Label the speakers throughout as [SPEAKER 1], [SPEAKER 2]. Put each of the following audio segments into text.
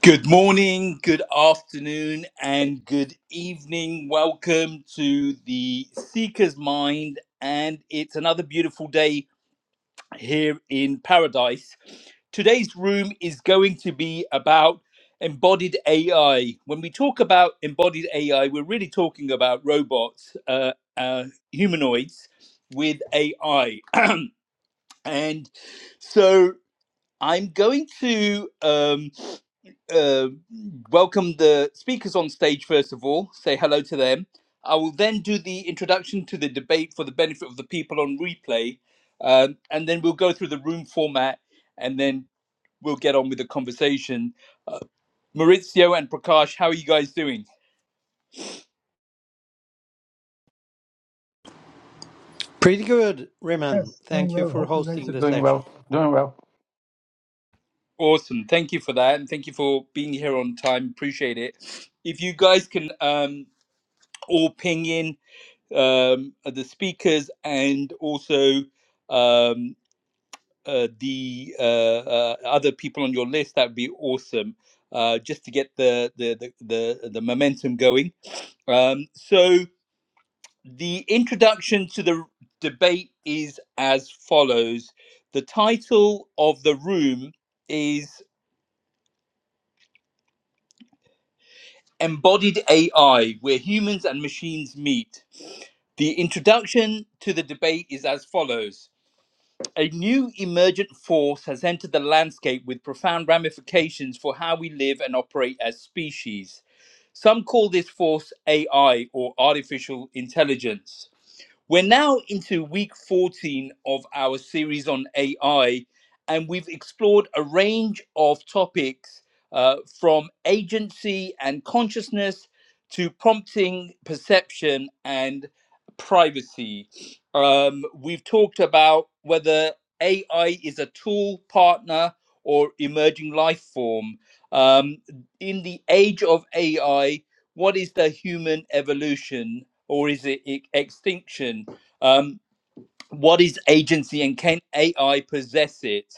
[SPEAKER 1] Good morning, good afternoon, and good evening. Welcome to the Seeker's Mind, and it's another beautiful day here in paradise. Today's room is going to be about embodied AI. When we talk about embodied AI, we're really talking about robots, uh, uh, humanoids with AI. and so I'm going to. Um, uh, welcome the speakers on stage first of all, say hello to them. I will then do the introduction to the debate for the benefit of the people on replay, um, and then we'll go through the room format and then we'll get on with the conversation. Uh, Maurizio and Prakash, how are you guys doing?
[SPEAKER 2] Pretty good, Riman.
[SPEAKER 3] Yes, doing
[SPEAKER 2] Thank you
[SPEAKER 3] well.
[SPEAKER 2] for
[SPEAKER 3] Hope you guys
[SPEAKER 2] hosting
[SPEAKER 3] are
[SPEAKER 2] the
[SPEAKER 3] doing
[SPEAKER 2] session.
[SPEAKER 3] well. Doing well.
[SPEAKER 1] Awesome. Thank you for that. And thank you for being here on time. Appreciate it. If you guys can um, all ping in um, the speakers and also um, uh, the uh, uh, other people on your list, that'd be awesome. Uh, just to get the the the the, the momentum going. Um, so the introduction to the debate is as follows. The title of the room is Embodied AI, where humans and machines meet. The introduction to the debate is as follows. A new emergent force has entered the landscape with profound ramifications for how we live and operate as species. Some call this force AI or artificial intelligence. We're now into week 14 of our series on AI, and we've explored a range of topics uh, from agency and consciousness to prompting, perception, and privacy. Um, we've talked about whether AI is a tool, partner, or emerging life form. Um, in the age of AI, what is the human evolution or is it e- extinction? Um, what is agency and can AI possess it?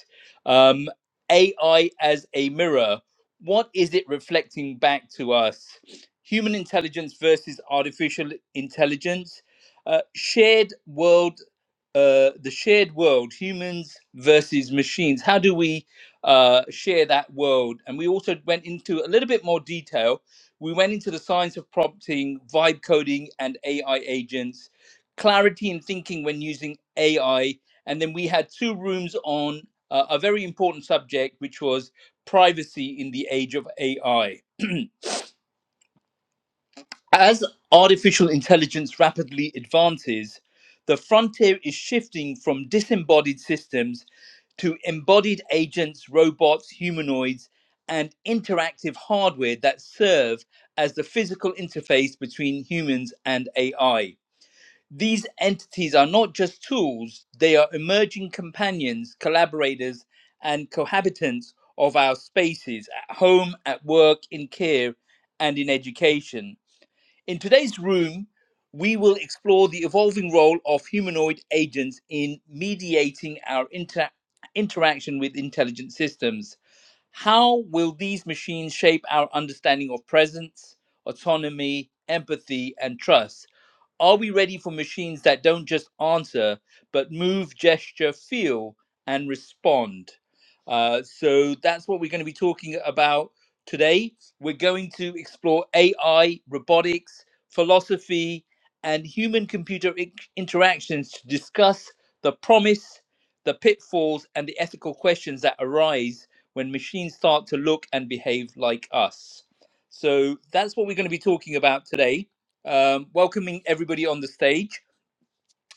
[SPEAKER 1] Um, AI as a mirror, what is it reflecting back to us? Human intelligence versus artificial intelligence, uh, shared world uh, the shared world, humans versus machines. How do we uh, share that world? And we also went into a little bit more detail. We went into the science of prompting, vibe coding, and AI agents, clarity in thinking when using AI. And then we had two rooms on uh, a very important subject, which was privacy in the age of AI. As artificial intelligence rapidly advances, the frontier is shifting from disembodied systems to embodied agents, robots, humanoids, and interactive hardware that serve as the physical interface between humans and AI. These entities are not just tools, they are emerging companions, collaborators, and cohabitants of our spaces at home, at work, in care, and in education. In today's room, we will explore the evolving role of humanoid agents in mediating our inter- interaction with intelligent systems. How will these machines shape our understanding of presence, autonomy, empathy, and trust? Are we ready for machines that don't just answer, but move, gesture, feel, and respond? Uh, so that's what we're going to be talking about today. We're going to explore AI, robotics, philosophy, and human computer interactions to discuss the promise, the pitfalls, and the ethical questions that arise when machines start to look and behave like us. So that's what we're going to be talking about today. Um, welcoming everybody on the stage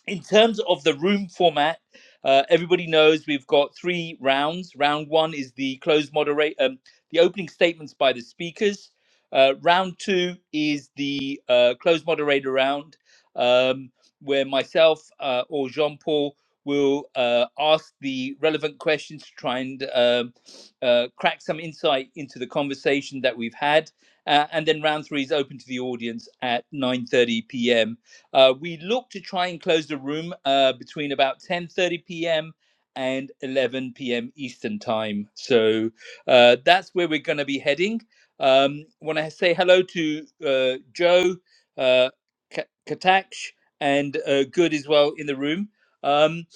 [SPEAKER 1] in terms of the room format, uh, everybody knows we've got three rounds. Round one is the closed moderate, um, the opening statements by the speakers. Uh, round two is the uh, closed moderator round, um, where myself uh, or Jean Paul will uh, ask the relevant questions to try and um uh, crack some insight into the conversation that we've had. Uh, and then round three is open to the audience at 9:30 p.m. Uh, we look to try and close the room uh, between about 10:30 p.m. and 11 p.m. Eastern time. So uh, that's where we're going to be heading. Um, Want to say hello to uh, Joe, uh, Ka- Kataksh, and uh, Good as well in the room. Um,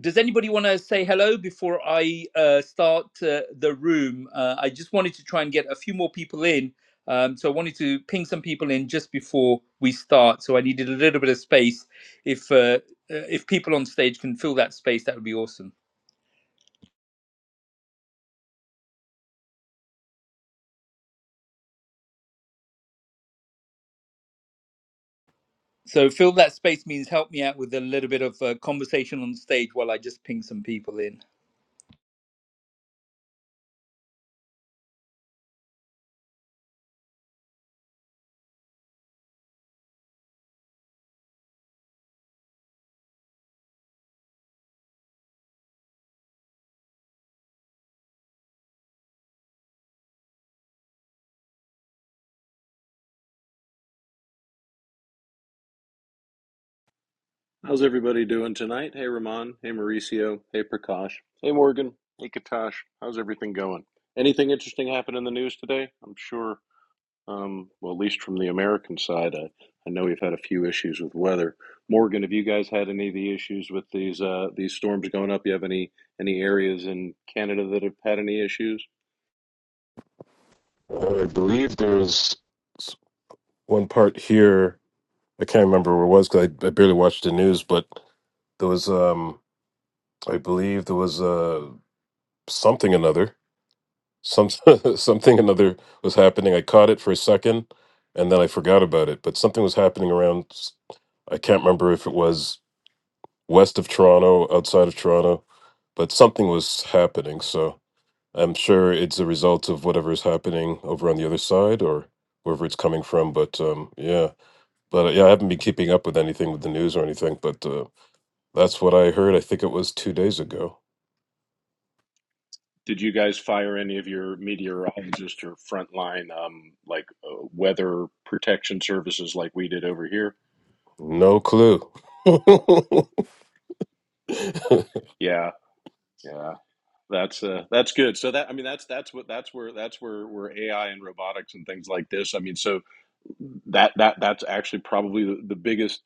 [SPEAKER 1] does anybody want to say hello before I uh, start uh, the room? Uh, I just wanted to try and get a few more people in um, so I wanted to ping some people in just before we start. So I needed a little bit of space. If uh, uh, if people on stage can fill that space, that would be awesome. So fill that space means help me out with a little bit of uh, conversation on stage while I just ping some people in.
[SPEAKER 4] How's everybody doing tonight? Hey, Ramon. Hey, Mauricio. Hey, Prakash. Hey, Morgan. Hey, Katash. How's everything going? Anything interesting happen in the news today? I'm sure, um, well, at least from the American side, I, I know we've had a few issues with weather. Morgan, have you guys had any of the issues with these uh, these storms going up? You have any any areas in Canada that have had any issues?
[SPEAKER 5] Uh, I believe there's one part here. I can't remember where it was because I, I barely watched the news, but there was, um, I believe there was uh, something another, some something another was happening. I caught it for a second, and then I forgot about it. But something was happening around. s- I can't remember if it was west of Toronto, outside of Toronto, but something was happening. So I'm sure it's a result of whatever is happening over on the other side or wherever it's coming from. But um, yeah. But uh, yeah, I haven't been keeping up with anything with the news or anything. But uh, that's what I heard. I think it was two days ago.
[SPEAKER 4] Did you guys fire any of your meteorologists or frontline um, like uh, weather protection services like we did over here?
[SPEAKER 5] No clue. and
[SPEAKER 4] Yeah, yeah. That's uh, that's good. So that I mean that's that's what that's where that's where where AI and robotics and things like this. I mean, so that that that's actually probably the, the biggest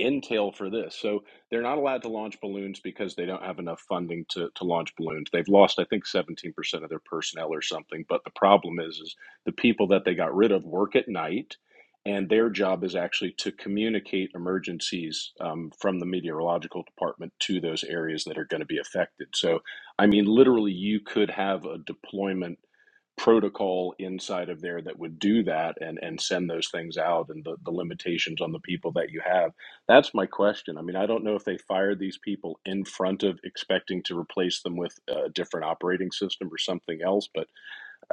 [SPEAKER 4] intel for this. So they're not allowed to launch balloons because they don't have enough funding to, to launch balloons. They've lost, I think, 17% of their personnel or something. But the problem is, is the people that they got rid of work at night, and their job is actually to communicate emergencies um, from the meteorological department to those areas that are going to be affected. So, I mean, literally, you could have a deployment protocol inside of there that would do that and and send those things out and the, the limitations on the people that you have that's my question. I mean, I don't know if they fired these people in front of expecting to replace them with a different operating system or something else. But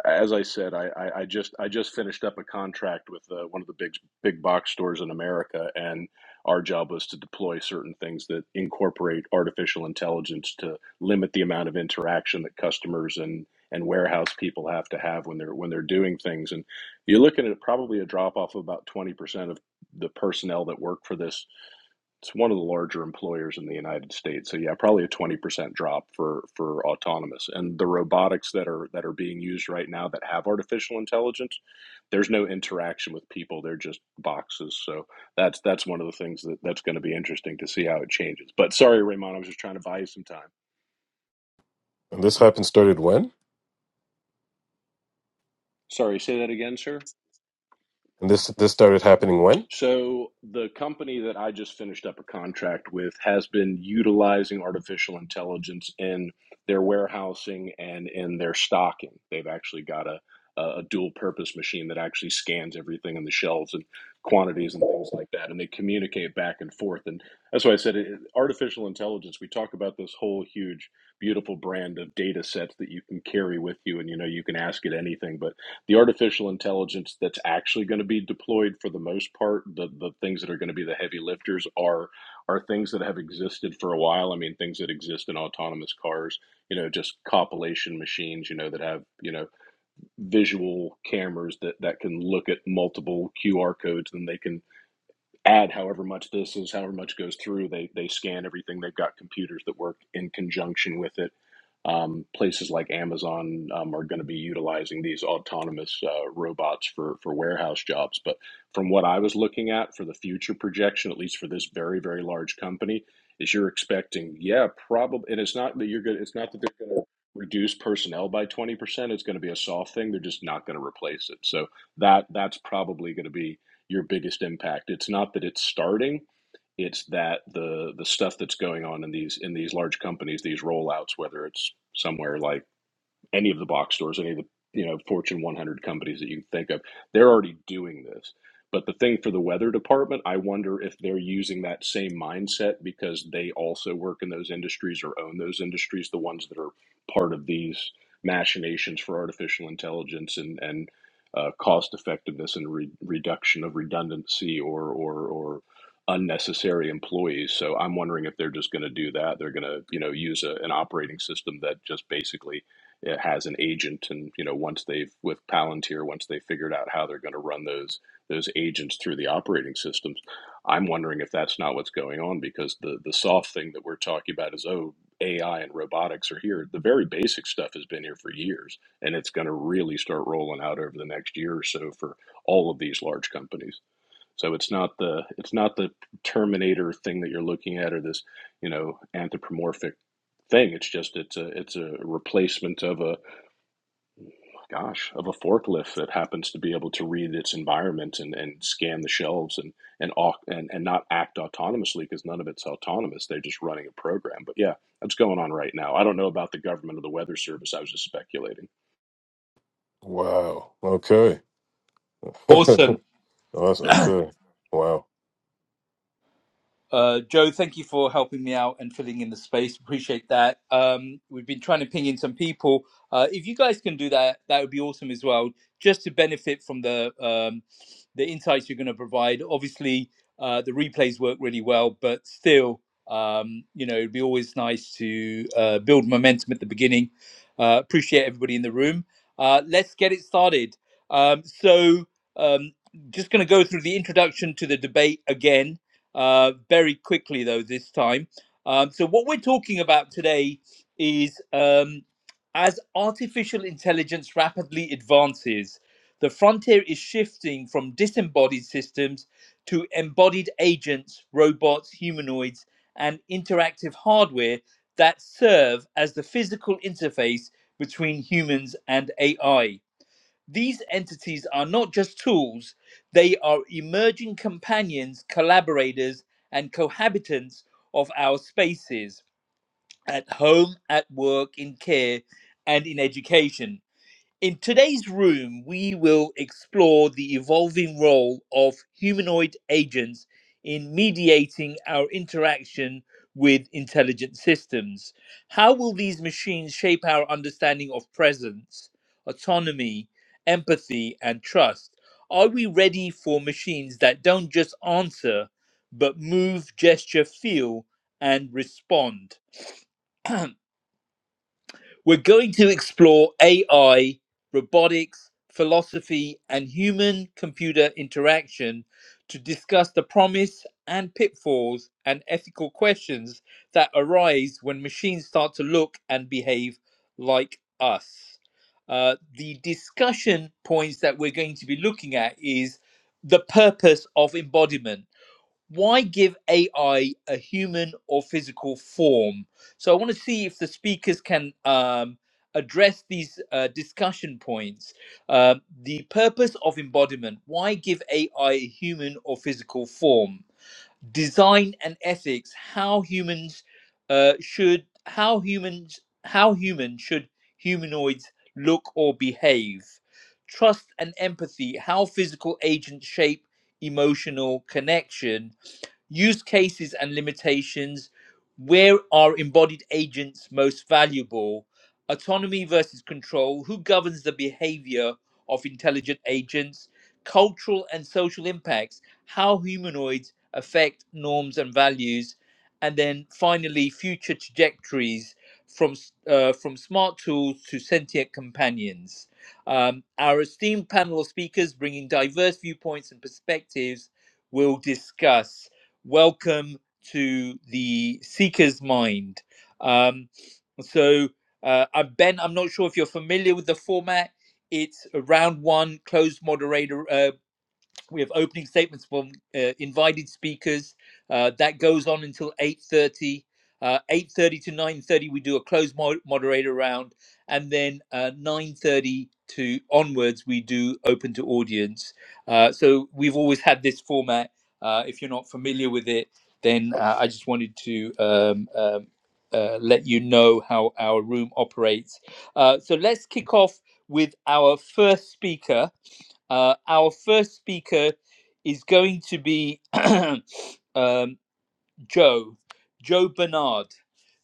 [SPEAKER 4] as I said, I, I, I just I just finished up a contract with uh, one of the big big box stores in America, and our job was to deploy certain things that incorporate artificial intelligence to limit the amount of interaction that customers and and warehouse people have to have when they're when they're doing things. And you're looking at probably a drop off of about twenty percent of the personnel that work for this it's one of the larger employers in the United States. So yeah, probably a 20% drop for for autonomous. And the robotics that are that are being used right now that have artificial intelligence, there's no interaction with people. They're just boxes. So that's that's one of the things that that's going to be interesting to see how it changes. But sorry, Raymond, I was just trying to buy you some time.
[SPEAKER 5] this happened started when?
[SPEAKER 4] Sorry, say that again, sir.
[SPEAKER 5] And this this started happening when?
[SPEAKER 4] So the company that I just finished up a contract with has been utilizing artificial intelligence in their warehousing and in their stocking. They've actually got a a dual purpose machine that actually scans everything on the shelves and quantities and things like that and they communicate back and forth and that's why I said it, artificial intelligence we talk about this whole huge beautiful brand of data sets that you can carry with you and you know you can ask it anything but the artificial intelligence that's actually going to be deployed for the most part the, the things that are going to be the heavy lifters are are things that have existed for a while i mean things that exist in autonomous cars you know just compilation machines you know that have you know visual cameras that that can look at multiple qr codes and they can add however much this is, however much goes through. They they scan everything. They've got computers that work in conjunction with it. Um, places like Amazon um, are going to be utilizing these autonomous uh, robots for for warehouse jobs. But from what I was looking at for the future projection, at least for this very very large company, is you're expecting yeah probably, and it's not that you're going. It's not that they're going to reduce personnel by 20% it's going to be a soft thing they're just not going to replace it so that that's probably going to be your biggest impact. It's not that it's starting, it's that the the stuff that's going on in these in these large companies, these rollouts, whether it's somewhere like any of the box stores, any of the you know Fortune 100 companies that you think of, they're already doing this. But the thing for the weather department, I wonder if they're using that same mindset because they also work in those industries or own those industries, the ones that are part of these machinations for artificial intelligence and and uh, cost effectiveness and re- reduction of redundancy or or or unnecessary employees. So I'm wondering if they're just going to do that. They're going to you know use a, an operating system that just basically uh, has an agent and you know once they've with palantir once they figured out how they're going to run those those agents through the operating systems i'm wondering if that's not what's going on because the the soft thing that we're talking about is oh ai and robotics are here the very basic stuff has been here for years and it's going to really start rolling out over the next year or so for all of these large companies so it's not the it's not the terminator thing that you're looking at or this you know anthropomorphic thing. It's just it's a it's a replacement of a gosh, of a forklift that happens to be able to read its environment and, and scan the shelves and and, and and not act autonomously because none of it's autonomous. They're just running a program. But yeah, that's going on right now. I don't know about the government or the weather service. I was just speculating.
[SPEAKER 5] Wow. Okay.
[SPEAKER 1] Awesome.
[SPEAKER 5] awesome. Okay. Wow.
[SPEAKER 1] Uh, Joe, thank you for helping me out and filling in the space. Appreciate that. Um, we've been trying to ping in some people. Uh, if you guys can do that, that would be awesome as well, just to benefit from the um, the insights you're going to provide. Obviously, uh, the replays work really well, but still, um, you know, it'd be always nice to uh, build momentum at the beginning. Uh, appreciate everybody in the room. Uh, let's get it started. Um, so, um, just going to go through the introduction to the debate again uh, very quickly, though, this time. Um, so, what we're talking about today is um, as artificial intelligence rapidly advances, the frontier is shifting from disembodied systems to embodied agents, robots, humanoids, and interactive hardware that serve as the physical interface between humans and AI. These entities are not just tools, they are emerging companions, collaborators, and cohabitants of our spaces at home, at work, in care, and in education. In today's room, we will explore the evolving role of humanoid agents in mediating our interaction with intelligent systems. How will these machines shape our understanding of presence, autonomy, empathy, and trust? Are we ready for machines that don't just answer, but move, gesture, feel, and respond? We're going to explore AI, robotics, philosophy, and human computer interaction to discuss the promise and pitfalls and ethical questions that arise when machines start to look and behave like us. Uh, the discussion points that we're going to be looking at is the purpose of embodiment why give AI a human or physical form? So I want to see if the speakers can um, address these uh, discussion points. Uh, the purpose of embodiment. Why give AI a human or physical form? Design and ethics. How humans uh, should how humans how human should humanoids look or behave? Trust and empathy. How physical agents shape emotional connection use cases and limitations, where are embodied agents most valuable, autonomy versus control, who governs the behavior of intelligent agents, cultural and social impacts, how humanoids affect norms and values, and then finally, future trajectories from s- uh, from smart tools to sentient companions. Um, our esteemed panel of speakers, bringing diverse viewpoints and perspectives, will discuss. Welcome to the Seeker's Mind. Um, so, uh, uh, Ben, I'm not sure if you're familiar with the format. It's a round one closed moderator. uh, we have opening statements from uh, invited speakers. Uh, that goes on until 8.30. Uh, 8.30 to 9.30, we do a closed mo- moderator round. And then uh, 9.30 to onwards, we do open to audience. Uh, so we've always had this format. Uh, if you're not familiar with it, then uh, I just wanted to um, um, uh, let you know how our room operates. Uh, so let's kick off with our first speaker. Uh, our first speaker is going to be um, Joe, Joe Bernard.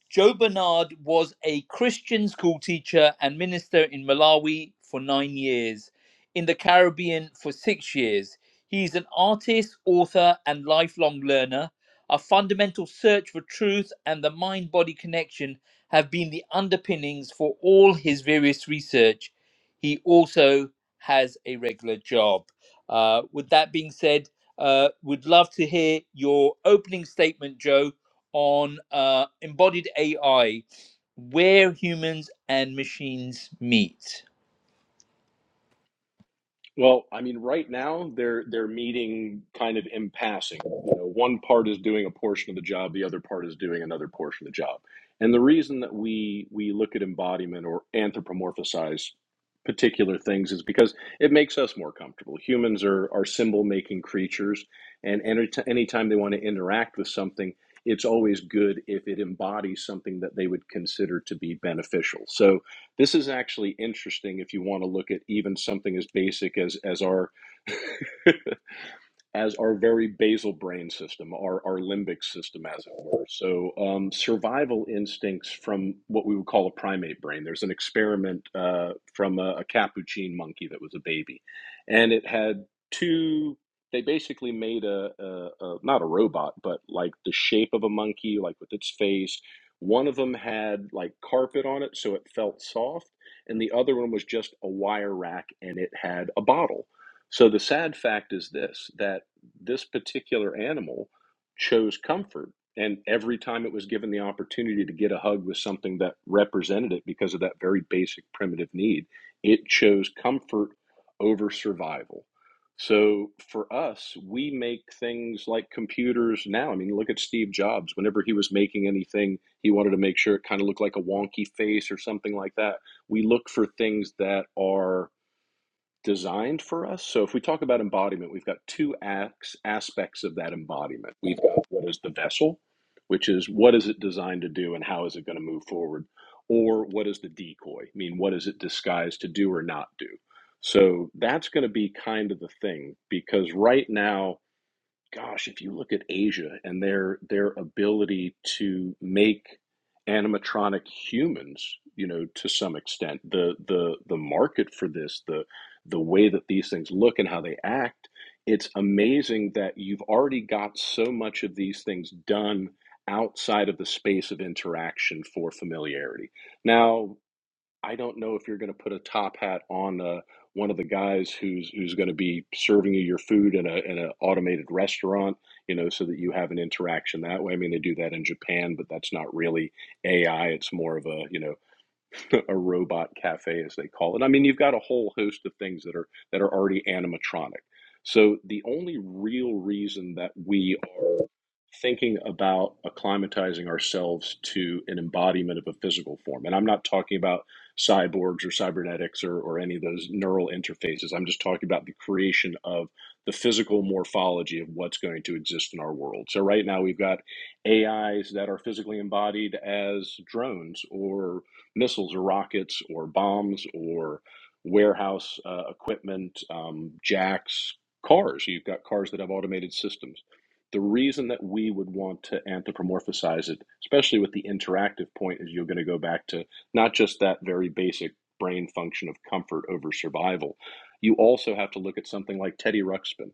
[SPEAKER 1] Joe Bernard was a Christian school teacher and minister in Malawi for nine years, in the Caribbean for six years. He's an artist, author, and lifelong learner. A fundamental search for truth and the mind body connection have been the underpinnings for all his various research. He also has a regular job. Uh, with that being said, uh, would love to hear your opening statement, Joe, on uh, embodied AI, where humans and machines meet.
[SPEAKER 4] Well, I mean, right now they're they're meeting kind of in passing. You know, one part is doing a portion of the job, the other part is doing another portion of the job. And the reason that we we look at embodiment or anthropomorphize particular things is because it makes us more comfortable. Humans are are symbol making creatures, and any anytime they want to interact with something, it's always good if it embodies something that they would consider to be beneficial. So this is actually interesting if you want to look at even something as basic as as our as our very basal brain system, our, our limbic system, as it were. So, um, survival instincts from what we would call a primate brain. There's an experiment uh, from a, a capuchin monkey that was a baby, and it had two. They basically made a, a, a not a robot, but like the shape of a monkey, like with its face. One of them had like carpet on it, so it felt soft, and the other one was just a wire rack, and it had a bottle. So the sad fact is this: that this particular animal chose comfort. And every time it was given the opportunity to get a hug with something that represented it because of that very basic primitive need, it chose comfort over survival. So for us, we make things like computers now. I mean, look at Steve Jobs. Whenever he was making anything, he wanted to make sure it kind of looked like a wonky face or something like that. We look for things that are designed for us. So if we talk about embodiment, we've got two acts, aspects of that embodiment. We've got what is the vessel, which is what is it designed to do and how is it going to move forward, or what is the decoy? I mean, what is it disguised to do or not do? So that's going to be kind of the thing because right now gosh, if you look at Asia and their their ability to make animatronic humans, you know, to some extent, the the the market for this, the the way that these things look and how they act, it's amazing that you've already got so much of these things done outside of the space of interaction for familiarity. Now, I don't know if you're going to put a top hat on uh, one of the guys who's who's going to be serving you your food in a in an automated restaurant, you know, so that you have an interaction that way. I mean, they do that in Japan, but that's not really AI. It's more of a you know a robot cafe as they call it. I mean, you've got a whole host of things that are that are already animatronic. So the only real reason that we are thinking about acclimatizing ourselves to an embodiment of a physical form, and I'm not talking about cyborgs or cybernetics or, or any of those neural interfaces. I'm just talking about the creation of the physical morphology of what's going to exist in our world. So right now we've got AIs that are physically embodied as drones or missiles or rockets or bombs or warehouse uh, equipment, um, jacks, cars. You've got cars that have automated systems. The reason that we would want to anthropomorphize it, especially with the interactive point, is you're going to go back to not just that very basic brain function of comfort over survival. You also have to look at something like Teddy Ruxpin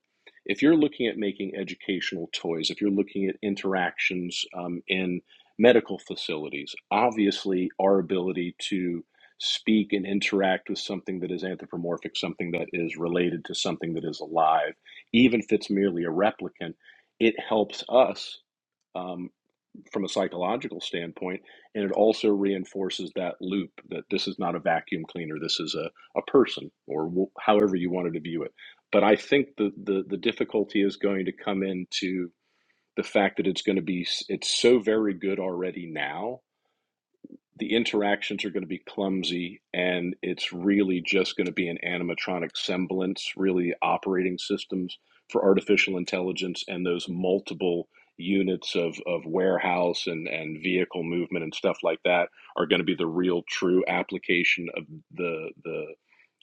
[SPEAKER 4] if you're looking at making educational toys, if you're looking at interactions um, in medical facilities. Obviously, our ability to speak and interact with something that is anthropomorphic, something that is related to something that is alive, even if it's merely a replicant, it helps us um, from a psychological standpoint. And it also reinforces that loop that this is not a vacuum cleaner, this is a, a person, or w- however you wanted to view it. But I think the, the, the difficulty is going to come into the fact that it's going to be it's so very good already now the interactions are going to be clumsy and it's really just going to be an animatronic semblance really operating systems for artificial intelligence and those multiple units of, of warehouse and, and vehicle movement and stuff like that are going to be the real true application of the the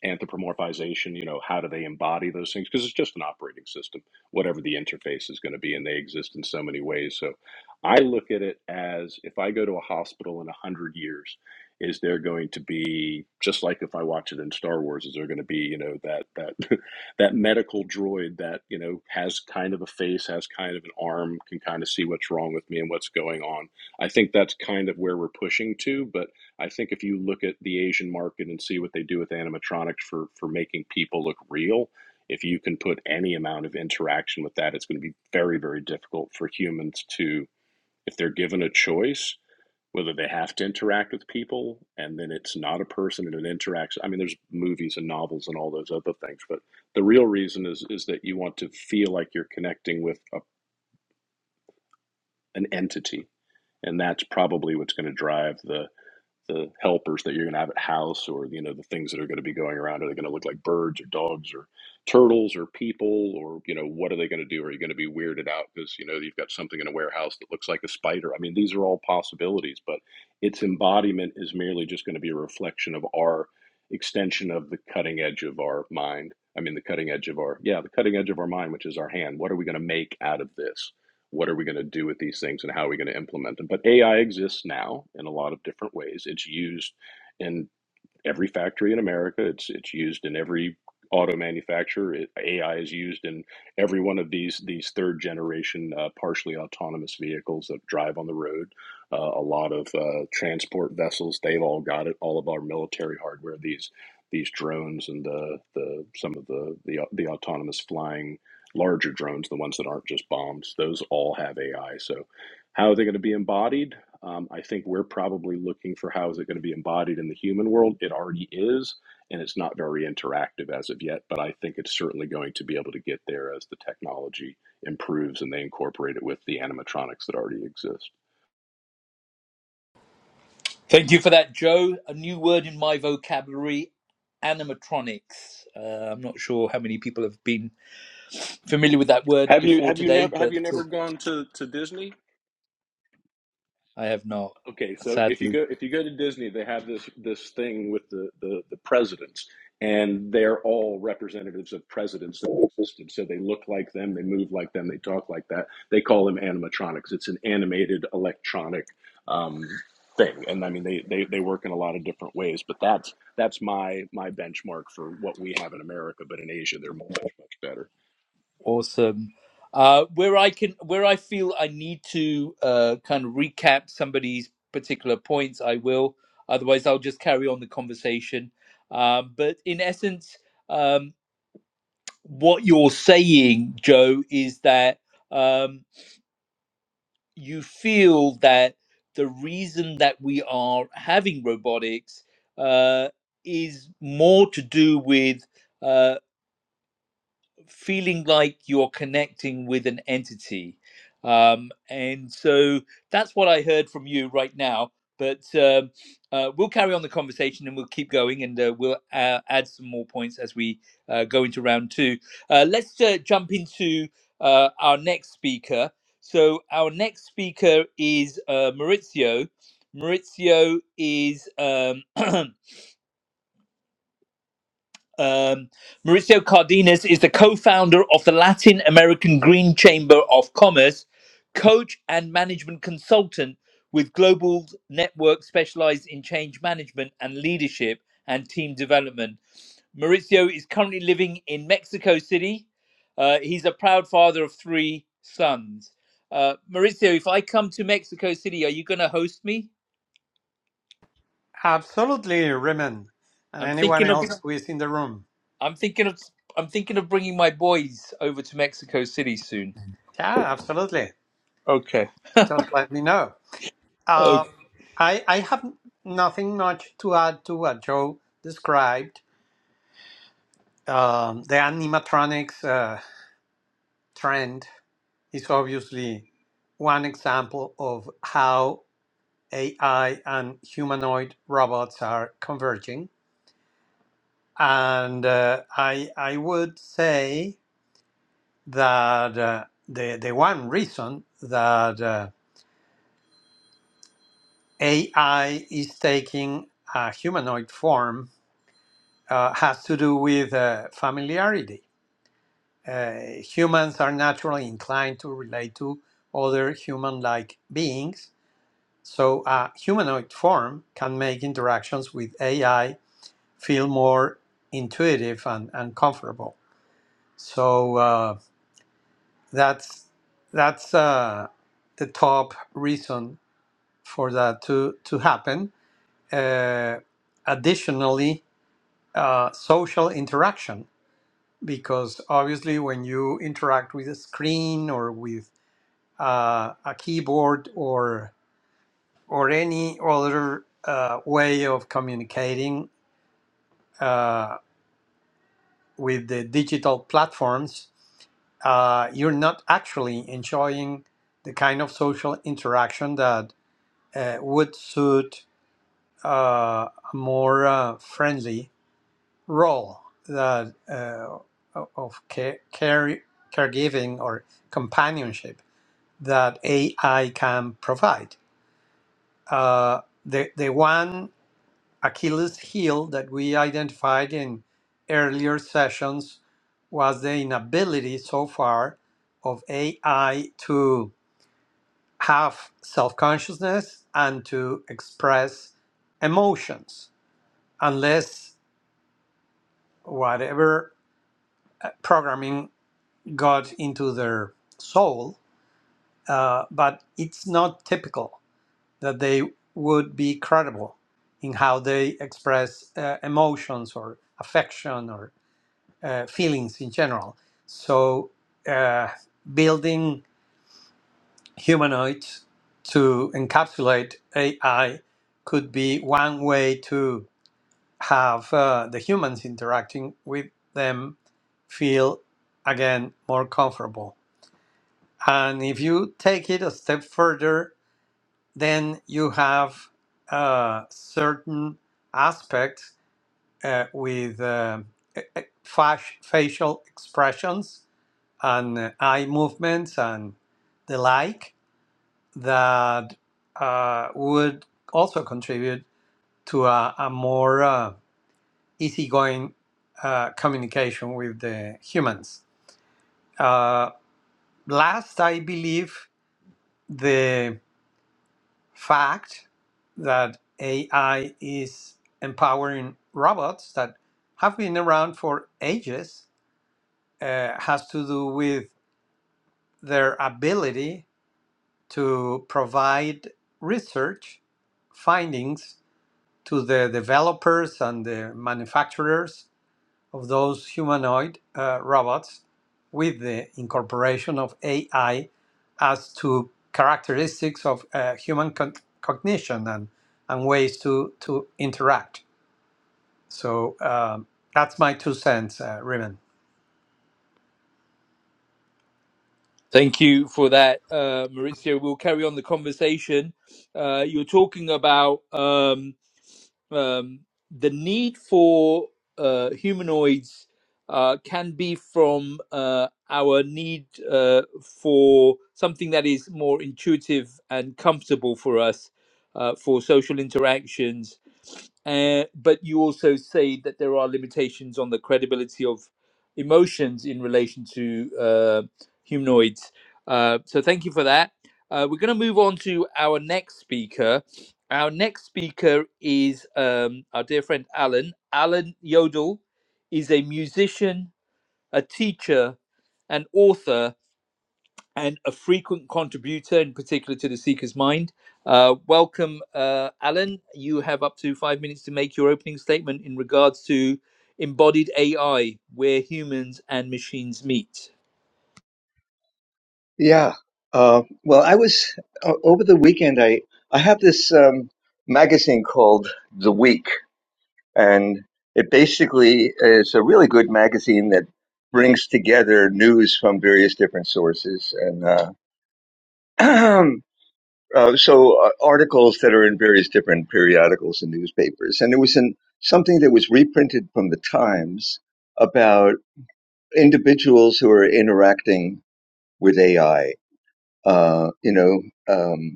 [SPEAKER 4] anthropomorphization you know how do they embody those things because it's just an operating system whatever the interface is going to be and they exist in so many ways so I look at it as if I go to a hospital in 100 years, is there going to be, just like if I watch it in Star Wars, is there going to be, you know, that, that, that medical droid that, you know, has kind of a face, has kind of an arm, can kind of see what's wrong with me and what's going on. I think that's kind of where we're pushing to. But I think if you look at the Asian market and see what they do with animatronics for, for making people look real, if you can put any amount of interaction with that, it's going to be very, very difficult for humans to if they're given a choice whether they have to interact with people and then it's not a person and it interacts i mean there's movies and novels and all those other things but the real reason is is that you want to feel like you're connecting with a, an entity and that's probably what's going to drive the the helpers that you're going to have at house or you know the things that are going to be going around are they going to look like birds or dogs or turtles or people or you know what are they going to do are you going to be weirded out because you know you've got something in a warehouse that looks like a spider i mean these are all possibilities but its embodiment is merely just going to be a reflection of our extension of the cutting edge of our mind i mean the cutting edge of our yeah the cutting edge of our mind which is our hand what are we going to make out of this what are we going to do with these things and how are we going to implement them but ai exists now in a lot of different ways it's used in every factory in America. It's it's used in every auto manufacturer. It, AI is used in every one of these these third generation uh, partially autonomous vehicles that drive on the road. Uh, a lot of uh, transport vessels. They've all got it. All of our military hardware. These these drones and the, the some of the, the the autonomous flying larger drones, the ones that aren't just bombs. Those all have AI. So how are they going to be embodied? Um, I think we're probably looking for how is it going to be embodied in the human world. It already is, and it's not very interactive as of yet, but I think it's certainly going to be able to get there as the technology improves and they incorporate it with the animatronics that already exist.
[SPEAKER 1] Thank you for that, Joe. A new word in my vocabulary animatronics. Uh, I'm not sure how many people have been familiar with that word
[SPEAKER 4] Have you
[SPEAKER 1] before
[SPEAKER 4] have you
[SPEAKER 1] today,
[SPEAKER 4] never have
[SPEAKER 1] but
[SPEAKER 4] you never gone to, to Disney?
[SPEAKER 1] I have not,
[SPEAKER 4] Okay, so if you
[SPEAKER 1] sadly.
[SPEAKER 4] go if you go to Disney, they have this this thing with the the, the presidents, and they're all representatives of presidents that existed. So they look like them, they move like them, they talk like that. They call them animatronics. It's an animated electronic um, thing, and I mean they, they they work in a lot of different ways. But that's that's my my benchmark for what we have in America. But in Asia, they're much much better.
[SPEAKER 1] Awesome. Uh, where I can, where I feel I need to uh, kind of recap somebody's particular points, I will. Otherwise, I'll just carry on the conversation. Um, but in essence, um, what you're saying, Joe, is that um, you feel that the reason that we are having robotics uh, is more to do with uh, feeling like you're connecting with an entity. Um, and so that's what I heard from you right now. But um uh, we'll carry on the conversation and we'll keep going and uh, we'll uh, add some more points as we uh, go into round two. Uh, let's uh, jump into uh, our next speaker. So, our next speaker is uh, Maurizio. Maurizio is um, Um, Mauricio Cardenas is the co founder of the Latin American Green Chamber of Commerce, coach and management consultant with Global Network specialized in change management and leadership and team development. Mauricio is currently living in Mexico City. Uh, he's a proud father of three sons. Uh, Mauricio, if I come to Mexico City, are you going to host me?
[SPEAKER 2] Absolutely, Riman. And
[SPEAKER 1] I'm
[SPEAKER 2] anyone
[SPEAKER 1] thinking of
[SPEAKER 2] else who is in the room.
[SPEAKER 1] I'm thinking of I'm thinking of bringing my boys over to Mexico City soon.
[SPEAKER 2] Yeah, absolutely.
[SPEAKER 1] okay
[SPEAKER 2] Just let me know. Uh, I, I have nothing much to add to what Joe described. Um, the animatronics uh, trend is obviously one example of how AI and humanoid robots are converging. And uh, I, I would say that uh, the the one reason that uh, AI is taking a humanoid form uh, has to do with uh, familiarity. Uh, humans are naturally inclined to relate to other human-like beings, so a humanoid form can make interactions with AI feel more intuitive and, and comfortable. So uh, that's that's uh, the top reason for that to to happen. Uh, additionally, uh, social interaction, because obviously when you interact with a screen or with uh, a keyboard or or any other uh, way of communicating uh, with the digital platforms, uh, you're not actually enjoying the kind of social interaction that uh, would suit uh, a more uh, friendly role that uh, of care, care, caregiving or companionship that AI can provide. Uh, the the one Achilles heel that we identified in earlier sessions was the inability so far of AI to have self consciousness and to express emotions unless whatever uh, programming got into their soul, uh, but it's not typical that they would be credible in how they express uh, emotions or affection or uh, feelings in general. So, uh, building humanoids to encapsulate AI could be one way to have uh, the humans interacting with them feel again more comfortable And if you take it a step further, then you have uh, certain aspects uh, with uh, e- e- fac- facial expressions and uh, eye movements and the like that uh, would also contribute to a, a more uh, easygoing uh, communication with the humans. Uh, last, I believe the fact that AI is empowering robots that have been around for ages uh, has to do with their ability to provide research findings to the developers and the manufacturers of those humanoid uh, robots with the incorporation of AI as to characteristics of uh, human con- cognition and, and ways to, to interact. So um, that's my two cents, uh, Raymond.
[SPEAKER 1] Thank you for that, uh, Maurizio. We'll carry on the conversation. Uh, you were talking about um, um, the need for uh, humanoids uh, can be from uh, our need uh, for something that is more intuitive and comfortable for us uh, for social interactions. Uh, but you also say that there are limitations on the credibility of emotions in relation to. uh, humanoids. Uh, so thank you for that. Uh, we're going to move on to our next speaker. Our next speaker is um, our dear friend Alan. Alan Yodel is a musician, a teacher, an author, and a frequent contributor, in particular to the Seeker's Mind. Uh, welcome, uh, Alan. You have up to five minutes to make your opening statement in regards to embodied AI, where humans and machines meet.
[SPEAKER 6] Yeah. Uh, well, I was o over the weekend. I I have this um, magazine called The Week, and it basically is a really good magazine that brings together news from various different sources, and uh, uh, so uh, articles that are in various different periodicals and newspapers. And there was an, something that was reprinted from the Times about individuals who are interacting with AI. Uh, you know. Um,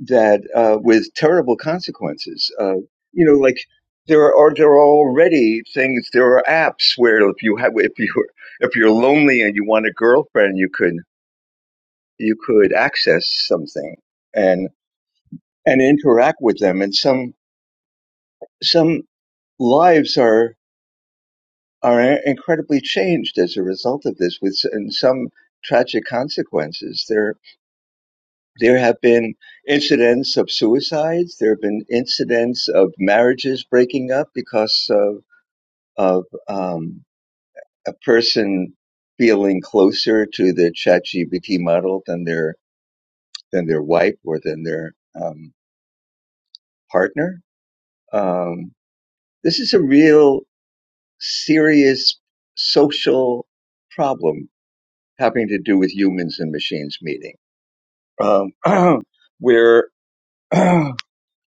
[SPEAKER 6] that uh, with terrible consequences. Uh, you know, like there are there are already things. There are apps where if you have if you if you're lonely and you want a girlfriend, you could you could access something and and interact with them. And some some lives are are incredibly changed as a result of this, with and some tragic consequences. They're There have been incidents of suicides. There have been incidents of marriages breaking up because of of um, a person feeling closer to the ChatGPT model than their than their wife or than their um, partner. Um, this is a real serious social problem having to do with humans and machines meeting, um, where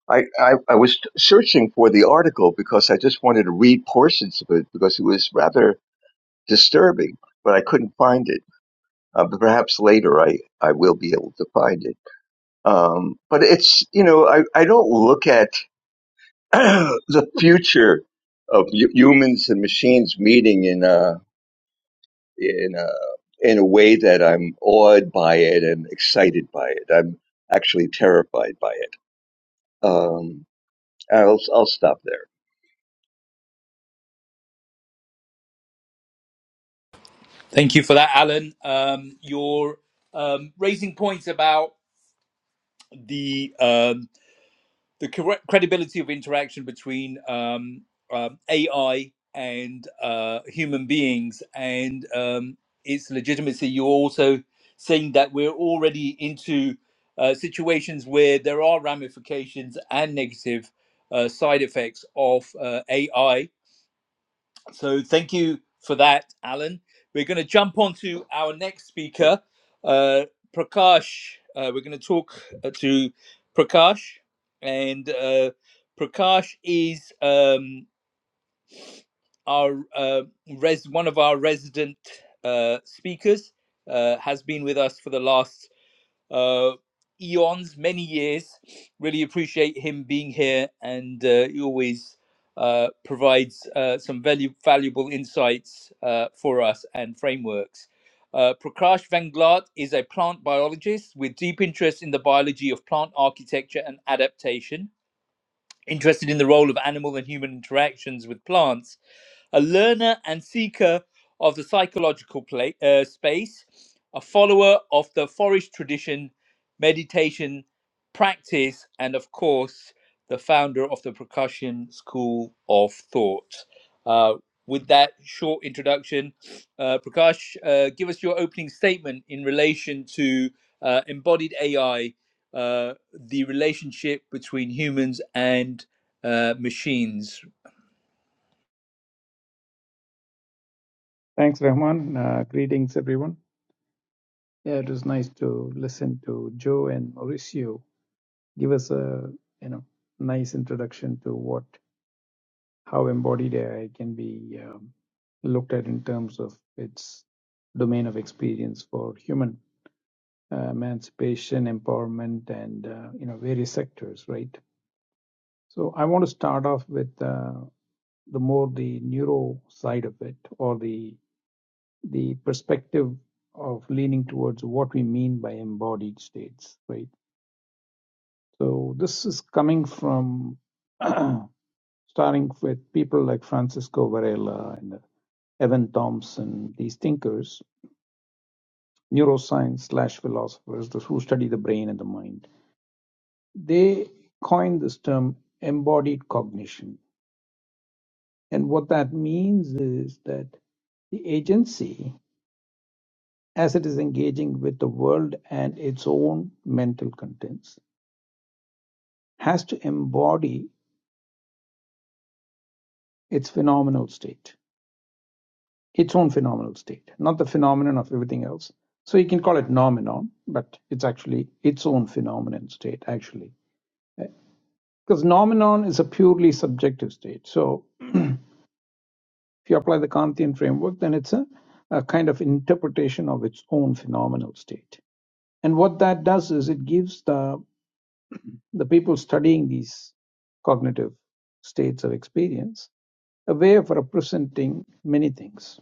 [SPEAKER 6] I, I, I was searching for the article because I just wanted to read portions of it because it was rather disturbing, but I couldn't find it. Uh, but perhaps later I, I will be able to find it. Um, but it's, you know, I, I don't look at the future of humans and machines meeting in a, in a, in a way that I'm awed by it and excited by it. I'm actually terrified by it. Um, I'll, I'll stop there.
[SPEAKER 1] Thank you for that, Alan. Um, you're um, raising points about the um, the cre- credibility of interaction between um, um, AI and uh, human beings and um, its legitimacy. You're also saying that we're already into uh, situations where there are ramifications and negative uh, side effects of uh, AI so thank you for that, Alan. We're going to jump on to our next speaker, uh, Prakash. Uh, we're going to talk uh, to Prakash, and uh, Prakash is um, our uh, res- one of our resident uh, speakers. Uh, has been with us for the last uh, eons, many years. Really appreciate him being here, and uh, he always uh, provides uh, some value, valuable insights uh, for us and frameworks. Uh, Prakash Vanglat is a plant biologist with deep interest in the biology of plant architecture and adaptation interested in the role of animal and human interactions with plants, a learner and seeker of the psychological play, uh, space, a follower of the forest tradition, meditation practice, and of course, the founder of the percussion school of thought. Uh, with that short introduction, uh, Prakash, uh, give us your opening statement in relation to uh, embodied AI uh, the relationship between humans and uh, machines.
[SPEAKER 3] Thanks, Rahman. Uh, greetings, everyone. Yeah, it was nice to listen to Joe and Mauricio give us a you know nice introduction to what how embodied AI can be um, looked at in terms of its domain of experience for human uh, emancipation, empowerment, and uh, you know various sectors, right? So I want to start off with uh, the more the neuro side of it or the the perspective of leaning towards what we mean by embodied states, right? So this is coming from starting with people like Francisco Varela and Evan Thompson, these thinkers, neuroscience slash philosophers, those who study the brain and the mind. They coined this term embodied cognition. And what that means is that the agency, as it is engaging with the world and its own mental contents, has to embody its phenomenal state, its own phenomenal state, not the phenomenon of everything else. So you can call it nomenon, but it's actually its own phenomenon state, actually. Because nomenon is a purely subjective state. So if you apply the Kantian framework, then it's a, a kind of interpretation of its own phenomenal state. And what that does is it gives the, the people studying these cognitive states of experience a way of representing many things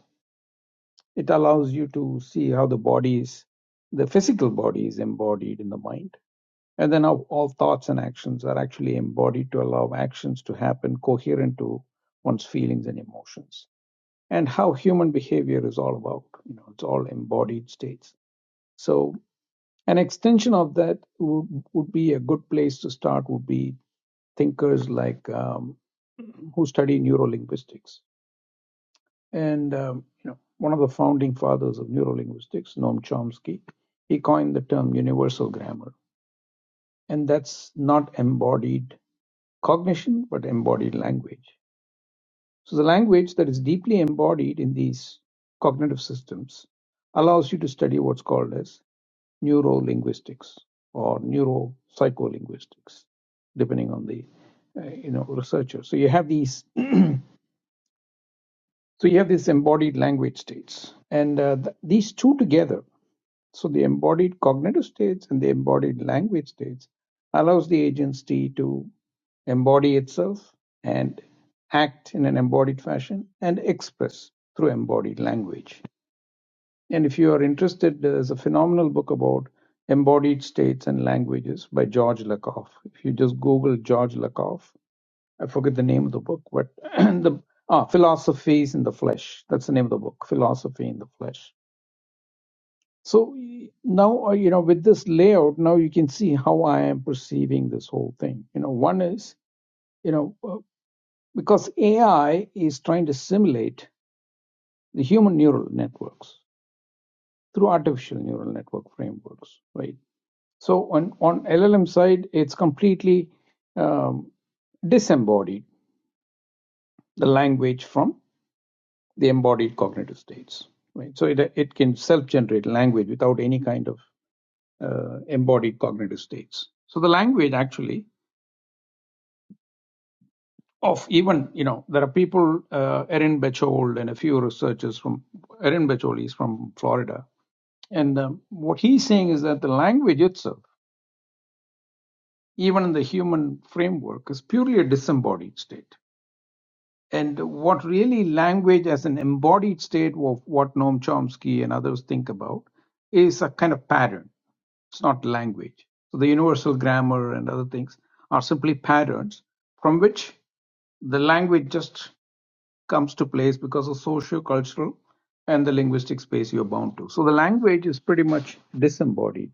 [SPEAKER 3] It allows you to see how the body is, the physical body is embodied in the mind. And then how all thoughts and actions are actually embodied to allow actions to happen coherent to one's feelings and emotions. And how human behavior is all about, you know, it's all embodied states. So an extension of that would, would be a good place to start would be thinkers like um, who study neurolinguistics And um, you know, one of the founding fathers of neurolinguistics, Noam Chomsky, he coined the term universal grammar, and that's not embodied cognition, but embodied language. So the language that is deeply embodied in these cognitive systems allows you to study what's called as neurolinguistics or neuropsycholinguistics, depending on the uh, you know researcher. So you have these so you have these embodied language states, and uh, th- these two together So the embodied cognitive states and the embodied language states allows the agency to embody itself and act in an embodied fashion and express through embodied language. And if you are interested, there's a phenomenal book about embodied states and languages by George Lakoff. If you just Google George Lakoff, I forget the name of the book, but the ah, Philosophies in the Flesh. That's the name of the book, Philosophy in the Flesh so y- now, uh, you know, with this layout, now you can see how I am perceiving this whole thing. You know, one is, you know, uh, because AI is trying to simulate the human neural networks through artificial neural network frameworks, right? So on, on LLM side, it's completely um, disembodied the language from the embodied cognitive states, right? So it, it can self-generate language without any kind of uh, embodied cognitive states. So the language actually of even you know there are people uh, Erin Bechold and a few researchers from Erin Bechold is from Florida, and um, what he's saying is that the language itself, even in the human framework, is purely a disembodied state. And what really language as an embodied state of what Noam Chomsky and others think about is a kind of pattern It's not language. So the universal grammar and other things are simply patterns from which the language just comes to place because of socio-cultural and the linguistic space you're bound to. So the language is pretty much disembodied.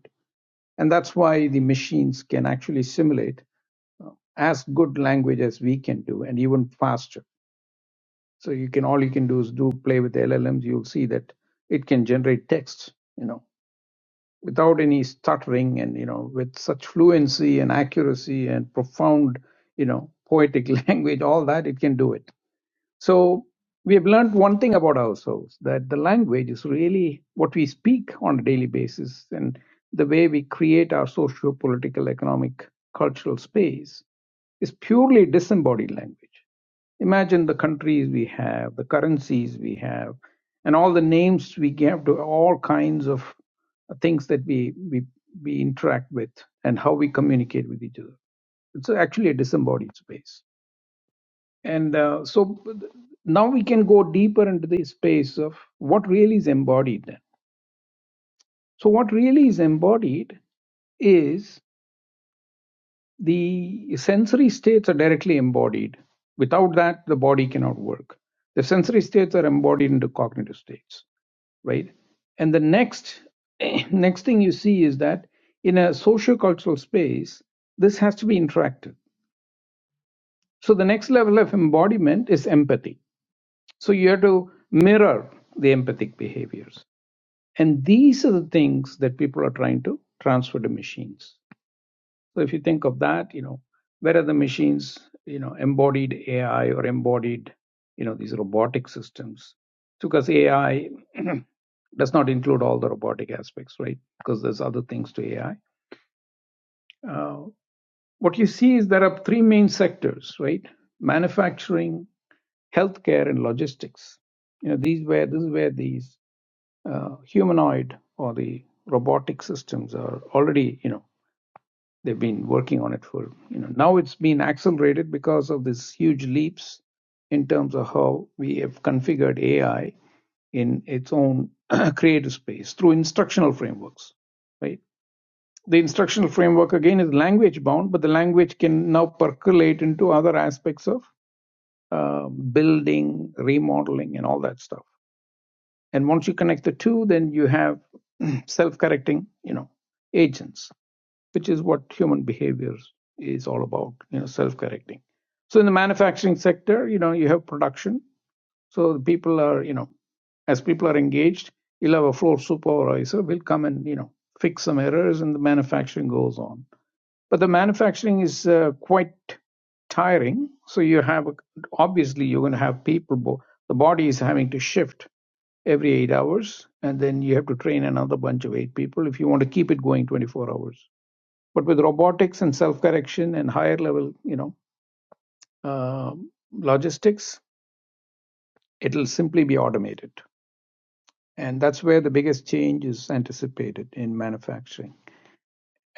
[SPEAKER 3] And that's why the machines can actually simulate uh, as good language as we can do and even faster. So you can all you can do is do play with the LLMs. You'll see that it can generate text, you know, without any stuttering and you know with such fluency and accuracy and profound you know poetic language all that it can do it so we have learned one thing about ourselves that the language is really what we speak on a daily basis and the way we create our socio political, economic, cultural space is purely disembodied language. Imagine the countries we have, the currencies we have, and all the names we give to all kinds of things that we, we, we interact with and how we communicate with each other. It's actually a disembodied space. And uh, so now we can go deeper into the space of what really is embodied. then. So, what really is embodied is the sensory states are directly embodied. Without that, the body cannot work. The sensory states are embodied into cognitive states, right? And the next next thing you see is that in a socio-cultural space, this has to be interacted. So the next level of embodiment is empathy So you have to mirror the empathic behaviors. And these are the things that people are trying to transfer to machines. So if you think of that, you know, where are the machines, you know, embodied AI or embodied, you know, these robotic systems? Because AI does not include all the robotic aspects, right? Because there's other things to AI. Uh, what you see is there are three main sectors, right? Manufacturing, healthcare, and logistics. You know, these where this is where these uh, humanoid or the robotic systems are already, you know, they've been working on it for, you know, now it's been accelerated because of these huge leaps in terms of how we have configured AI in its own creative space through instructional frameworks, right? The instructional framework again is language bound, but the language can now percolate into other aspects of uh, building, remodeling, and all that stuff and once you connect the two, then you have self-correcting, you know, agents, which is what human behavior is all about, you know, self-correcting. So in the manufacturing sector, you know, you have production. So the people are, you know, as people are engaged, you'll have a floor supervisor will come and, you know, fix some errors and the manufacturing goes on. But the manufacturing is uh, quite tiring. So you have, obviously, you're going to have people, bo- the body is having to shift every eight hours, and then you have to train another bunch of eight people if you want to keep it going 24 hours. But with robotics and self-correction and higher level, you know, um logistics, it'll simply be automated, and that's where the biggest change is anticipated in manufacturing.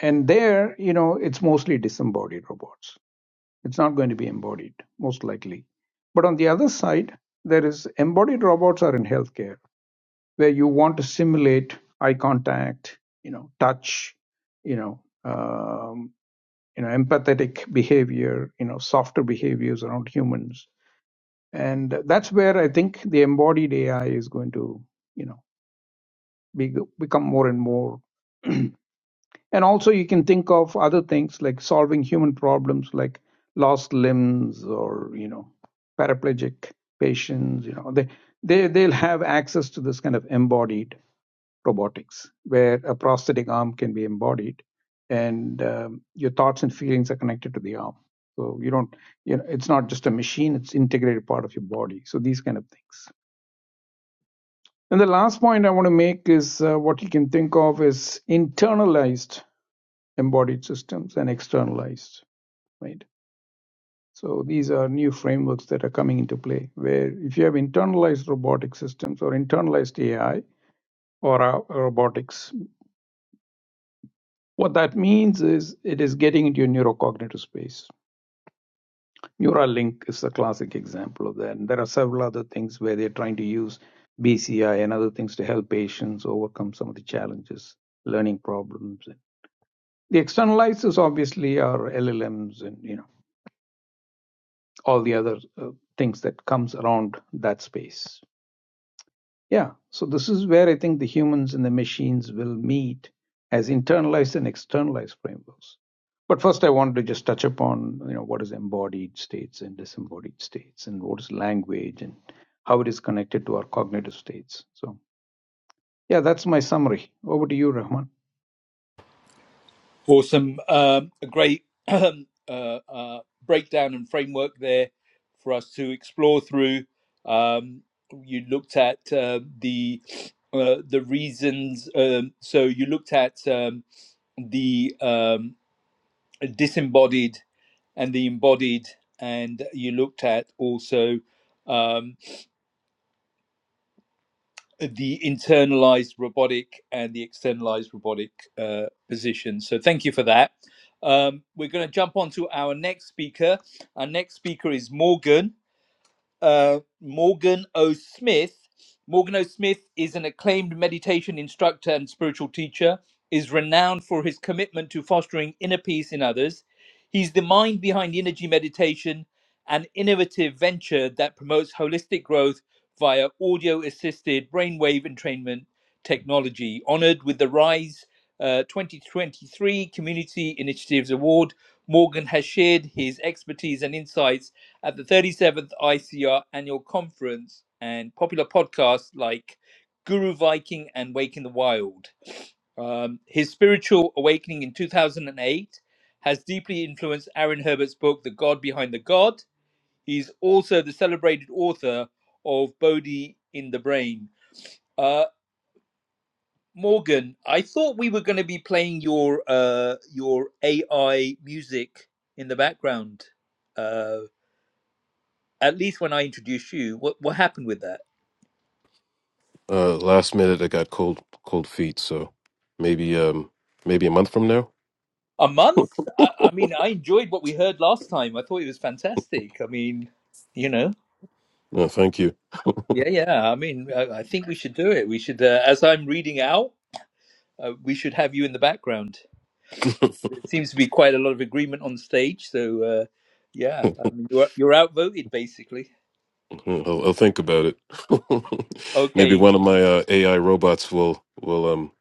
[SPEAKER 3] And there, you know, it's mostly disembodied robots. It's not going to be embodied, most likely. But on the other side, there is embodied robots are in healthcare where you want to simulate eye contact, you know, touch, you know, um, you know, empathetic behavior, you know, softer behaviors around humans, and that's where I think the embodied AI is going to, you know, be, become more and more. and also, you can think of other things like solving human problems, like lost limbs or you know, paraplegic patients. You know, they they they'll have access to this kind of embodied robotics, where a prosthetic arm can be embodied, and um, your thoughts and feelings are connected to the arm. So you don't, you know, it's not just a machine; it's integrated part of your body. So these kind of things. And the last point I want to make is uh, what you can think of as internalized embodied systems and externalized, right? So these are new frameworks that are coming into play. Where if you have internalized robotic systems or internalized AI or uh, robotics, What that means is it is getting into your neurocognitive space. Neuralink is a classic example of that. And there are several other things where they're trying to use BCI and other things to help patients overcome some of the challenges, learning problems. The externalizers obviously are LLMs and you know all the other uh, things that comes around that space. Yeah, so this is where I think the humans and the machines will meet as internalized and externalized frameworks. But first, I wanted to just touch upon you know what is embodied states and disembodied states, and what is language and how it is connected to our cognitive states. So yeah, that's my summary. Over to you, Rahman.
[SPEAKER 1] Awesome. Um, a great uh, uh, breakdown and framework there for us to explore through. Um, you looked at uh, the uh, the reasons. Um, so you looked at um, the um, disembodied and the embodied, and you looked at also um, the internalized robotic and the externalized robotic uh, position. So thank you for that. Um, we're going to jump on to our next speaker. Our next speaker is Morgan uh, Morgan O. Smith. Morgan O. Smith is an acclaimed meditation instructor and spiritual teacher, is renowned for his commitment to fostering inner peace in others. He's the mind behind energy meditation, an innovative venture that promotes holistic growth via audio assisted brainwave entrainment technology. Honored with the Rise uh, 2023 Community Initiatives Award, Morgan has shared his expertise and insights at the 37th ICR annual conference and popular podcasts like Guru Viking and "Wake in the Wild. Um, his spiritual awakening in 2008 has deeply influenced Aaron Herbert's book, The God Behind the God. He's also the celebrated author of Bodhi in the Brain. Uh, Morgan, I thought we were going to be playing your uh, your AI music in the background. uh, at least when I introduced you, what what happened with that?
[SPEAKER 5] Uh, last minute, I got cold cold feet. So maybe um maybe a month from now.
[SPEAKER 1] A month? I, I mean, I enjoyed what we heard last time. I thought it was fantastic. I mean, you know,
[SPEAKER 5] No, thank you.
[SPEAKER 1] yeah, yeah. I mean, I, I think we should do it. We should, uh, as I'm reading out, uh, we should have you in the background. There seems to be quite a lot of agreement on stage. So, uh, yeah, I mean, you're you're outvoted basically.
[SPEAKER 5] Mhm. I'll, I'll think about it. maybe
[SPEAKER 1] Okay,
[SPEAKER 5] one of my uh, AI robots will will um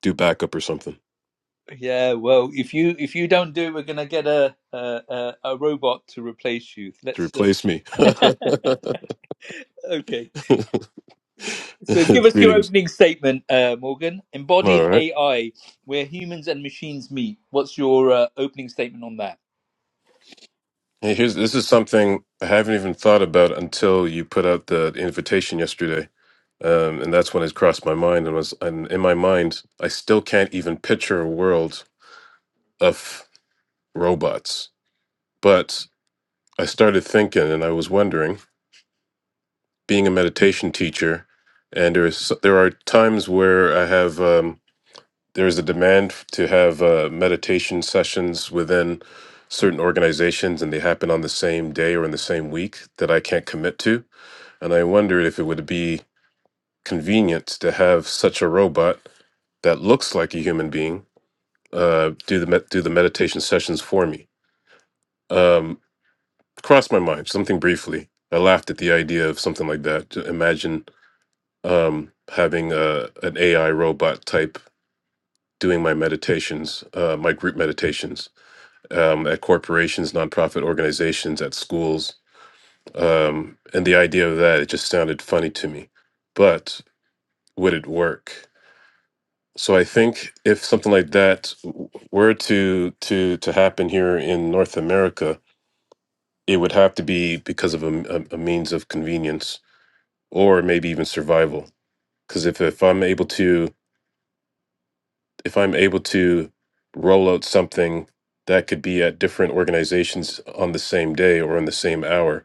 [SPEAKER 5] do backup or something.
[SPEAKER 1] yeah. Well, if you if you don't do, it, we're gonna get a a, a, a robot to replace you.
[SPEAKER 5] to
[SPEAKER 1] Let's.
[SPEAKER 5] replace me.
[SPEAKER 1] Uh, okay. So give us your
[SPEAKER 5] Greetings.
[SPEAKER 1] opening statement, uh, Morgan. Embodied
[SPEAKER 5] All right.
[SPEAKER 1] AI, where humans and machines meet. What's your uh, opening statement on that?
[SPEAKER 5] Hey, here's this is something I haven't even thought about until you put out the invitation yesterday, um, and that's when it crossed my mind. And was and in my mind, I still can't even picture a world of robots. But I started thinking, and I was wondering, being a meditation teacher, and there's there are times where I have. Um, there's a demand to have uh, meditation sessions within certain organizations and they happen on the same day or in the same week that I can't commit to. And I wondered if it would be convenient to have such a robot that looks like a human being uh, do the med- do the meditation sessions for me. Um, crossed my mind something briefly. I laughed at the idea of something like that. To imagine um, having a, an AI robot type doing my meditations, uh, my group meditations. um, at corporations, nonprofit organizations, at schools. Um, and the idea of that, it just sounded funny to me. But would it work? So I think if something like that w- were to to to happen here in North America, it would have to be because of a, m- a- a means of convenience or maybe even survival. Because if, if I'm able to if I'm able to roll out something that could be at different organizations on the same day or in the same hour,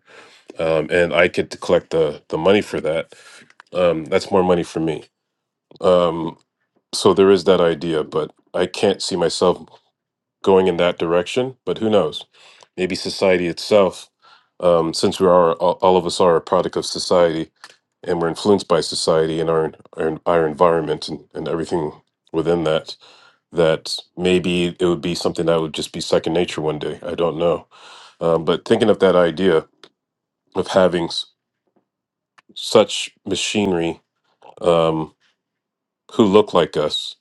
[SPEAKER 5] um, and I get to collect the the money for that. Um, that's more money for me. Um, so there is that idea, but I can't see myself going in that direction. But who knows? Maybe society itself, um, since we are all all of us are a product of society, and we're influenced by society and our our, our environment and, and everything within that that maybe it would be something that would just be second nature one day i don't know um, but thinking of that idea of having s- such machinery um, who look like us,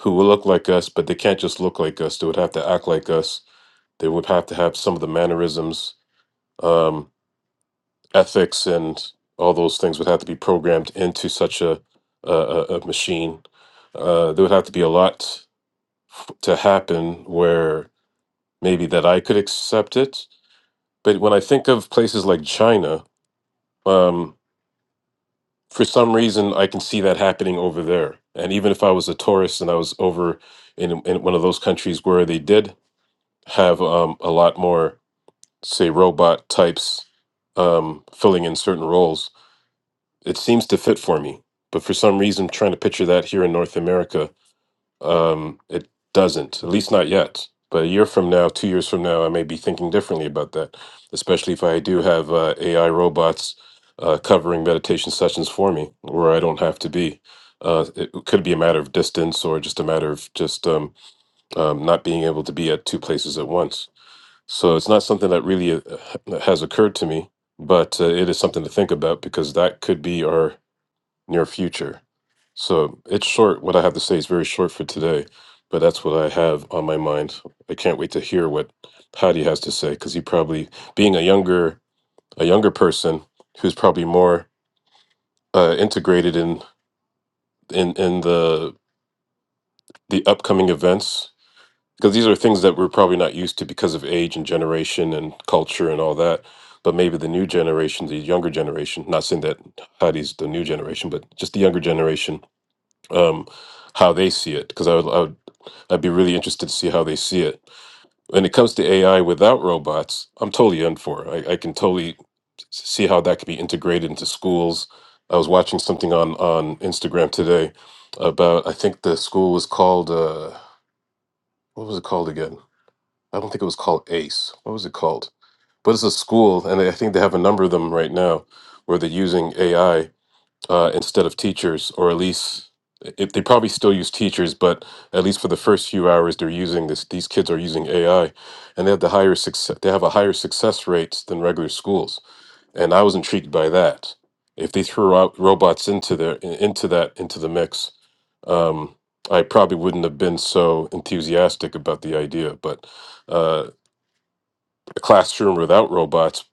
[SPEAKER 5] who will look like us, but they can't just look like us. They would have to act like us. They would have to have some of the mannerisms, um, ethics, and all those things would have to be programmed into such a a, a a machine. Uh, there would have to be a lot f- to happen where maybe that I could accept it. But when I think of places like China, um, for some reason I can see that happening over there. And even if I was a tourist and I was over in in one of those countries where they did have um, a lot more, say, robot types um, filling in certain roles, it seems to fit for me. But for some reason, trying to picture that here in North America um, it doesn't, at least not yet. But a year from now, two years from now, I may be thinking differently about that, especially if I do have uh, AI robots uh, covering meditation sessions for me where I don't have to be. Uh, it could be a matter of distance or just a matter of just um, um, not being able to be at two places at once. So it's not something that really uh, has occurred to me, but uh, it is something to think about because that could be our near future. So it's short. What I have to say is very short for today, but that's what I have on my mind. I can't wait to hear what Patty has to say because he probably, being a younger a younger person who's probably more uh, integrated in in in the the upcoming events because these are things that we're probably not used to because of age and generation and culture and all that. But maybe the new generation, the younger generation, not saying that Patty's the new generation, but just the younger generation um, how they see it because I would, I would I'd be really interested to see how they see it. When it comes to AI without robots, I'm totally in for it. I, I can totally see how that could be integrated into schools. I was watching something on on Instagram today about I think the school was called uh, what was it called again? I don't think it was called ACE. What was it called? But it's a school, and I think they have a number of them right now where they're using AI uh, instead of teachers, or at least if they probably still use teachers, but at least for the first few hours they're using this. These kids are using AI, and they have the higher success. They have a higher success rates than regular schools, and I was intrigued by that. If they threw out robots into their in- into that into the mix, um, I probably wouldn't have been so enthusiastic about the idea. But uh, a classroom without robots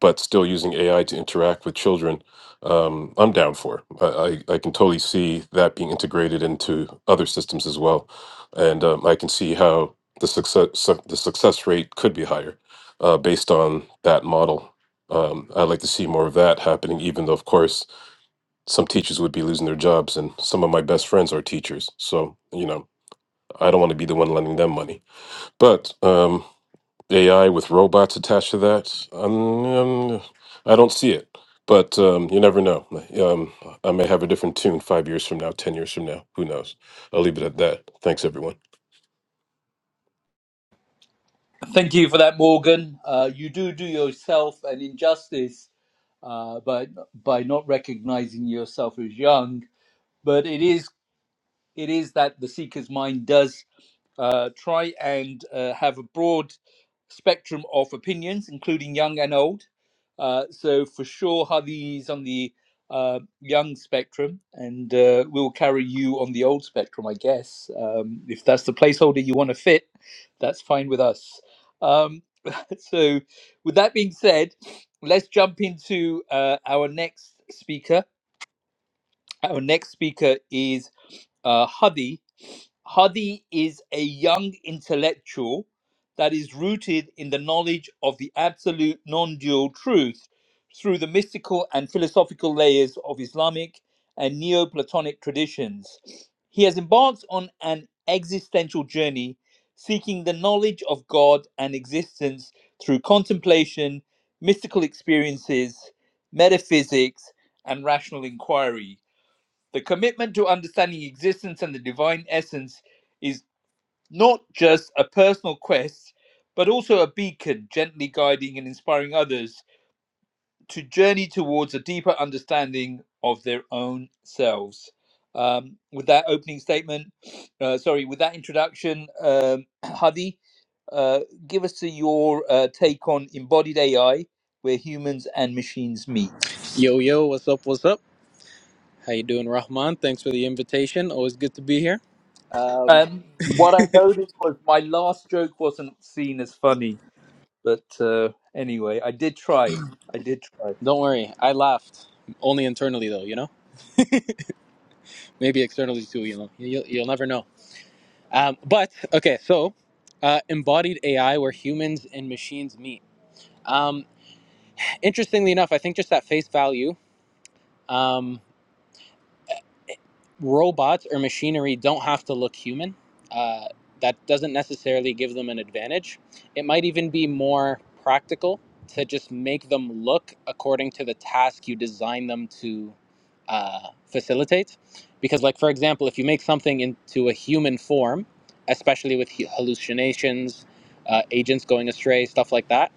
[SPEAKER 5] but still using AI to interact with children, um, I'm down for. I, I, I can totally see that being integrated into other systems as well, and um, I can see how the success su- the success rate could be higher uh, based on that model. Um, I'd like to see more of that happening, even though, of course, some teachers would be losing their jobs, and some of my best friends are teachers. So, you know, I don't want to be the one lending them money. But um, AI with robots attached to that? Um, um, I don't see it, but um, you never know. Um, I may have a different tune five years from now, 10 years from now. Who knows? I'll leave it at that. Thanks, everyone.
[SPEAKER 1] Thank you for that, Morgan. Uh, you do do yourself an injustice uh, by by not recognizing yourself as young, but it is it is that the seeker's mind does uh, try and uh, have a broad spectrum of opinions, including young and old. Uh, so for sure, Hadi is on the uh, young spectrum, and uh, we'll carry you on the old spectrum, I guess. Um, if that's the placeholder you want to fit, that's fine with us. Um, so, with that being said, let's jump into uh, our next speaker. Our next speaker is uh, Hadi. Hadi is a young intellectual that is rooted in the knowledge of the absolute non dual truth through the mystical and philosophical layers of Islamic and Neoplatonic traditions. He has embarked on an existential journey seeking the knowledge of God and existence through contemplation, mystical experiences, metaphysics, and rational inquiry. The commitment to understanding existence and the divine essence is not just a personal quest, but also a beacon gently guiding and inspiring others to journey towards a deeper understanding of their own selves. Um, with that opening statement, uh, sorry, with that introduction, um, Hadi, uh, give us your uh, take on embodied AI, where humans and machines meet.
[SPEAKER 7] Yo, yo, what's up? What's up? How you doing, Rahman? Thanks for the invitation. Always good to be here. Um,
[SPEAKER 1] Um, what I noticed was my last joke wasn't seen as funny, but uh, anyway, I did try. I did try.
[SPEAKER 7] don't worry, I laughed only internally though, you know. Maybe externally too, you know. You'll, you'll never know. Um, but okay, so uh, embodied AI, where humans and machines meet. Um, interestingly enough, I think just at face value. Um, robots or machinery don't have to look human. Uh, that doesn't necessarily give them an advantage. It might even be more practical to just make them look according to the task you design them to uh, facilitate. Because, like for example, if you make something into a human form, especially with hallucinations, uh, agents going astray, stuff like that,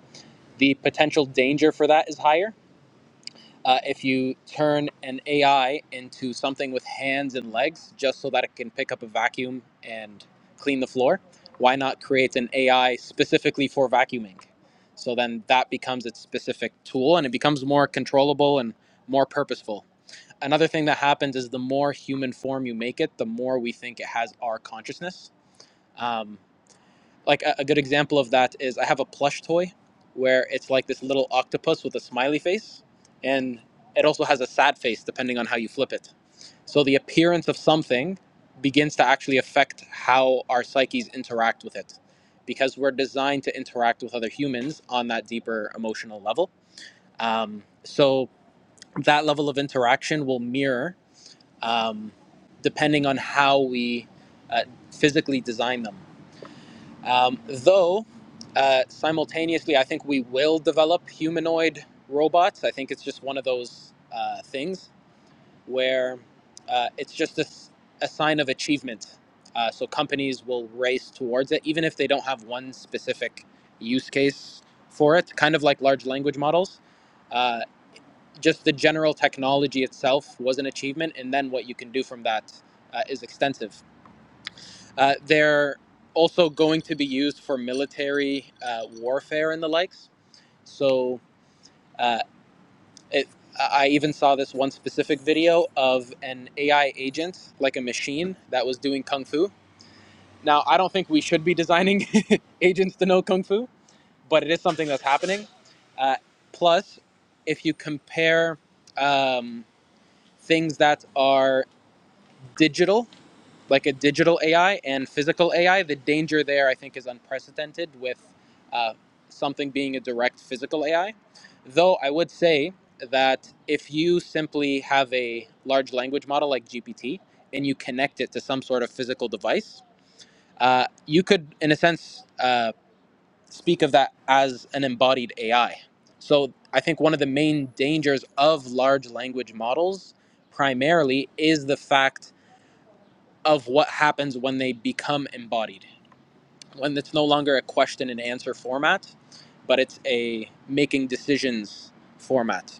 [SPEAKER 7] the potential danger for that is higher uh, if you turn an AI into something with hands and legs just so that it can pick up a vacuum and clean the floor, why not create an AI specifically for vacuuming? So then that becomes its specific tool and it becomes more controllable and more purposeful. Another thing that happens is the more human form you make it, the more we think it has our consciousness. Um, like a, a good example of that is I have a plush toy where it's like this little octopus with a smiley face and it also has a sad face depending on how you flip it. So the appearance of something begins to actually affect how our psyches interact with it because we're designed to interact with other humans on that deeper emotional level. Um, so that level of interaction will mirror um, depending on how we uh, physically design them. Um, though, uh, simultaneously, I think we will develop humanoid robots. I think it's just one of those uh, things where uh, it's just a a sign of achievement. Uh, so companies will race towards it, even if they don't have one specific use case for it, kind of like large language models. Uh, just the general technology itself was an achievement, and then what you can do from that uh, is extensive. Uh, they're also going to be used for military uh, warfare and the likes. So uh, it, I even saw this one specific video of an AI agent, like a machine, that was doing kung fu. Now, I don't think we should be designing agents to know kung fu, but it is something that's happening. Uh, plus, if you compare um, things that are digital like a digital AI and physical AI. The danger there, I think, is unprecedented with uh, something being a direct physical AI. Though I would say that if you simply have a large language model like GPT and you connect it to some sort of physical device, uh, you could, in a sense, uh, speak of that as an embodied AI. So I think one of the main dangers of large language models primarily is the fact of what happens when they become embodied, when it's no longer a question and answer format, but it's a making decisions format.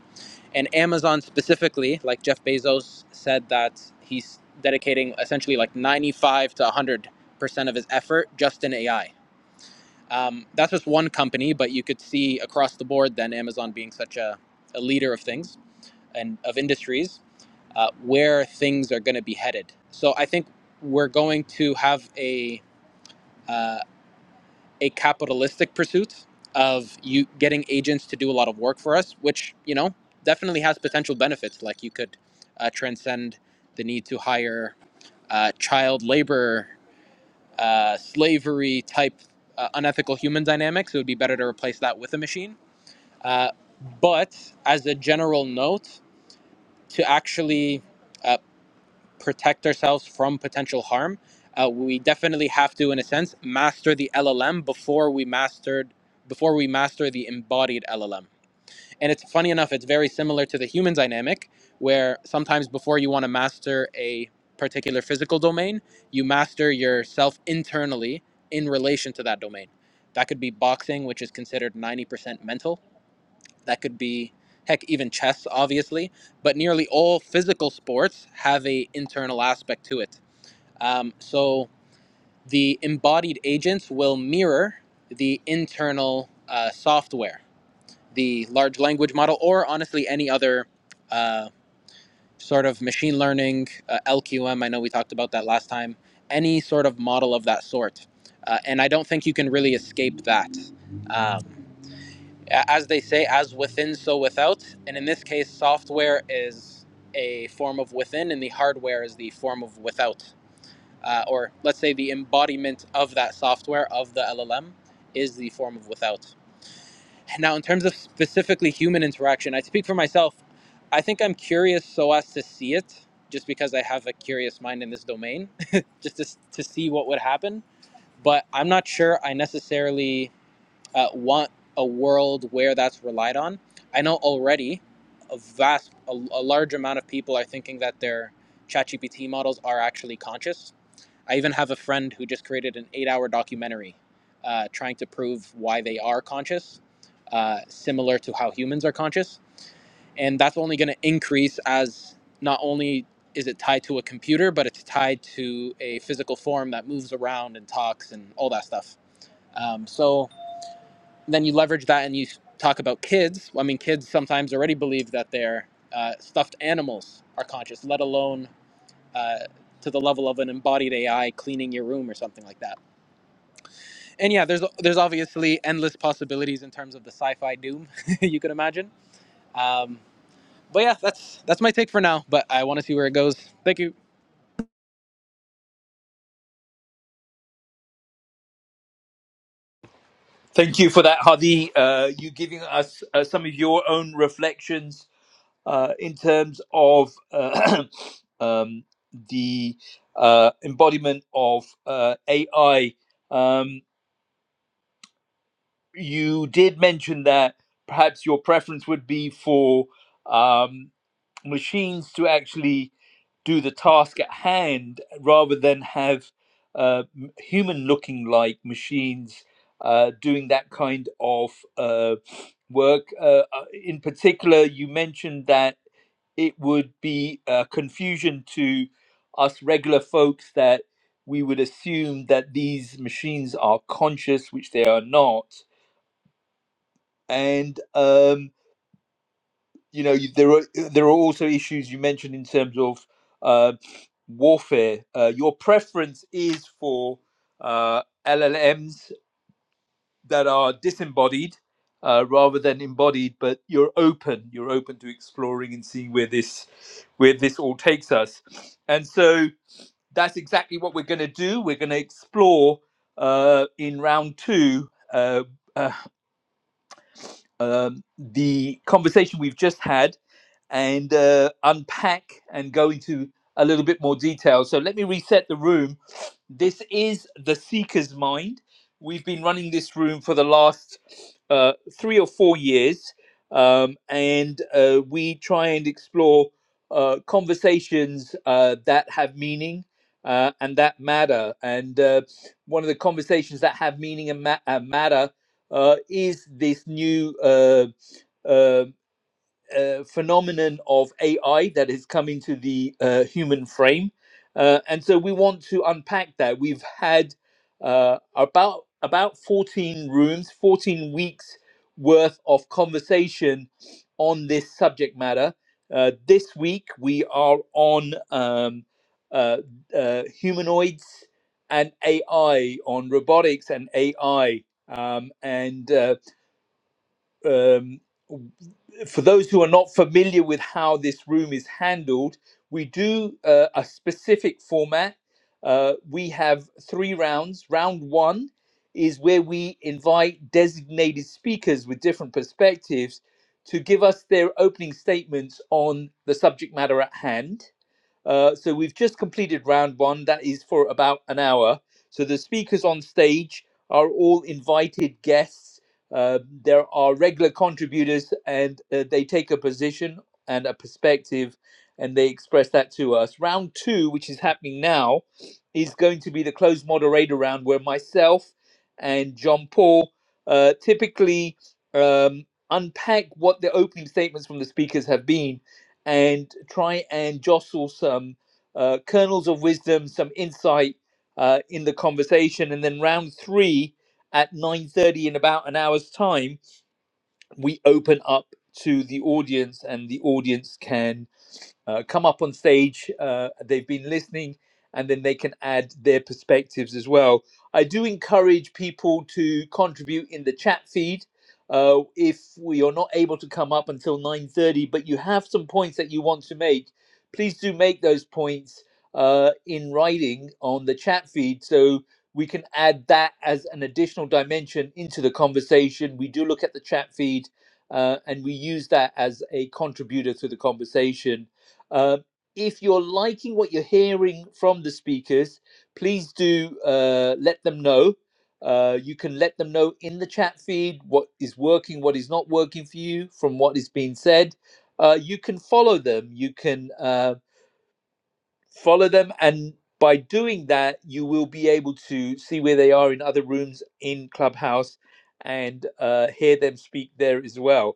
[SPEAKER 7] And Amazon specifically, like Jeff Bezos said that he's dedicating essentially like 95 to 100 percent of his effort just in AI. Um, that's just one company, but you could see across the board then Amazon being such a, a leader of things and of industries uh, where things are going to be headed. So I think we're going to have a uh, a capitalistic pursuit of you getting agents to do a lot of work for us, which you know definitely has potential benefits. Like you could uh, transcend the need to hire uh, child labor, uh, slavery type uh, unethical human dynamics. It would be better to replace that with a machine. Uh, but as a general note, to actually uh, protect ourselves from potential harm. Uh, we definitely have to, in a sense, master the LLM before we mastered before we master the embodied LLM. And it's funny enough, it's very similar to the human dynamic, where sometimes before you want to master a particular physical domain, you master yourself internally in relation to that domain. That could be boxing, which is considered 90% mental that could be heck even chess obviously, but nearly all physical sports have a internal aspect to it. Um, so the embodied agents will mirror the internal uh, software, the large language model, or honestly any other uh, sort of machine learning, uh, LQM. I know we talked about that last time. Any sort of model of that sort, uh, and I don't think you can really escape that. Um, as they say, as within, so without. And in this case, software is a form of within, and the hardware is the form of without. Uh, or let's say the embodiment of that software, of the LLM, is the form of without. Now, in terms of specifically human interaction, I speak for myself. I think I'm curious so as to see it, just because I have a curious mind in this domain, just to, to see what would happen. But I'm not sure I necessarily uh, want a world where that's relied on. I know already a vast, a, a large amount of people are thinking that their ChatGPT models are actually conscious. I even have a friend who just created an eight-hour documentary uh, trying to prove why they are conscious, uh, similar to how humans are conscious, and that's only going to increase as not only is it tied to a computer, but it's tied to a physical form that moves around and talks and all that stuff. Um, so then you leverage that and you talk about kids. I mean, kids sometimes already believe that their uh, stuffed animals are conscious, let alone uh, to the level of an embodied AI cleaning your room or something like that. And yeah, there's there's obviously endless possibilities in terms of the sci-fi doom you could imagine. Um, but yeah, that's that's my take for now. But I want to see where it goes. Thank you.
[SPEAKER 1] Thank you for that, Hadi. Uh, you giving us uh, some of your own reflections uh, in terms of uh, um, the uh, embodiment of uh, AI. Um, you did mention that perhaps your preference would be for. um, machines to actually do the task at hand rather than have uh, human looking like machines uh, doing that kind of uh, work. Uh, uh, in particular, you mentioned that it would be uh, confusion to us regular folks that we would assume that these machines are conscious, which they are not. And um, you know, you- there are there are also issues you mentioned in terms of uh, warfare. Uh, your preference is for uh, LLMs that are disembodied uh, rather than embodied, but you're open. You're open to exploring and seeing where this where this all takes us. And so that's exactly what we're going to do. We're going to explore uh, in round two uh, uh, um, the conversation we've just had and uh, unpack and go into a little bit more detail. So let me reset the room. This is the Seeker's Mind. We've been running this room for the last uh, three or four years, um, and uh, we try and explore uh, conversations uh, that have meaning. Uh, and that matter. And uh, one of the conversations that have meaning and ma- uh, matter uh, is this new uh, uh, uh, phenomenon of AI that is coming to the uh, human frame. Uh, and so we want to unpack that. We've had uh, about about 14 rooms, 14 weeks worth of conversation on this subject matter. Uh, this week we are on um, uh, uh, humanoids and AI, on robotics and AI, um, and uh, um, for those who are not familiar with how this room is handled, we do uh, a specific format. Uh, we have three rounds. Round one is where we invite designated speakers with different perspectives to give us their opening statements on the subject matter at hand. Uh, so we've just completed round one. That is for about an hour. So the speakers on stage are all invited guests. Uh, there are regular contributors, and uh, they take a position and a perspective, and they express that to us. Round two, which is happening now, is going to be the closed moderator round, where myself and John Paul uh, typically um, unpack what the opening statements from the speakers have been and try and jostle some uh, kernels of wisdom, some insight uh, in the conversation, and then round three at 9.30 in about an hour's time we open up to the audience and the audience can uh, come up on stage. Uh, they've been listening, and then they can add their perspectives as well. I do encourage people to contribute in the chat feed. Uh, if we are not able to come up until 9.30 but you have some points that you want to make please do make those points uh, in writing on the chat feed so we can add that as an additional dimension into the conversation we do look at the chat feed uh, and we use that as a contributor to the conversation uh, if you're liking what you're hearing from the speakers, please do uh, let them know. Uh, you can let them know in the chat feed what is working, what is not working for you from what is being said. Uh, you can follow them. You can uh, follow them. And by doing that, you will be able to see where they are in other rooms in Clubhouse and uh, hear them speak there as well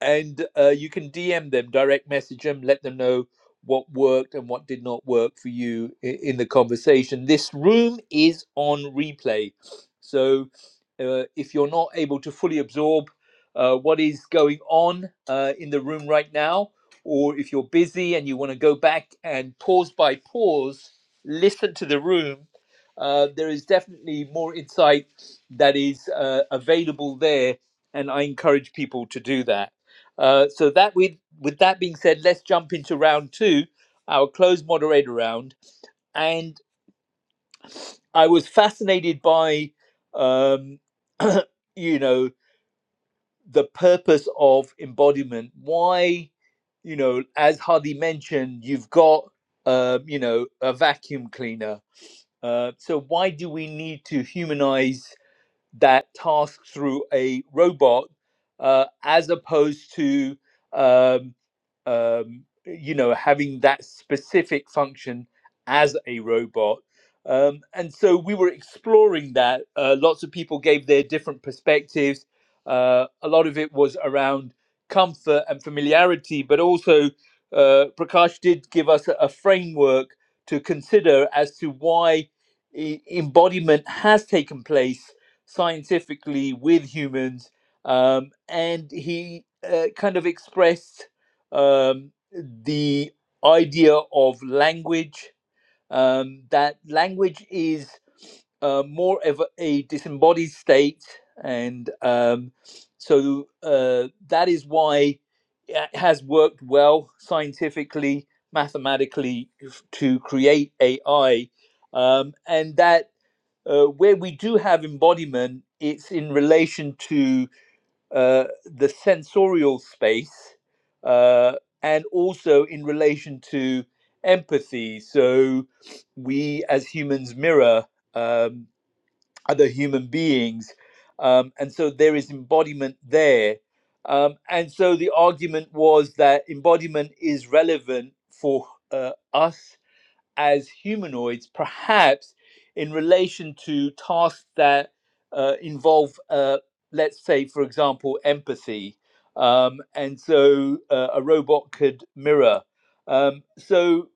[SPEAKER 1] and uh, you can DM them, direct message them, let them know what worked and what did not work for you i- in the conversation. This room is on replay, so uh, if you're not able to fully absorb uh, what is going on uh, in the room right now, or if you're busy and you want to go back and pause by pause listen to the room. Uh, there is definitely more insight that is uh, available there, and I encourage people to do that. Uh, so that with with that being said, let's jump into round two, our closed moderator round. And I was fascinated by, um, you know, the purpose of embodiment. Why, you know, as Hadi mentioned, you've got, um, you know, a vacuum cleaner. Uh, so why do we need to humanize that task through a robot uh, as opposed to um, um, you know having that specific function as a robot um, and so we were exploring that uh, lots of people gave their different perspectives uh, a lot of it was around comfort and familiarity but also uh, prakash did give us a a framework to consider as to why e- embodiment has taken place scientifically with humans, um, and he uh, kind of expressed um, the idea of language um, that language is uh, more of a disembodied state, and um, so uh, that is why it has worked well scientifically, mathematically to create AI, um, and that uh, where we do have embodiment, it's in relation to uh, the sensorial space uh, and also in relation to empathy. So we as humans mirror um, other human beings. Um, and so there is embodiment there. Um, and so the argument was that embodiment is relevant for uh, us as humanoids, perhaps in relation to tasks that uh, involve, uh, let's say, for example, empathy. Um, and so uh, a robot could mirror. Um, so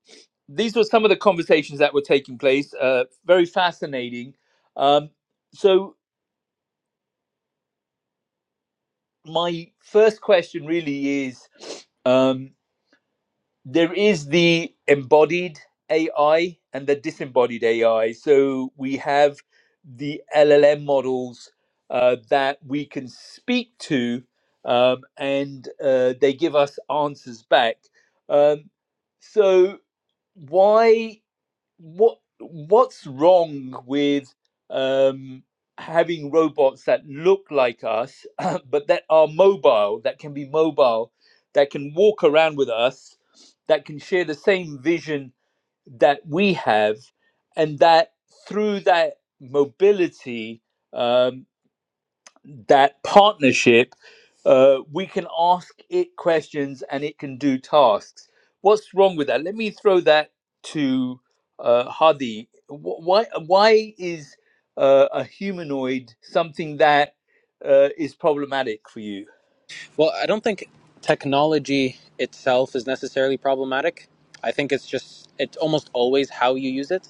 [SPEAKER 1] these were some of the conversations that were taking place. Uh, very fascinating. Um, so my first question really is. um, there is the embodied AI and the disembodied AI. So we have the LLM models uh, that we can speak to, um, and uh, they give us answers back. Um, so why? what what's wrong with um, having robots that look like us but that are mobile that can be mobile that can walk around with us that can share the same vision that we have and that through that mobility um, that partnership uh, we can ask it questions and it can do tasks. What's wrong with that? Let me throw that to uh, Hadi. Wh- Why, why is uh, a humanoid something that uh, is problematic for you?
[SPEAKER 7] Well, I don't think technology itself is necessarily problematic. I think it's just it's almost always how you use it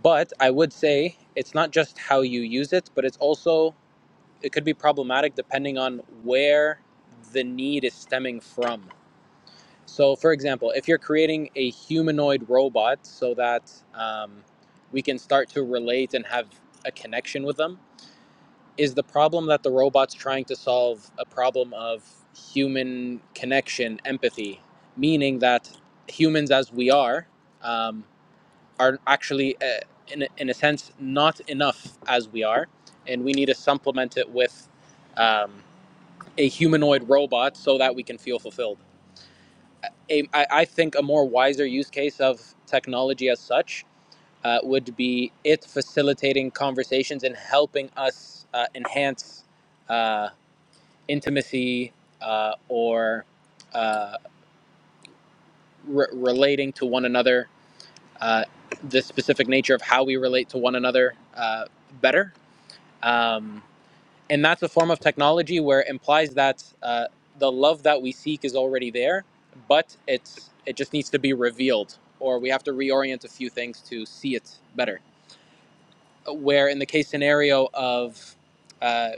[SPEAKER 7] But I would say it's not just how you use it, but it's also, it could be problematic depending on where the need is stemming from. So, for example, if you're creating a humanoid robot so that um, we can start to relate and have a connection with them, is the problem that the robot's trying to solve a problem of human connection, empathy, meaning that humans as we are, um, are actually, uh, in, in a sense, not enough as we are. And we need to supplement it with um, a humanoid robot so that we can feel fulfilled. A, I, I think a more wiser use case of technology as such uh, would be it facilitating conversations and helping us uh, enhance uh, intimacy uh, or uh, re- relating to one another, uh, the specific nature of how we relate to one another uh, better um, and that's a form of technology where it implies that uh, the love that we seek is already there, but it's it just needs to be revealed, or we have to reorient a few things to see it better. Where in the case scenario of uh,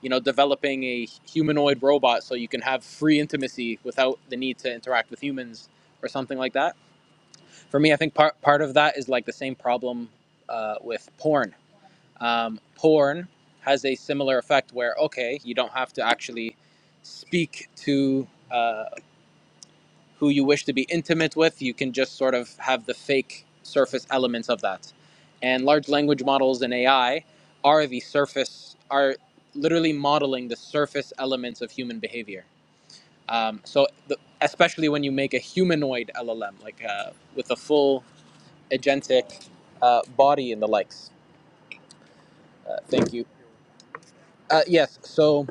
[SPEAKER 7] you know developing a humanoid robot so you can have free intimacy without the need to interact with humans or something like that. For me, I think part part of that is like the same problem uh, with porn um, porn has a similar effect where, okay, you don't have to actually speak to uh, who you wish to be intimate with. You can just sort of have the fake surface elements of that. And large language models and AI are the surface, are literally modeling the surface elements of human behavior. Um, so, the, especially when you make a humanoid LLM, like uh, with a full agentic uh, body and the likes. Uh, thank you. Uh, yes, so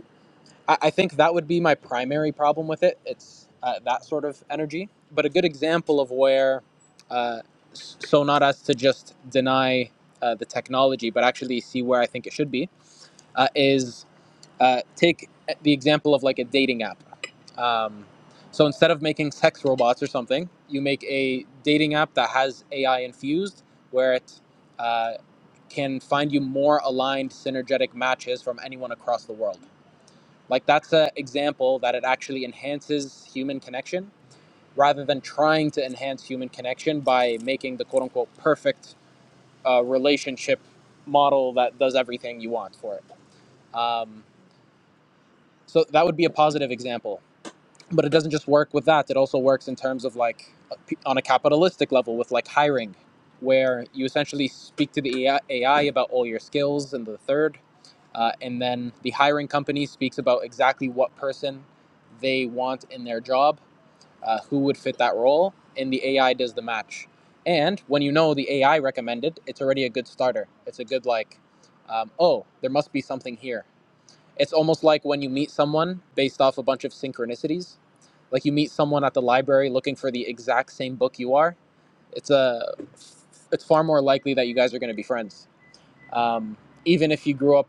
[SPEAKER 7] I, I think that would be my primary problem with it. It's uh, that sort of energy. But a good example of where, uh, s- so not as to just deny uh, the technology, but actually see where I think it should be, uh, is uh, take uh, the example of like a dating app. Um, so instead of making sex robots or something, you make a dating app that has AI infused, where it uh, can find you more aligned, synergetic matches from anyone across the world like that's an example that it actually enhances human connection rather than trying to enhance human connection by making the quote unquote perfect uh, relationship model that does everything you want for it. Um, so that would be a positive example. But it doesn't just work with that. It also works in terms of like uh, on a capitalistic level with like hiring, where you essentially speak to the AI about all your skills and the third. Uh, and then the hiring company speaks about exactly what person they want in their job, uh, who would fit that role, and the AI does the match. And when you know the AI recommended, it's already a good starter. It's a good, like, um, oh, there must be something here. It's almost like when you meet someone based off a bunch of synchronicities. Like you meet someone at the library looking for the exact same book you are. It's a, it's far more likely that you guys are going to be friends. Um, even if you grew up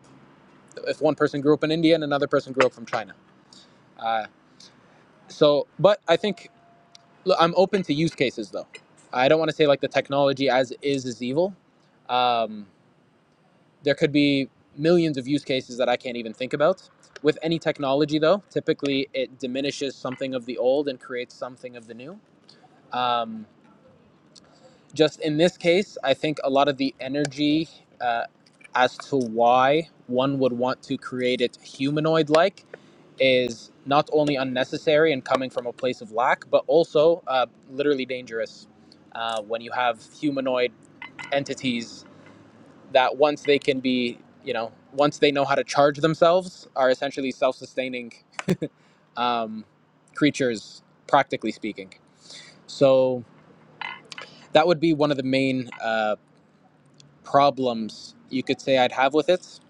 [SPEAKER 7] if one person grew up in India and another person grew up from China. Uh, so, but I think look, I'm open to use cases though. I don't want to say like the technology as is is evil. Um, there could be millions of use cases that I can't even think about. With any technology though, typically it diminishes something of the old and creates something of the new. Um, just in this case, I think a lot of the energy uh, as to why one would want to create it humanoid like is not only unnecessary and coming from a place of lack, but also uh, literally dangerous uh, when you have humanoid entities that once they can be, you know, once they know how to charge themselves, are essentially self sustaining um, creatures, practically speaking. So that would be one of the main uh, problems you could say I'd have with it.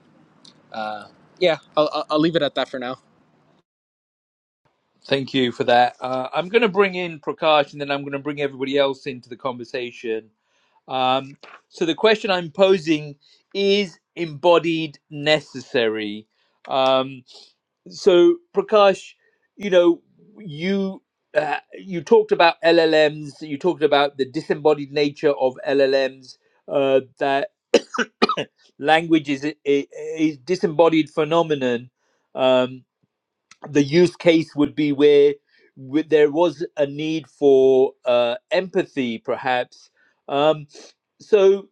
[SPEAKER 7] Uh, yeah, I'll, I'll I'll leave it at that for now.
[SPEAKER 1] Thank you for that. Uh, I'm going to bring in Prakash and then I'm going to bring everybody else into the conversation. Um, so, the question I'm posing is embodied necessary? Um, so Prakash, you know, you uh, you talked about LLMs. You talked about the disembodied nature of LLMs. Uh, that language is a, a, a disembodied phenomenon. Um, the use case would be where, where there was a need for uh, empathy, perhaps. Um, so,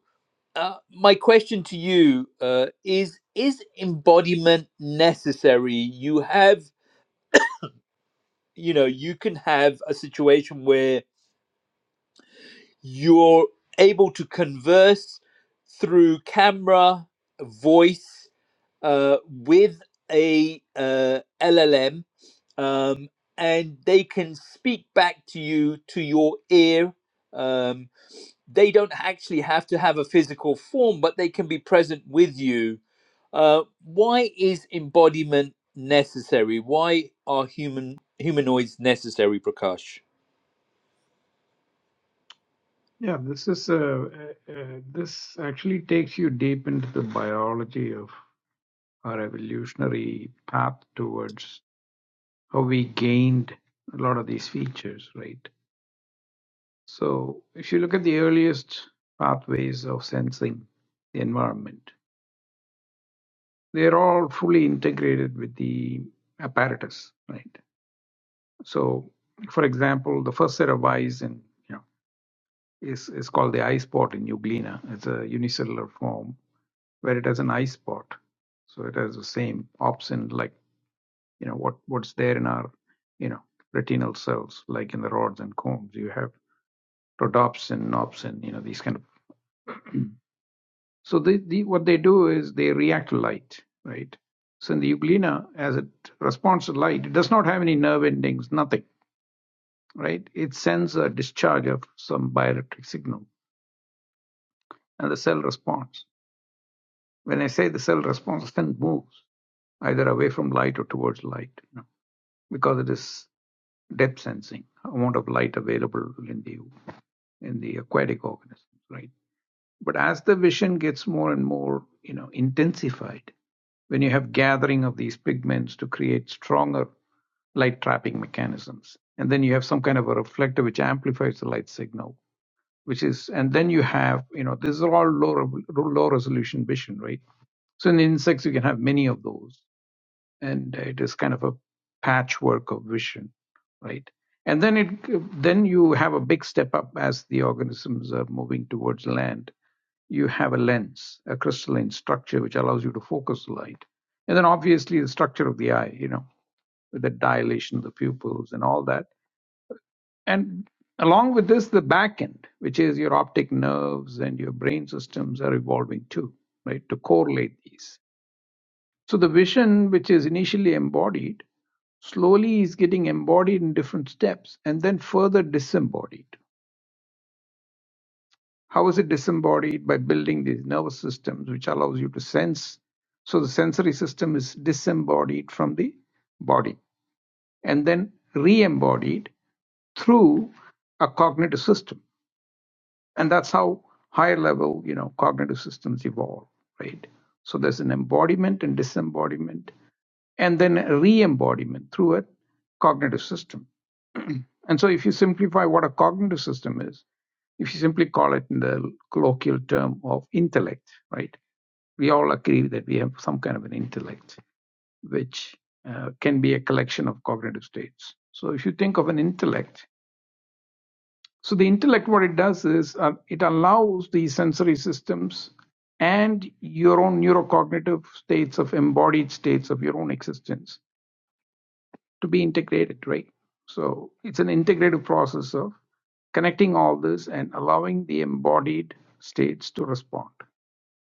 [SPEAKER 1] uh, my question to you uh, is: Is embodiment necessary? You have you know you can have a situation where you're able to converse through camera voice uh, with a uh, llm um, and they can speak back to you to your ear um, they don't actually have to have a physical form but they can be present with you uh, why is embodiment necessary why are human humanoids necessary prakash
[SPEAKER 3] Yeah, this is uh, uh, uh, this actually takes you deep into the biology of our evolutionary path towards how we gained a lot of these features, right? So if you look at the earliest pathways of sensing the environment, they're all fully integrated with the apparatus, right? So for example, the first set of eyes in you know is, is called the eye spot in Euglena. It's a unicellular form where it has an eye spot. So it has the same opsin like you know what, what's there in our you know retinal cells, like in the rods and cones. You have rhodopsin, opsin, you know, these kind of So they, the, what they do is they react to light, right? So in the euglena, as it responds to light, it does not have any nerve endings, nothing, right? It sends a discharge of some bioelectric signal, and the cell responds. When I say the cell responds, the moves either away from light or towards light, you know, because it is depth sensing amount of light available in the in the aquatic organisms, right? But as the vision gets more and more, you know, intensified, when you have gathering of these pigments to create stronger light trapping mechanisms, and then you have some kind of a reflector which amplifies the light signal, which is, and then you have, you know, this is all low, low resolution vision, right? So in insects, you can have many of those and it is kind of a patchwork of vision right and then it then you have a big step up as the organisms are moving towards land you have a lens a crystalline structure which allows you to focus light and then obviously the structure of the eye you know with the dilation of the pupils and all that and along with this the back end which is your optic nerves and your brain systems are evolving too right to correlate these so the vision, which is initially embodied, slowly is getting embodied in different steps and then further disembodied. How is it disembodied? By building these nervous systems, which allows you to sense. So the sensory system is disembodied from the body and then re embodied through a cognitive system. And that's how higher level, you know, cognitive systems evolve, right? So there's an embodiment and disembodiment and then re-embodiment through a cognitive system. and so if you simplify what a cognitive system is, if you simply call it in the colloquial term of intellect, right? We all agree that we have some kind of an intellect, which uh, can be a collection of cognitive states. So if you think of an intellect, so the intellect, what it does is uh, it allows the sensory systems and your own neurocognitive states of embodied states of your own existence to be integrated, right? So it's an integrative process of connecting all this and allowing the embodied states to respond.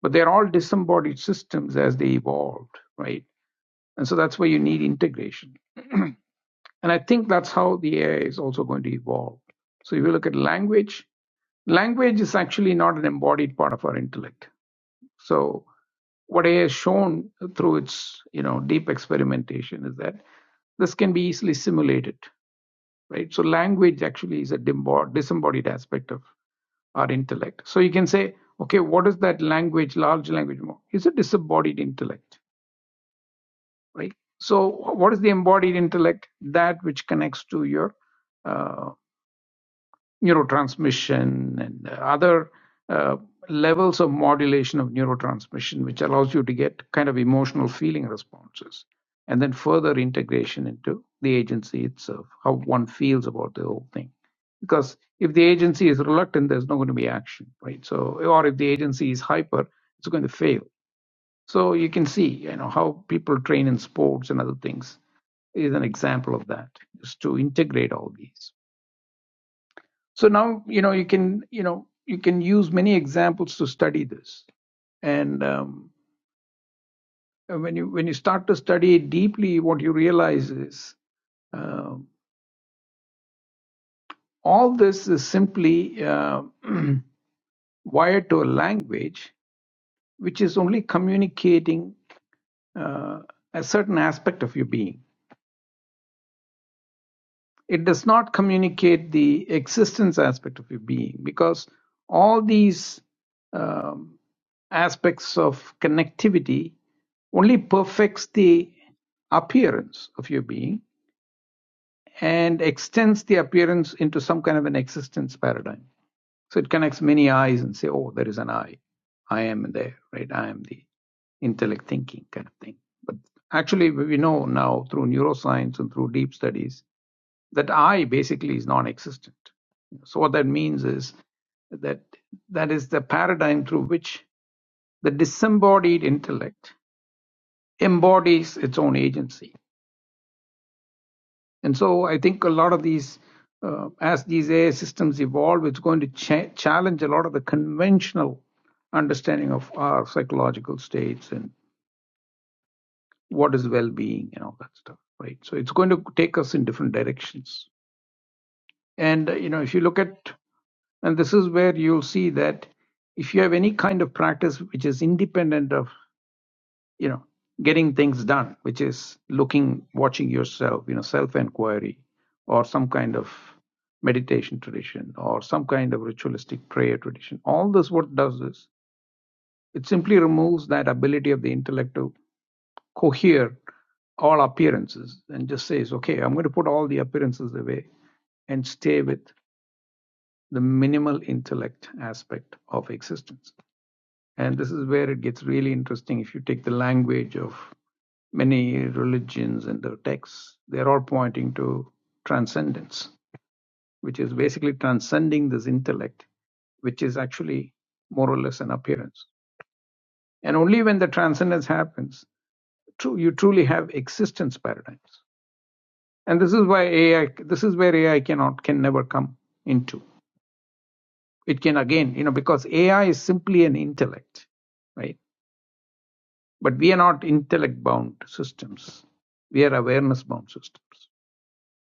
[SPEAKER 3] But they're all disembodied systems as they evolved, right? And so that's why you need integration. And I think that's how the AI is also going to evolve. So if you look at language, language is actually not an embodied part of our intellect. So what AI has shown through its you know deep experimentation is that this can be easily simulated right? So language actually is a disembodied aspect of our intellect. So you can say, okay, what is that language, large language model? It's a disembodied intellect, right? So what is the embodied intellect? That which connects to your uh, neurotransmission and other uh, levels of modulation of neurotransmission, which allows you to get kind of emotional feeling responses. And then further integration into the agency itself, how one feels about the whole thing. Because if the agency is reluctant, there's not going to be action, right? So, or if the agency is hyper, it's going to fail. So you can see, you know, how people train in sports and other things is an example of that, is to integrate all these. So now, you know, you can, you know, you can use many examples to study this. And um, when you when you start to study it deeply, what you realize is um all this is simply uh, wired to a language which is only communicating uh, a certain aspect of your being. It does not communicate the existence aspect of your being because all these um, aspects of connectivity only perfects the appearance of your being and extends the appearance into some kind of an existence paradigm. So it connects many eyes and say, oh, there is an I. I am there, right? I am the intellect thinking kind of thing. But actually, we know now through neuroscience and through deep studies that I basically is non existent. So what that means is that that is the paradigm through which the disembodied intellect embodies its own agency. And so I think a lot of these, uh, as these AI systems evolve, it's going to cha- challenge a lot of the conventional understanding of our psychological states and what is well-being and all that stuff, right? So it's going to take us in different directions. And uh, you know, if you look at and this is where you'll see that if you have any kind of practice which is independent of you know getting things done which is looking watching yourself you know self inquiry or some kind of meditation tradition or some kind of ritualistic prayer tradition all this what does is it simply removes that ability of the intellect to cohere all appearances and just says okay i'm going to put all the appearances away and stay with the minimal intellect aspect of existence and this is where it gets really interesting. If you take the language of many religions and their texts, they're all pointing to transcendence, which is basically transcending this intellect, which is actually more or less an appearance. And only when the transcendence happens, true, you truly have existence paradigms. And this is why AI, this is where AI cannot, can never come into. It can again, you know, because AI is simply an intellect, right? But we are not intellect bound systems. We are awareness bound systems.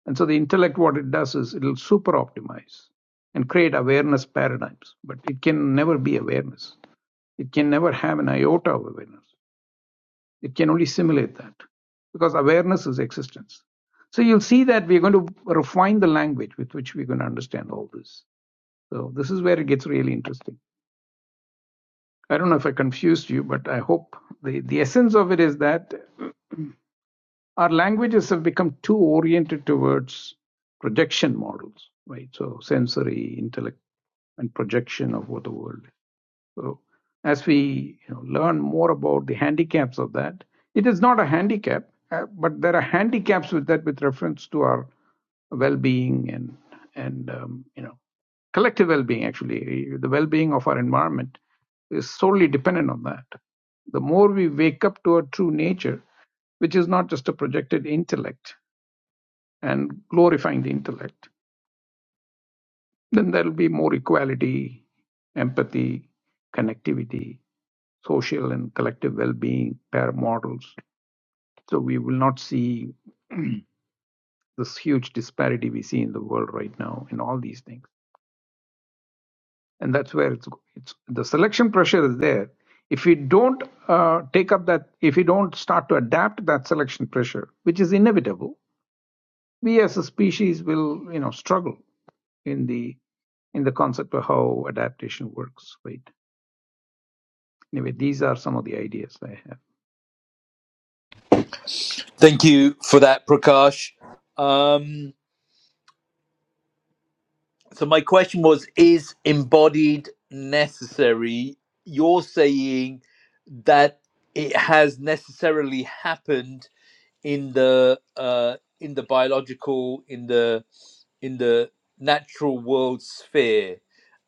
[SPEAKER 3] And so the intellect, what it does is it'll super optimize and create awareness paradigms, but it can never be awareness. It can never have an iota of awareness. It can only simulate that because awareness is existence. So you'll see that we're going to refine the language with which we're going to understand all this. So this is where it gets really interesting. I don't know if I confused you, but I hope the, the essence of it is that our languages have become too oriented towards projection models, right? So sensory, intellect, and projection of what the world is. So as we you know, learn more about the handicaps of that, it is not a handicap, uh, but there are handicaps with that with reference to our well-being and and um, you know collective well-being. Actually, the well-being of our environment is solely dependent on that. The more we wake up to our true nature, which is not just a projected intellect and glorifying the intellect, then there will be more equality, empathy, connectivity, social and collective well-being pair models. So we will not see this huge disparity we see in the world right now in all these things, and that's where it's it's the selection pressure is there. If we don't uh, take up that, if we don't start to adapt that selection pressure, which is inevitable, we as a species will you know struggle in the in the concept of how adaptation works. Right. Anyway, these are some of the ideas I have.
[SPEAKER 1] Thank you for that, Prakash. Um, so my question was: Is embodied necessary? You're saying that it has necessarily happened in the uh, in the biological, in the in the natural world sphere,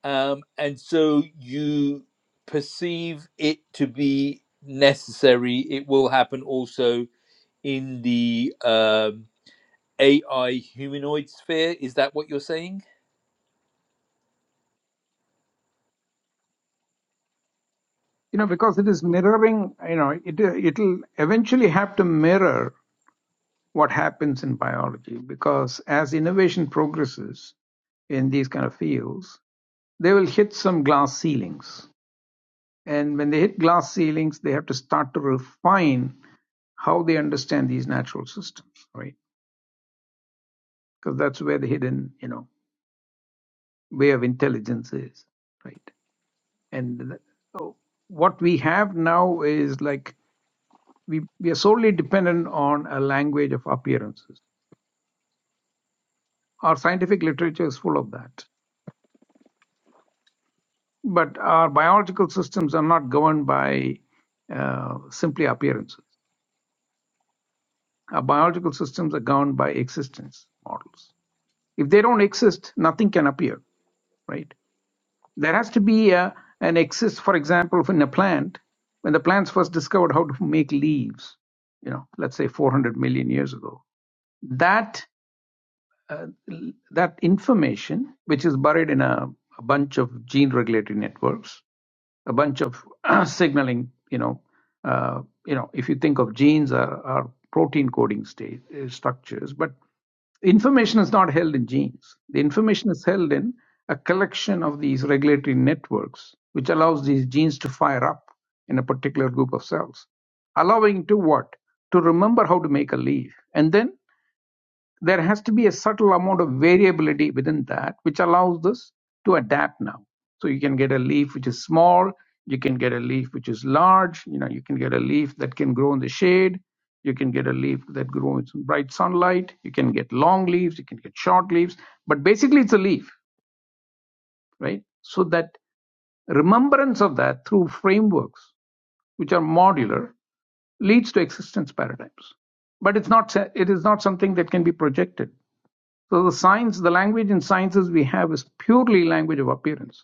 [SPEAKER 1] um, and so you perceive it to be necessary. It will happen also in the um, AI humanoid sphere. Is that what you're saying?
[SPEAKER 3] you know because it is mirroring you know it it'll eventually have to mirror what happens in biology because as innovation progresses in these kind of fields they will hit some glass ceilings and when they hit glass ceilings they have to start to refine how they understand these natural systems right because that's where the hidden you know way of intelligence is right and th- what we have now is like we, we are solely dependent on a language of appearances. Our scientific literature is full of that. But our biological systems are not governed by uh, simply appearances. Our biological systems are governed by existence models. If they don't exist, nothing can appear, right? There has to be a, an exist, for example, in a plant, when the plants first discovered how to make leaves, you know, let's say 400 million years ago, that. uh, that information, which is buried in a, a bunch of gene regulatory networks, a bunch of signaling, you know, uh, you know, if you think of genes are, are protein coding state, uh, structures, but information is not held in genes. The information is held in a collection of these regulatory networks, which allows these genes to fire up in a particular group of cells, allowing to what? To remember how to make a leaf. And then there has to be a subtle amount of variability within that which allows this to adapt now so you can get a leaf which is small you can get a leaf which is large you know you can get a leaf that can grow in the shade you can get a leaf that grows in bright sunlight you can get long leaves you can get short leaves but basically it's a leaf right so that remembrance of that through frameworks which are modular leads to existence paradigms but it's not it is not something that can be projected so the science, the language in sciences we have is purely language of appearance.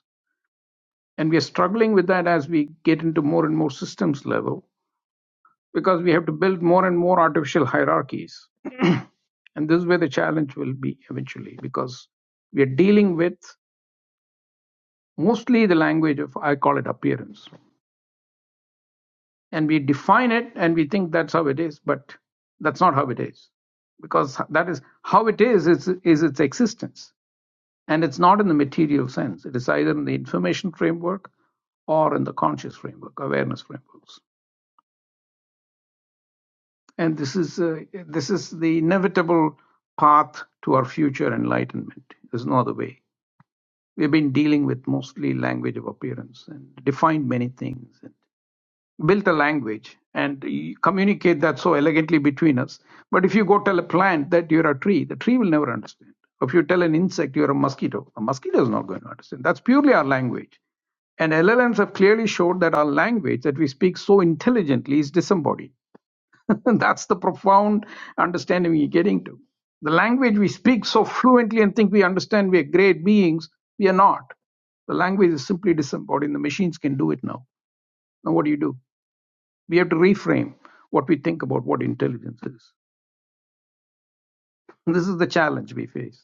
[SPEAKER 3] And we are struggling with that as we get into more and more systems level because we have to build more and more artificial hierarchies. And this is where the challenge will be eventually because we are dealing with mostly the language of, I call it appearance. And we define it and we think that's how it is, but that's not how it is because that is how it is, is, is its existence And it's not in the material sense. It is either in the information framework or in the conscious framework, awareness frameworks. And this is uh, this is the inevitable path to our future enlightenment. There's no other way. We've been dealing with mostly language of appearance and defined many things. and. built a language and you communicate that so elegantly between us. But if you go tell a plant that you're a tree, the tree will never understand. If you tell an insect you're a mosquito, the mosquito is not going to understand. That's purely our language. And LLMs have clearly showed that our language that we speak so intelligently is disembodied. That's the profound understanding we're getting to. The language we speak so fluently and think we understand we are great beings, we are not. The language is simply disembodied. The machines can do it now. Now, what do you do? We have to reframe what we think about what intelligence is. And this is the challenge we face.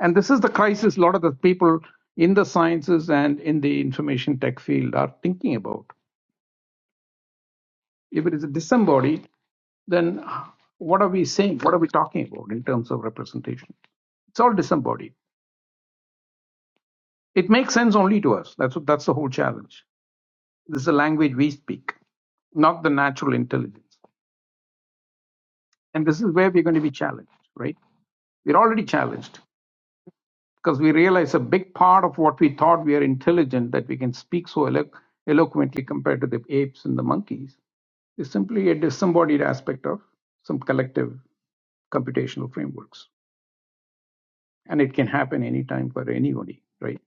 [SPEAKER 3] And this is the crisis a lot of the people in the sciences and in the information tech field are thinking about. If it is disembodied, then what are we saying? What are we talking about in terms of representation? It's all disembodied. It makes sense only to us. That's, what, that's the whole challenge. This is the language we speak, not the natural intelligence. And this is where we're going to be challenged, right? We're already challenged because we realize a big part of what we thought we are intelligent that we can speak so elo- eloquently compared to the apes and the monkeys is simply a disembodied aspect of some collective computational frameworks and it can happen anytime for anybody right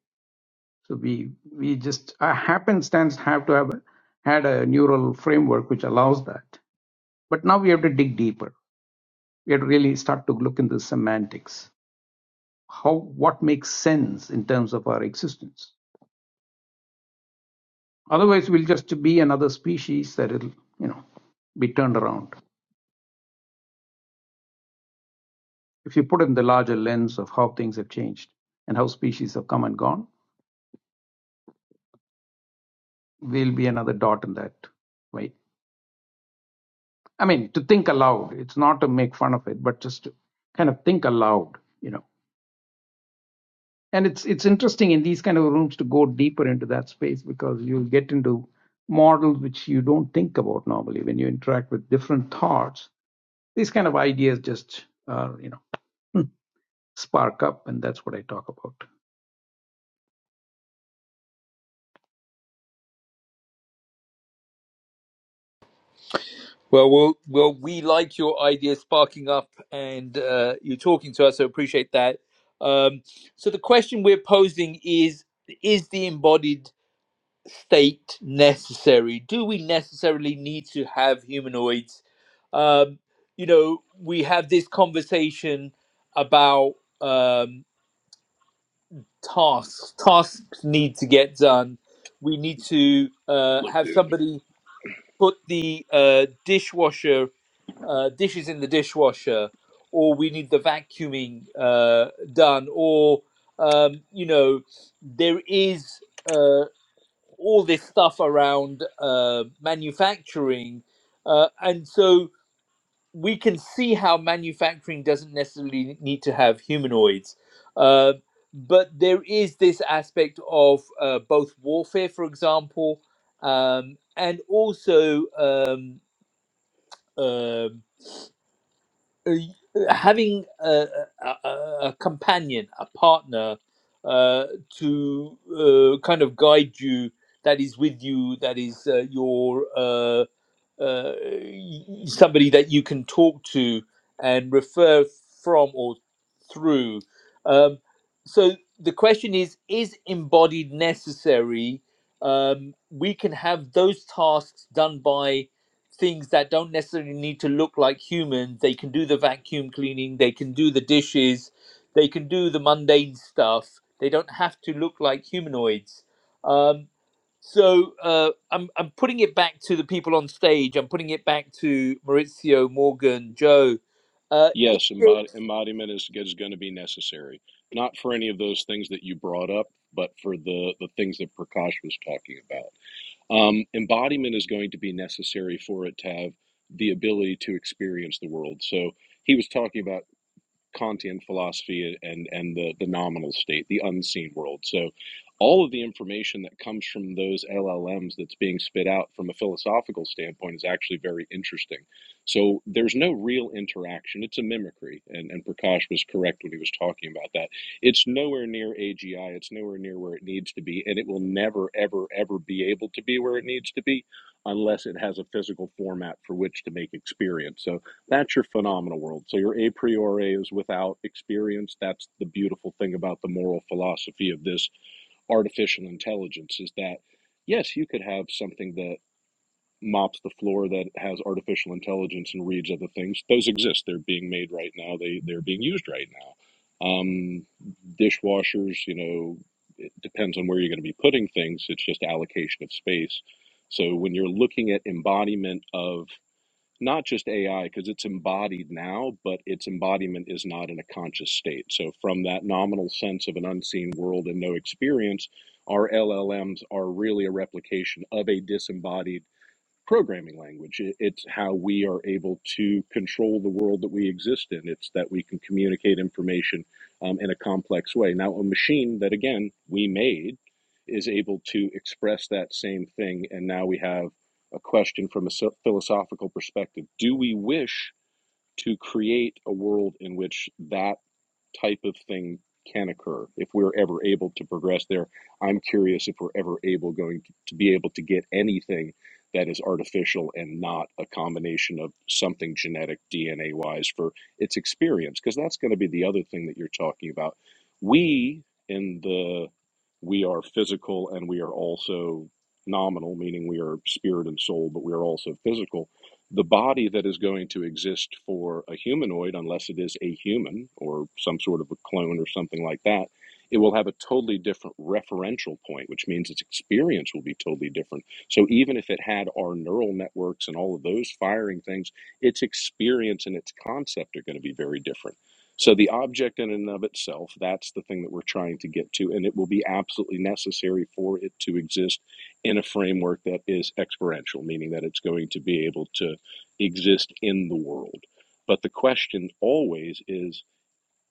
[SPEAKER 3] so we we just a happenstance have to have a, had a neural framework which allows that but now we have to dig deeper we have to really start to look into the semantics how what makes sense in terms of our existence Otherwise, we'll just be another species that will, you know, be turned around. If you put in the larger lens of how things have changed and how species have come and gone, we'll be another dot in that way. I mean, to think aloud. It's not to make fun of it, but just to kind of think aloud, you know. And it's it's interesting in these kind of rooms to go deeper into that space because you'll get into models which you don't think about normally when you interact with different thoughts. These kind of ideas just, uh, you know. spark up and that's what i talk about
[SPEAKER 1] Well, well, well we like your idea sparking up and uh, you're talking to us, so appreciate that. Um, so the question we're posing is Is the embodied state necessary? Do we necessarily need to have humanoids? Um, you know, we have this conversation about um, tasks. Tasks need to get done. We need to uh,
[SPEAKER 4] Look,
[SPEAKER 1] have
[SPEAKER 4] dude.
[SPEAKER 1] somebody put the uh, dishwasher uh, dishes in the dishwasher, or we need the vacuuming uh, done, or um, you know, there is uh, all this stuff around uh, manufacturing, uh, and so we can see how manufacturing doesn't necessarily need to have humanoids. Uh, but there is this aspect of uh, both warfare, for example, um, and also um, uh, uh, having a, a, a companion, a partner uh, to uh, kind of guide you, that is with you, that is uh, your uh, uh, somebody that you can talk to and refer from or through. Um, so the question is: Is embodied necessary? Um, we can have those tasks done by things that don't necessarily need to look like humans. They can do the vacuum cleaning. They can do the dishes. They can do the mundane stuff. They don't have to look like humanoids. Um, so uh, I'm I'm putting it back to the people on stage. I'm putting it back to Maurizio, Morgan, Joe. Uh, is
[SPEAKER 4] Yes, embod
[SPEAKER 1] it?
[SPEAKER 4] embodiment is, is going to be necessary, not for any of those things that you brought up, but for the, the things that Prakash was talking about. Um, embodiment is going to be necessary for it to have the ability to experience the world. So he was talking about. Kantian philosophy and and the the nominal state, the unseen world. So all of the information that comes from those LLMs that's being spit out from a philosophical standpoint is actually very interesting. So there's no real interaction. It's a mimicry. And, and Prakash was correct when he was talking about that. It's nowhere near AGI. It's nowhere near where it needs to be. And it will never, ever, ever be able to be where it needs to be unless it has a physical format for which to make experience. So that's your phenomenal world. So your a priori is without experience. That's the beautiful thing about the moral philosophy of this artificial intelligence is that yes, you could have something that mops the floor that has artificial intelligence and reads other things. Those exist. They're being made right now. They they're being used right now. Um, dishwashers, you know, it depends on where you're going to be putting things. It's just allocation of space. So when you're looking at embodiment of not just AI because it's embodied now, but its embodiment is not in a conscious state. So, from that nominal sense of an unseen world and no experience, our LLMs are really a replication of a disembodied programming language. It- It's how we are able to control the world that we exist in. It's that we can communicate information um, in a complex way. Now, a machine that, again, we made is able to express that same thing. And now we have a question from a so- philosophical perspective Do we wish to create a world in which that? type of thing can occur if we're ever able to progress there. I'm curious if we're ever able going to, to be able to get anything that is artificial and not a combination of something genetic DNA wise for its experience, because that's going to be the other thing that you're talking about. We in the we are physical and we are also nominal, meaning we are spirit and soul, but we are also physical the body that is going to exist for a humanoid, unless it is a human or some sort of a clone or something like that, it will have a totally different referential point, which means its experience will be totally different. So even if it had our neural networks and all of those firing things, its experience and its concept are going to be very different. So the object in and of itself, that's the thing that we're trying to get to, and it will be absolutely necessary for it to exist in a framework that is experiential, meaning that it's going to be able to exist in the world. But the question always is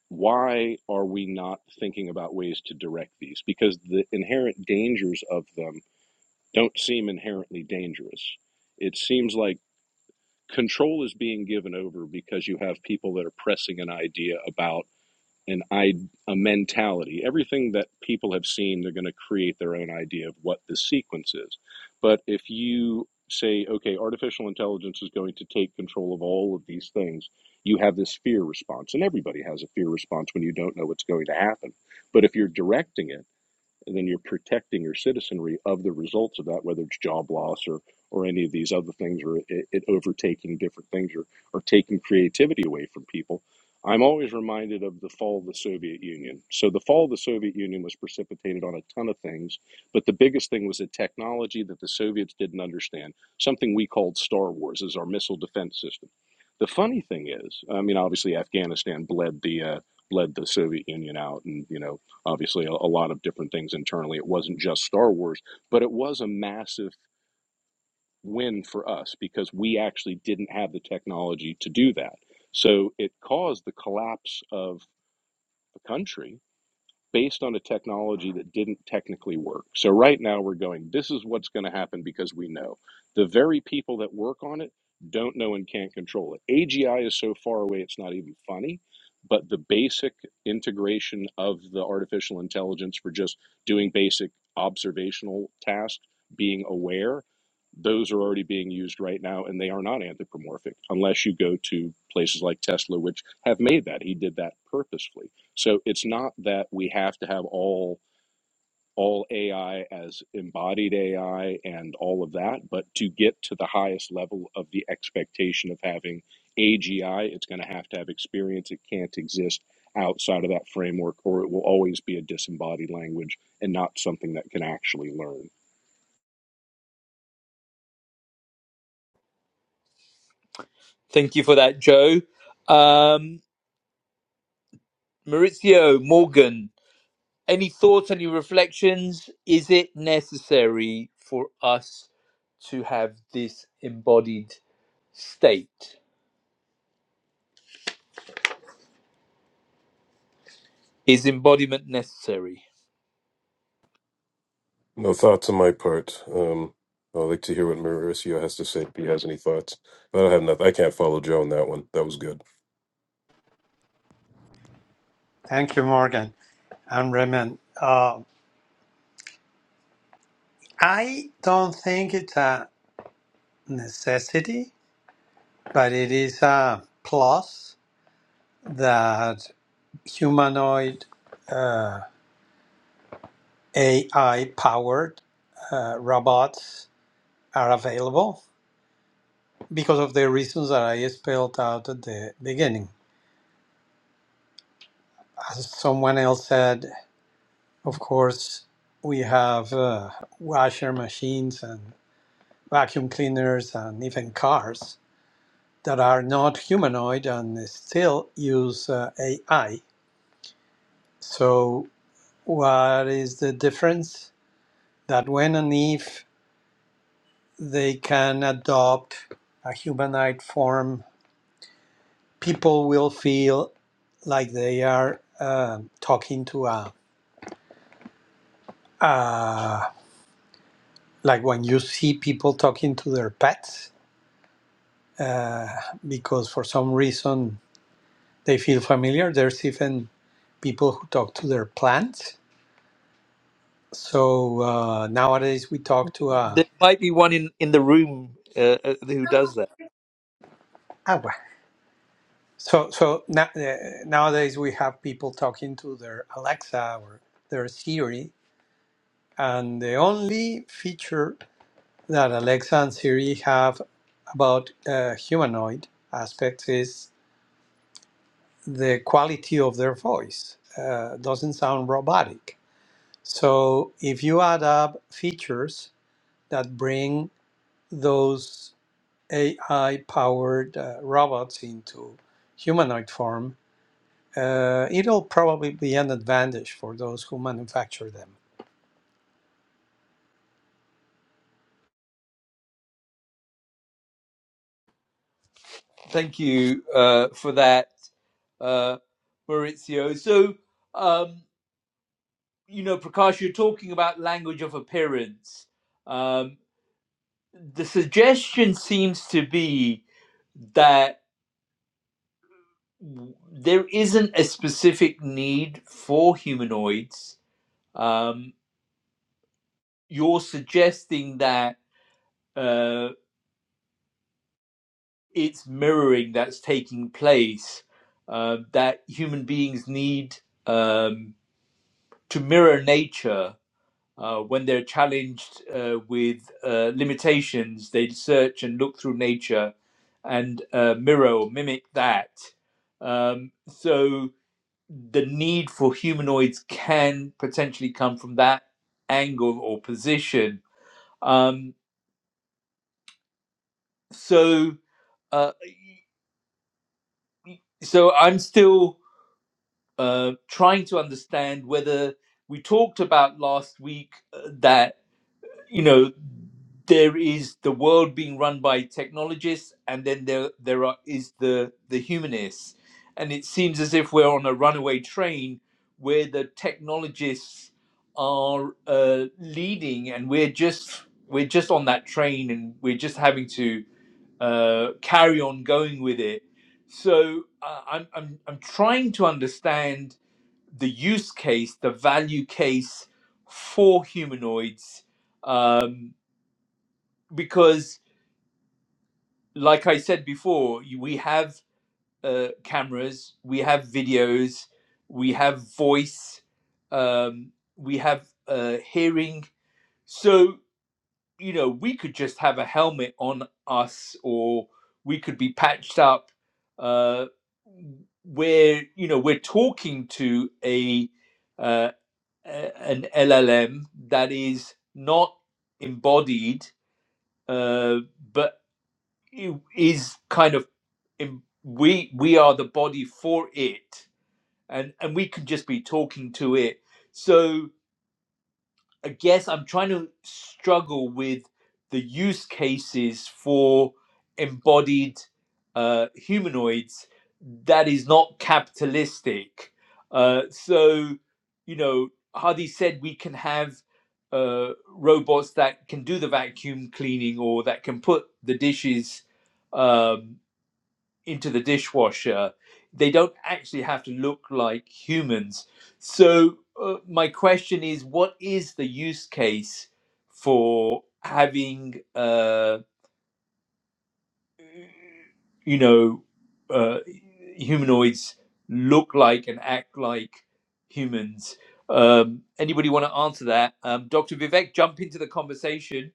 [SPEAKER 4] why are we not thinking about ways to direct these? Because the inherent dangers of them don't seem inherently dangerous. It seems like control is being given over because you have people that are pressing an idea about an I a mentality. Everything that people have seen, they're going to create their own idea of what the sequence is. But if you say, okay, artificial intelligence is going to take control of all of these things, you have this fear response, and everybody has a fear response when you don't know what's going to happen. But if you're directing it and then you're protecting your citizenry of the results of that, whether it's job loss or or any of these other things, or it, it overtaking different things, or or taking creativity away from people. I'm always reminded of the fall of the Soviet Union. So the fall of the Soviet Union was precipitated on a ton of things, but the biggest thing was a technology that the Soviets didn't understand, something we called Star Wars, is our missile defense system. The funny thing is, I mean, obviously Afghanistan bled the uh, bled the Soviet Union out, and you know obviously a, a lot of different things internally. It wasn't just Star Wars, but it was a massive win for us because we actually didn't have the technology to do that. So it caused the collapse of the country based on a technology that didn't technically work. So right now we're going, this is what's going to happen because we know. The very people that work on it don't know and can't control it. AGI is so far away it's not even funny, but the basic integration of the artificial intelligence for just doing basic observational tasks, being aware, those are already being used right now and they are not anthropomorphic unless you go to places like Tesla which have made that. He did that purposefully so it's not that we have to have all all AI as embodied AI and all of that, but to get to the highest level of the expectation of having AGI, it's going to have to have experience. It can't exist outside of that framework, or it will always be a disembodied language and not something that can actually learn.
[SPEAKER 1] Thank you for that, Joe. Um, Maurizio, Morgan. Any thoughts? Any reflections? Is it necessary for us to have this embodied state? Is embodiment necessary?
[SPEAKER 5] No thoughts on my part. Um, I'd like to hear what Mauricio has to say if he has any thoughts. I don't have nothing. I can't follow Joe on that one. That was good.
[SPEAKER 2] Thank you, Morgan and Raymond. Uh, I don't think it's a necessity, but it is a plus that humanoid uh, AI-powered uh, robots are available because of the reasons that I spelled out at the beginning. As someone else said, of course, we have uh, washer machines and vacuum cleaners and even cars that are not humanoid and still use uh, AI. So, what is the difference? That when and if they can adopt a humanoid form people will feel like they are um talking to a, uh, like when you see people talking to their pets, uh, because for some reason they feel familiar. There's even people who talk to their plants. So uh, nowadays we talk to a
[SPEAKER 1] There might be one in in the room uh, uh, who does that.
[SPEAKER 2] agua. So so na- uh, nowadays we have people talking to their Alexa or their Siri, and the only feature that Alexa and Siri have about uh, humanoid aspects is the quality of their voice. Uh, doesn't sound robotic. So if you add up features that bring those AI-powered uh, robots into humanoid form, uh, it'll probably be an advantage for those who manufacture them.
[SPEAKER 1] Thank you uh, for that, uh, Maurizio. So, um, you know, Prakash, you're talking about language of appearance. Um, the suggestion seems to be that w- there isn't a specific need for humanoids. Um, you're suggesting that uh, it's mirroring that's taking place, uh, that human beings need um, to mirror nature Uh, when they're challenged uh, with uh, limitations, they search and look through nature and uh, mirror or mimic that. Um, so the need for humanoids can potentially come from that angle or position. Um, so, uh, so I'm still uh, trying to understand whether we talked about last week uh, that you know there is the world being run by technologists and then there there are is the the humanists and it seems as if we're on a runaway train where the technologists are uh, leading and we're just we're just on that train and we're just having to uh, carry on going with it so uh, I'm, I'm i'm trying to understand the use case the value case for humanoids um, because like i said before we have uh, cameras we have videos we have voice um, we have uh, hearing so you know we could just have a helmet on us or we could be patched up uh, where you know we're talking to a uh, an llm that is not embodied uh, but is kind of in, we we are the body for it and and we can just be talking to it so i guess i'm trying to struggle with the use cases for embodied uh, humanoids that is not capitalistic uh, so you know hardy said we can have uh, robots that can do the vacuum cleaning or that can put the dishes um, into the dishwasher, they don't actually have to look like humans. So, uh, my question is what is the use case for having, uh, you know, uh, humanoids look like and act like humans? Um, anybody want to answer that? Um, Dr. Vivek, jump into the conversation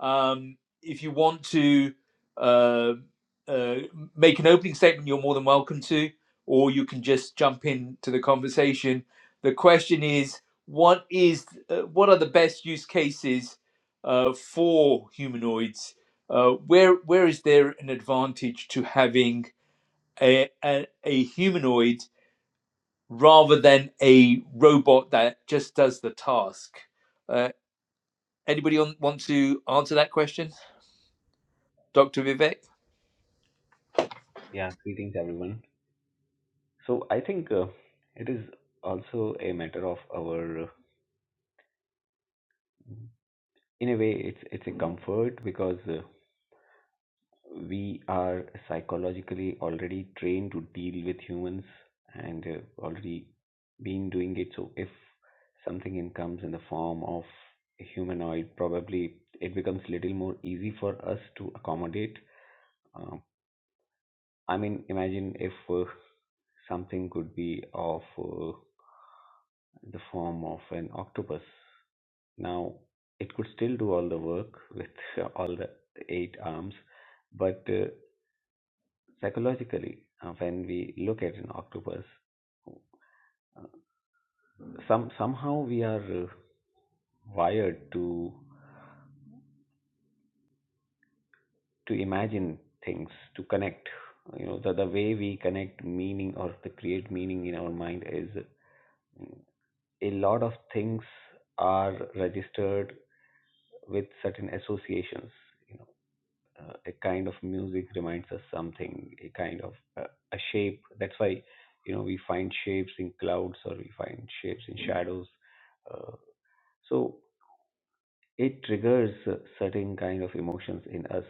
[SPEAKER 1] Um, if you want to uh, uh, make an opening statement, you're more than welcome to, or you can just jump into the conversation. The question is, what is uh, what are the best use cases uh, for humanoids? Uh, where where is there an advantage to having a, a, a humanoid rather than a robot that just does the task? Uh, anybody on, want to answer that question, Doctor Vivek?
[SPEAKER 8] Yeah, greetings everyone. So I think uh, it is also a matter of our, uh, in a way, it's it's a comfort because uh, we are psychologically already trained to deal with humans and uh, already been doing it. So if something in comes in the form of a humanoid, probably it becomes little more easy for us to accommodate. Um I mean, imagine if uh, something could be of uh, the form of an octopus. Now, it could still do all the work with uh, all the eight arms, but uh, psychologically, uh, when we look at an octopus, uh, some somehow we are uh, wired to to imagine things, to connect. You know, the, the way we connect meaning or to create meaning in our mind is mm, a lot of things are registered with certain associations uh, a kind of music reminds us something a kind of uh, a shape that's why you know we find shapes in clouds or we find shapes in shadows uh, so it triggers uh, certain kind of emotions in us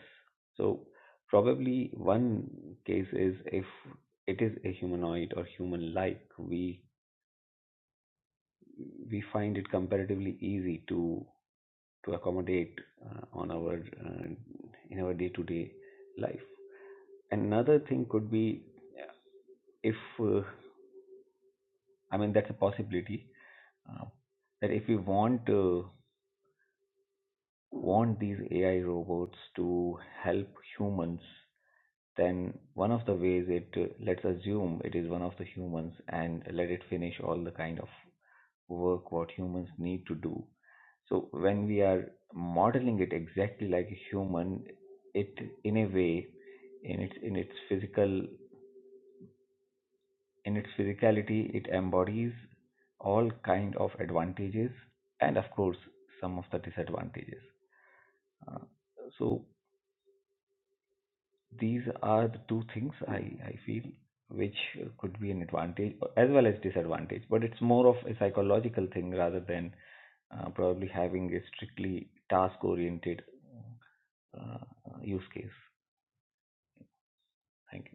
[SPEAKER 8] so probably one case is if it is a humanoid or human like we we find it comparatively easy to to accommodate uh, on our uh, in our day to day life another thing could be if uh, I mean that's a possibility uh, that if we want uh, want these AI robots to help humans, then one of the ways it uh, let's assume it is one of the humans and let it finish all the kind of work what humans need to do. So when we are modeling it exactly like a human, it in a way in its in its physical In its physicality, it embodies all kind of advantages and of course some of the disadvantages. Uh, so these are the two things I, I feel which could be an advantage as well as disadvantage, but it's more of a psychological thing rather than uh, probably having a strictly task oriented uh, uh, use case. Thank you.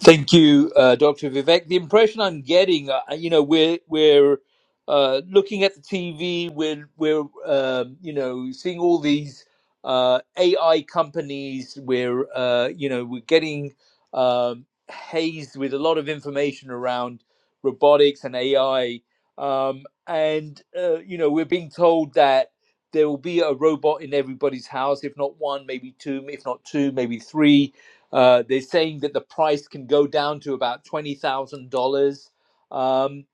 [SPEAKER 1] Thank you, uh, Dr. Vivek. The impression I'm getting, uh, you know, we're we're uh, looking at the TV, we're we're um, you know seeing all these uh, AI companies. We're uh, you know we're getting um, hazed with a lot of information around robotics and AI, um, and uh, you know we're being told that there will be a robot in everybody's house, if not one, maybe two, if not two, maybe three uh, they're saying that the price can go down to about twenty thousand dollars, um,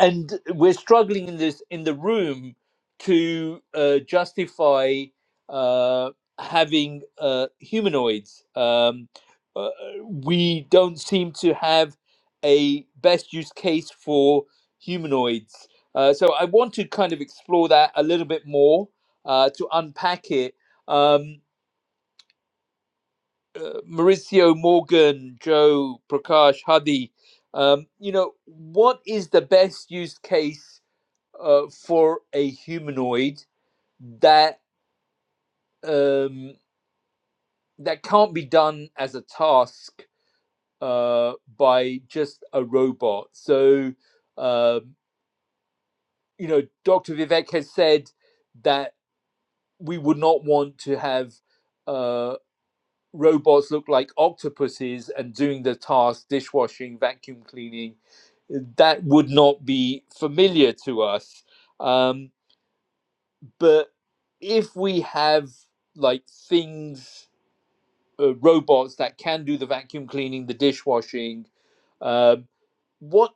[SPEAKER 1] and we're struggling in this in the room to uh, justify uh, having uh, humanoids. Um, uh, we don't seem to have a best use case for humanoids. Uh, so I want to kind of explore that a little bit more uh, to unpack it. Um, uh, Mauricio Morgan, Joe Prakash, Hadi, um, you know, what is the best use case uh, for a humanoid that um, that can't be done as a task uh, by just a robot? So, um, you know, Dr. Vivek has said that we would not want to have. uh, robots look like octopuses and doing the tasks dishwashing vacuum cleaning that would not be familiar to us um, but if we have like things uh, robots that can do the vacuum cleaning the dishwashing uh, what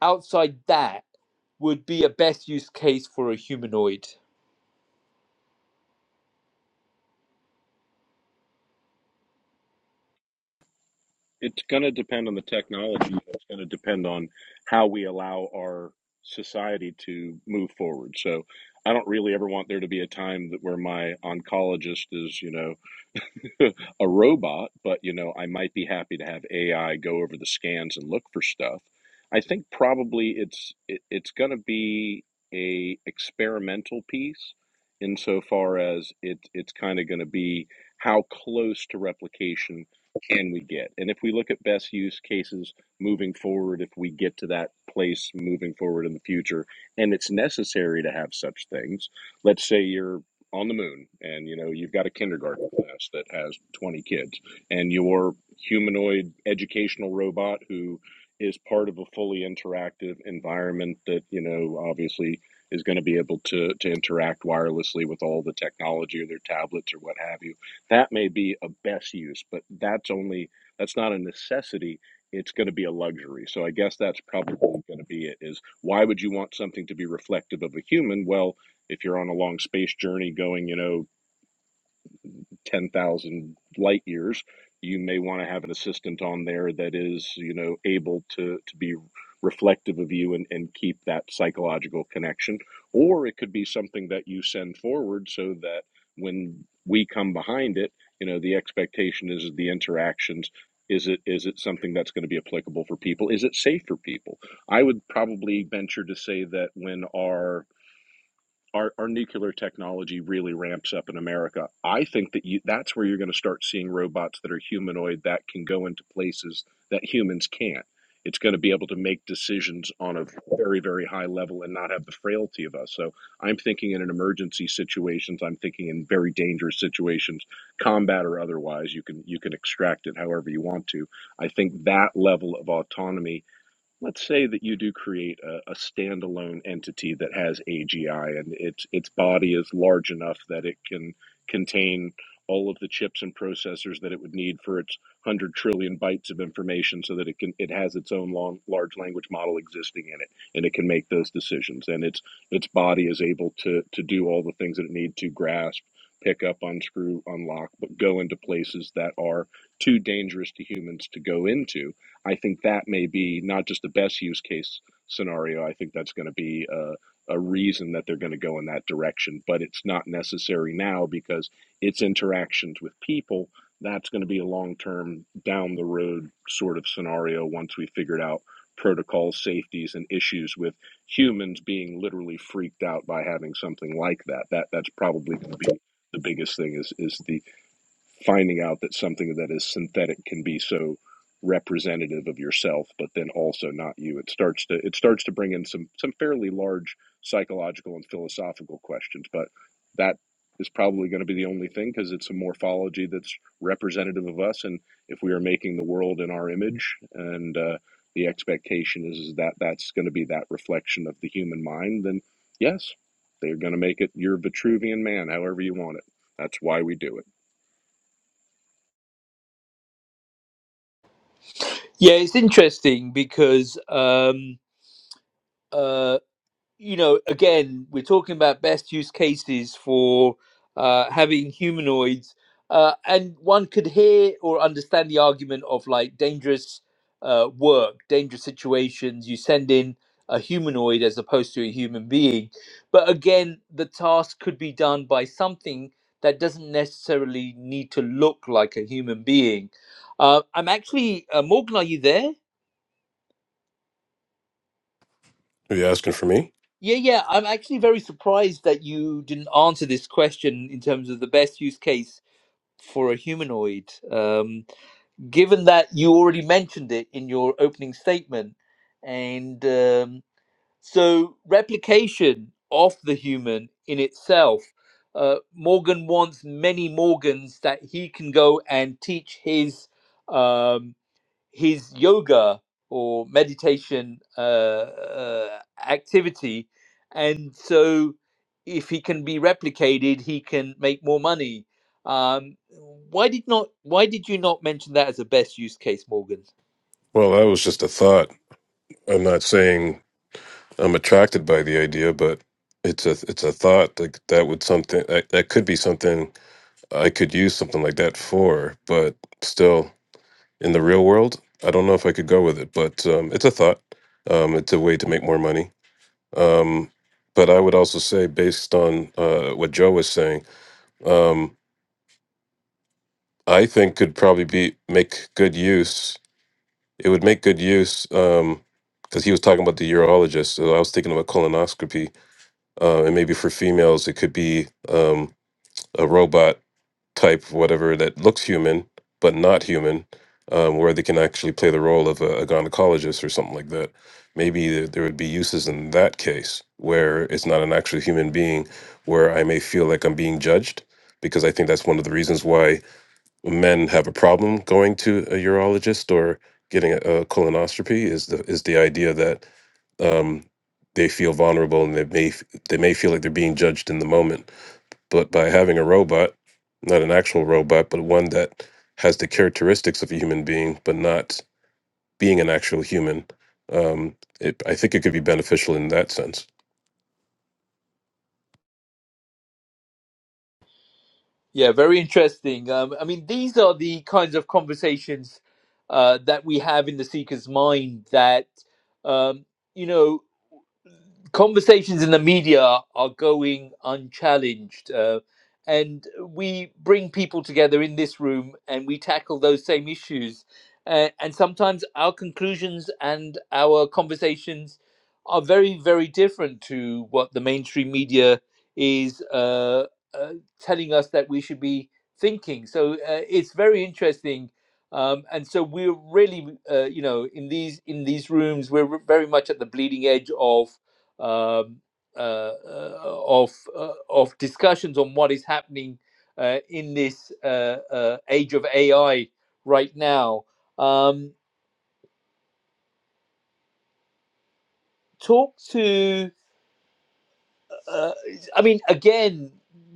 [SPEAKER 1] outside that would be a best use case for a humanoid
[SPEAKER 4] it's going to depend on the technology. It's going to depend on how we allow our society to move forward. So I don't really ever want there to be a time that where my oncologist is, you know, a robot, but you know, I might be happy to have AI go over the scans and look for stuff. I think probably it's it, it's going to be a experimental piece insofar as it it's kind of going to be how close to replication can we get? And if we look at best use cases moving forward, if we get to that place moving forward in the future, and it's necessary to have such things, let's say you're on the moon and you know you've got a kindergarten class that has 20 kids and your humanoid educational robot who is part of a fully interactive environment that you know obviously is going to be able to to interact wirelessly with all the technology or their tablets or what have you that may be a best use, but that's only that's not a necessity. It's going to be a luxury. So I guess that's probably going to be it. Is why would you want something to be reflective of a human? Well, if you're on a long space journey going, you know, 10,000 light years, you may want to have an assistant on there that is, you know, able to, to be reflective of you and, and keep that psychological connection. Or it could be something that you send forward so that when we come behind it, you know, the expectation is the interactions. Is it is it something that's going to be applicable for people? Is it safe for people? I would probably venture to say that when our our, our nuclear technology really ramps up in America, I think that you that's where you're going to start seeing robots that are humanoid that can go into places that humans can't. It's going to be able to make decisions on a very, very high level and not have the frailty of us. So I'm thinking in an emergency situations. I'm thinking in very dangerous situations, combat or otherwise. You can you can extract it however you want to. I think that level of autonomy let's say that you do create a, a standalone entity that has AGI and its its body is large enough that it can contain all of the chips and processors that it would need for its 100 trillion bytes of information so that it can it has its own long, large language model existing in it and it can make those decisions and its its body is able to to do all the things that it need to grasp pick up unscrew unlock but go into places that are too dangerous to humans to go into I think that may be not just the best use case scenario. I think that's going to be a, a reason that they're going to go in that direction, but it's not necessary now because its interactions with people. That's going to be a long term down the road sort of scenario once we figured out protocols, safeties, and issues with humans being literally freaked out by having something like that. That that's probably going to be the biggest thing is is the finding out that something that is synthetic can be so representative of yourself but then also not you it starts to it starts to bring in some some fairly large psychological and philosophical questions but that is probably going to be the only thing because it's a morphology that's representative of us and if we are making the world in our image and uh, the expectation is, is that that's going to be that reflection of the human mind then yes they're going to make it your vitruvian man however you want it that's why we do it
[SPEAKER 1] yeah it's interesting because um, uh, you know, again, we're talking about best use cases for uh, having humanoids, uh, and one could hear or understand the argument of like dangerous uh, work, dangerous situations. You send in a humanoid as opposed to a human being, but again, the task could be done by something that doesn't necessarily need to look like a human being. Uh, I'm actually, uh, Morgan, are you there?
[SPEAKER 5] Are you asking for me?
[SPEAKER 1] Yeah, yeah. I'm actually very surprised that you didn't answer this question in terms of the best use case for a humanoid, um, given that you already mentioned it in your opening statement. And um, so, replication of the human in itself. Uh, Morgan wants many Morgans that he can go and teach his. Um, his yoga or meditation uh, uh, activity. And so, if he can be replicated, he can make more money. Um, why did not? Why did you not mention that as a best use case, Morgan?
[SPEAKER 5] Well, that was just a thought. I'm not saying I'm attracted by the idea, but it's a it's a thought like that would something that, that could be something I could use something like that for, but still in the real world, I don't know if I could go with it. But um, it's a thought. Um, it's a way to make more money. Um, but I would also say, based on uh, what Joe was saying, um, I think could probably be make good use. It would make good use because he was talking about the urologist. So I was thinking about colonoscopy uh, and maybe for females it could be um, a robot type whatever that looks human but not human um, where they can actually play the role of a, a gynecologist or something like that maybe there there would be uses in that case where it's not an actual human being where i may feel like i'm being judged because i think that's one of the reasons why men have a problem going to a urologist or getting a, a colonoscopy is the is the idea that um, they feel vulnerable and they may f- they may feel like they're being judged in the moment. But by having a robot, not an actual robot, but one that has the characteristics of a human being, but not being an actual human, um, it, I think it could be beneficial in that sense.
[SPEAKER 1] Yeah, very interesting. Um, I mean, these are the kinds of conversations uh, that we have in the seeker's mind that um, you know. conversations in the media are going unchallenged. Uh, and we bring people together in this room and we tackle those same issues. Uh, and sometimes our conclusions and our conversations are very, very different to what the mainstream media is uh, uh, telling us that we should be thinking. So uh, it's very interesting. Um, and so we're really, uh, you know, in these in these rooms, we're very much at the bleeding edge of um, uh, uh, of uh, of discussions on what is happening uh, in this uh, uh, age of AI right now. Um, talk to, uh, I mean, again,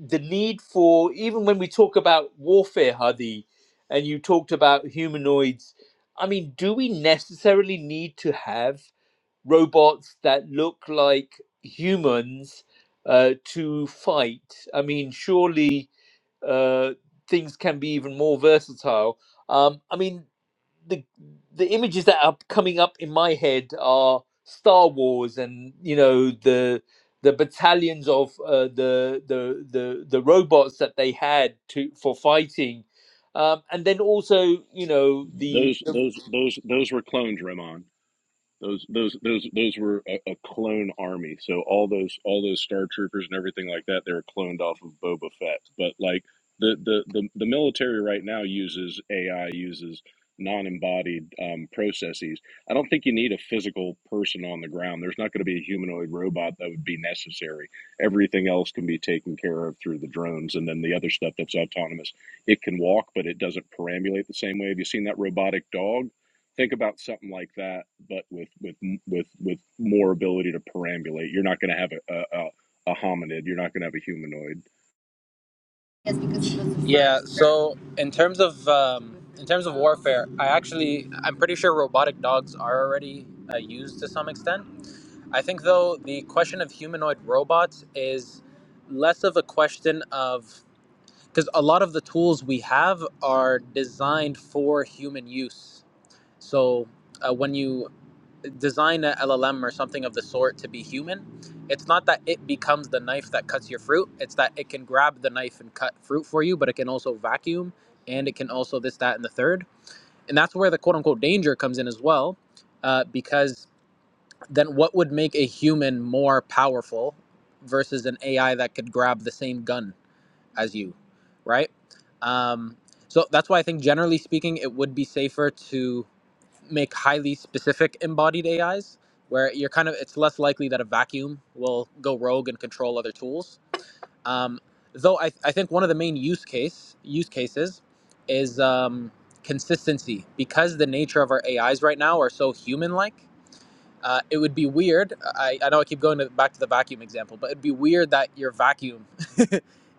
[SPEAKER 1] the need for even when we talk about warfare, Hadi, and you talked about humanoids. I mean, do we necessarily need to have robots that look like humans uh, to fight? I mean, surely uh, things can be even more versatile. Um, I mean, the the images that are coming up in my head are Star Wars, and you know the the battalions of uh, the, the the the robots that they had to for fighting, um, and then also you know the.
[SPEAKER 4] Those those those those were clones, Ramon. Those those those those were a, a clone army. So all those all those star troopers and everything like that, they were cloned off of Boba Fett. But like the the the, the military right now uses AI, uses non-embodied um, processes. I don't think you need a physical person on the ground. There's not going to be a humanoid robot that would be necessary. Everything else can be taken care of through the drones, and then the other stuff that's autonomous. It can walk, but it doesn't perambulate the same way. Have you seen that robotic dog? think about something like that, but with with with with more ability to perambulate. You're not going to have a, a a hominid. You're not going to have a humanoid.
[SPEAKER 7] Yes, Yeah. So in terms of um, in terms of warfare, I actually I'm pretty sure robotic dogs are already uh, used to some extent. I think though the question of humanoid robots is less of a question of because a lot of the tools we have are designed for human use. So uh, when you design a LLM or something of the sort to be human, it's not that it becomes the knife that cuts your fruit. It's that it can grab the knife and cut fruit for you, but it can also vacuum and it can also this, that, and the third. And that's where the quote unquote danger comes in as well, uh, because then what would make a human more powerful versus an AI that could grab the same gun as you, right? Um, so that's why I think generally speaking, it would be safer to make highly specific embodied AIs where you're kind of it's less likely that a vacuum will go rogue and control other tools. Um, though I, I think one of the main use case use cases is um, consistency because the nature of our AIs right now are so human like. Uh, it would be weird. I, I know I keep going to, back to the vacuum example, but it'd be weird that your vacuum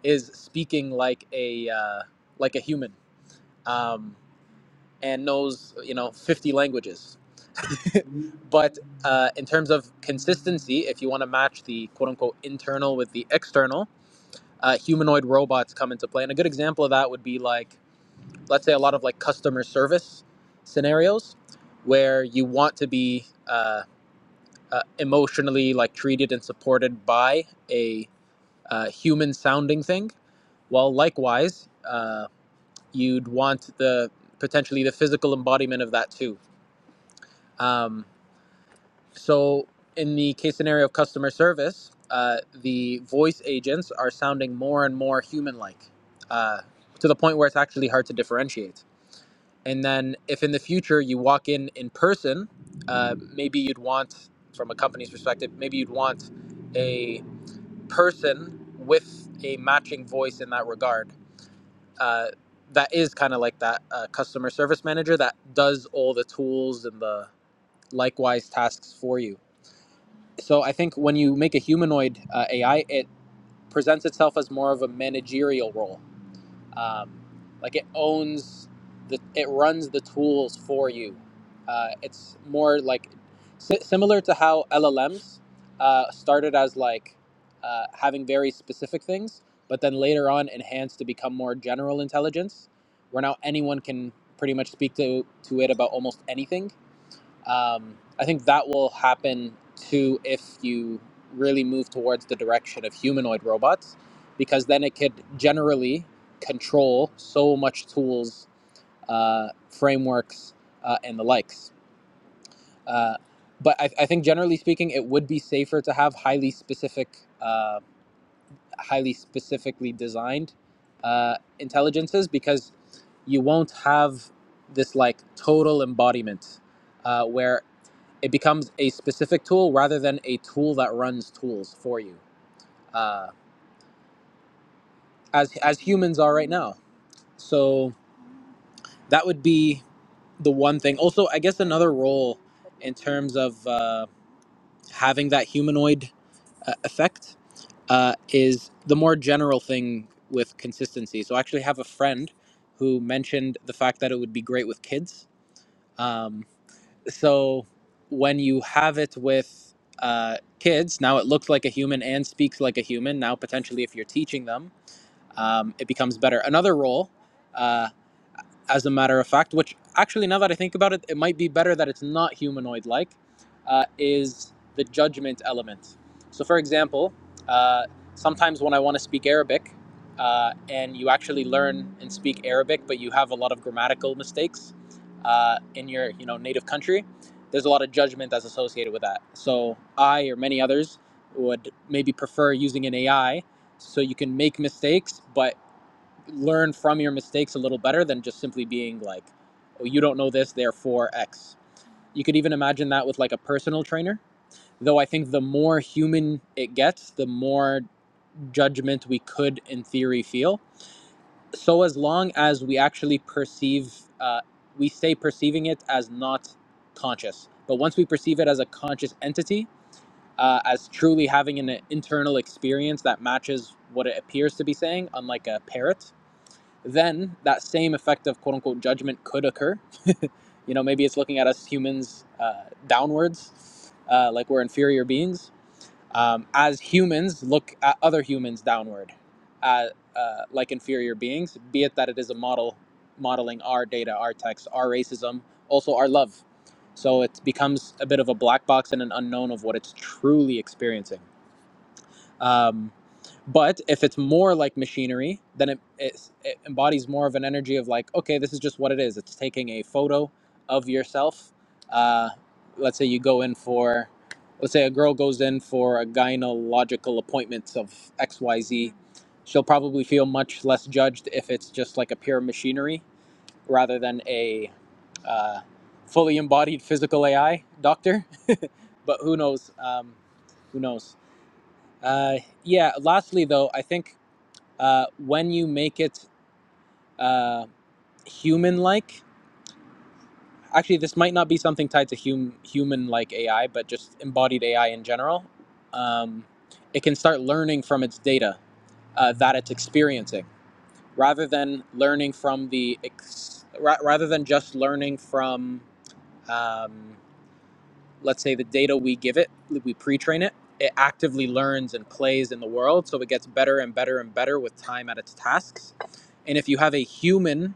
[SPEAKER 7] is speaking like a uh, like a human um, and knows you know 50 languages. But uh, in terms of consistency, if you want to match the quote unquote internal with the external, uh, humanoid robots come into play. And a good example of that would be like, let's say, a lot of like customer service scenarios where you want to be uh, uh, emotionally like treated and supported by a uh, human sounding thing. Well, likewise, uh, you'd want the potentially the physical embodiment of that too. Um, So, in the case scenario of customer service, uh, the voice agents are sounding more and more human like uh, to the point where it's actually hard to differentiate. And then, if in the future you walk in in person, uh, maybe you'd want, from a company's perspective, maybe you'd want a person with a matching voice in that regard. Uh, that is kind of like that uh, customer service manager that does all the tools and the likewise tasks for you so I think when you make a humanoid uh, AI, it presents itself as more of a managerial role. Um, like it owns the, it runs the tools for you. Uh, it's more like si- similar to how LLMs uh, started as like uh, having very specific things, but then later on enhanced to become more general intelligence, where now anyone can pretty much speak to to it about almost anything um, I think that will happen too if you really move towards the direction of humanoid robots, because then it could generally control so much tools, uh, frameworks, uh, and the likes. Uh, but I, I think generally speaking, it would be safer to have highly specific, uh, highly specifically designed uh, intelligences because you won't have this like total embodiment uh, where it becomes a specific tool rather than a tool that runs tools for you uh, as as humans are right now so that would be the one thing also i guess another role in terms of uh, having that humanoid uh, effect uh, is the more general thing with consistency so i actually have a friend who mentioned the fact that it would be great with kids Um, so when you have it with uh, kids now it looks like a human and speaks like a human now potentially if you're teaching them um, it becomes better another role uh, as a matter of fact, which actually, now that I think about it, it might be better that it's not humanoid like, uh, is the judgment element. So, for example, uh, sometimes when I want to speak Arabic, uh, and you actually learn and speak Arabic, but you have a lot of grammatical mistakes uh, in your you know native country. There's a lot of judgment that's associated with that. So I or many others would maybe prefer using an AI so you can make mistakes, but learn from your mistakes a little better than just simply being like, oh, you don't know this, therefore X. You could even imagine that with like a personal trainer. Though I think the more human it gets, the more judgment we could, in theory, feel. So as long as we actually perceive, uh, we stay perceiving it as not conscious. But once we perceive it as a conscious entity, uh, as truly having an internal experience that matches what it appears to be saying, unlike a parrot, then that same effect of quote unquote judgment could occur. you know, maybe it's looking at us humans uh, downwards, uh, like we're inferior beings. Um, as humans look at other humans downward, uh, uh, like inferior beings, be it that it is a model modeling our data, our text, our racism, also our love. So it becomes a bit of a black box and an unknown of what it's truly experiencing. Um, but if it's more like machinery, then it, it, it embodies more of an energy of like, okay, this is just what it is. It's taking a photo of yourself. Uh, let's say you go in for, let's say a girl goes in for a gynecological appointment of XYZ. She'll probably feel much less judged if it's just like a pure machinery rather than a uh, fully embodied physical AI doctor. But who knows? Um, who knows? Uh, yeah, lastly, though, I think uh, when you make it uh, human-like. Actually, this might not be something tied to hum- human-like AI, but just embodied AI in general. Um, it can start learning from its data uh, that it's experiencing, rather than learning from the ex- ra- rather than just learning from um, let's say the data we give it, we pre-train it. It actively learns and plays in the world, so it gets better and better and better with time at its tasks. And if you have a human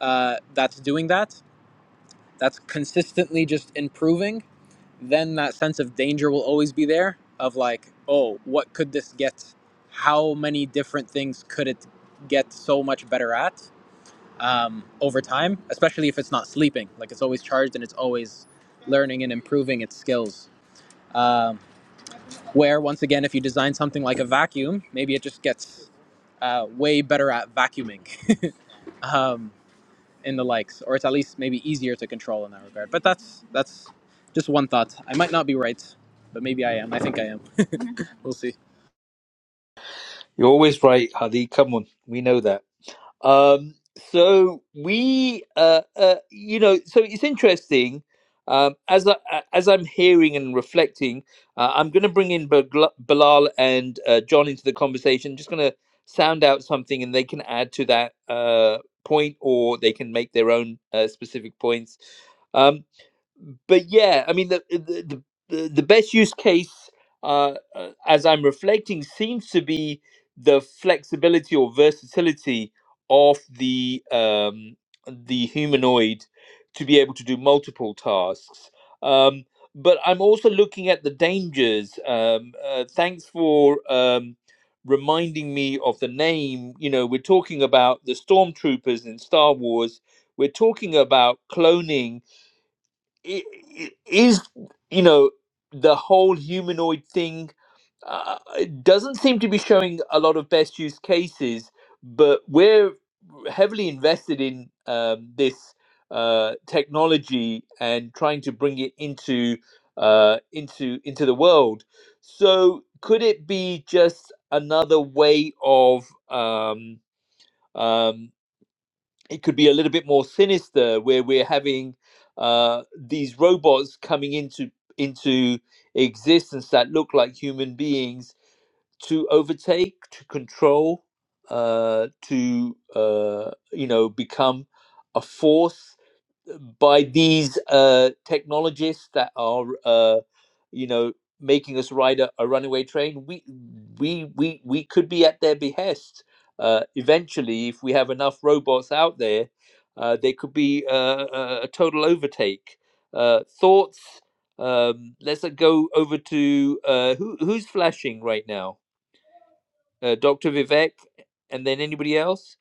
[SPEAKER 7] uh, that's doing that, that's consistently just improving, then that sense of danger will always be there of like, oh, what could this get? How many different things could it get so much better at um, over time, especially if it's not sleeping? Like it's always charged and it's always learning and improving its skills. Um, where once again, if you design something like a vacuum, maybe it just gets uh, way better at vacuuming. Um, in the likes, or it's at least maybe easier to control in that regard. But that's that's just one thought. I might not be right, but maybe I am. I think I am. we'll see.
[SPEAKER 1] You're always right, Hadi. Come on, we know that. Um, so we, uh, uh, you know, so it's interesting. Um, as I a- as I'm hearing and reflecting, uh, I'm going to bring in Bagla- Bilal and uh, John into the conversation. Just going to sound out something, and they can add to that uh, point, or they can make their own uh, specific points. Um, but yeah, I mean the the the, the best use case, uh, uh, as I'm reflecting, seems to be the flexibility or versatility of the um, the humanoid to be able to do multiple tasks. Um, but I'm also looking at the dangers. Um, uh, thanks for um, reminding me of the name. You know, we're talking about the stormtroopers in Star Wars. We're talking about cloning i- i- is you know the whole humanoid thing uh, it doesn't seem to be showing a lot of best use cases but we're heavily invested in um, this uh, technology and trying to bring it into uh, into into the world so could it be just another way of um, um, it could be a little bit more sinister where we're having uh, these robots coming into into existence that look like human beings to overtake to control uh, to uh, you know become a force by these uh, technologists that are, uh, you know, making us ride a, a runaway train. We we we we could be at their behest. Uh, eventually, if we have enough robots out there, uh, they could be uh, a, a total overtake. Uh, thoughts. Um, let's uh, go over to uh, who who's flashing right now. Uh, Dr. Vivek, and then anybody else.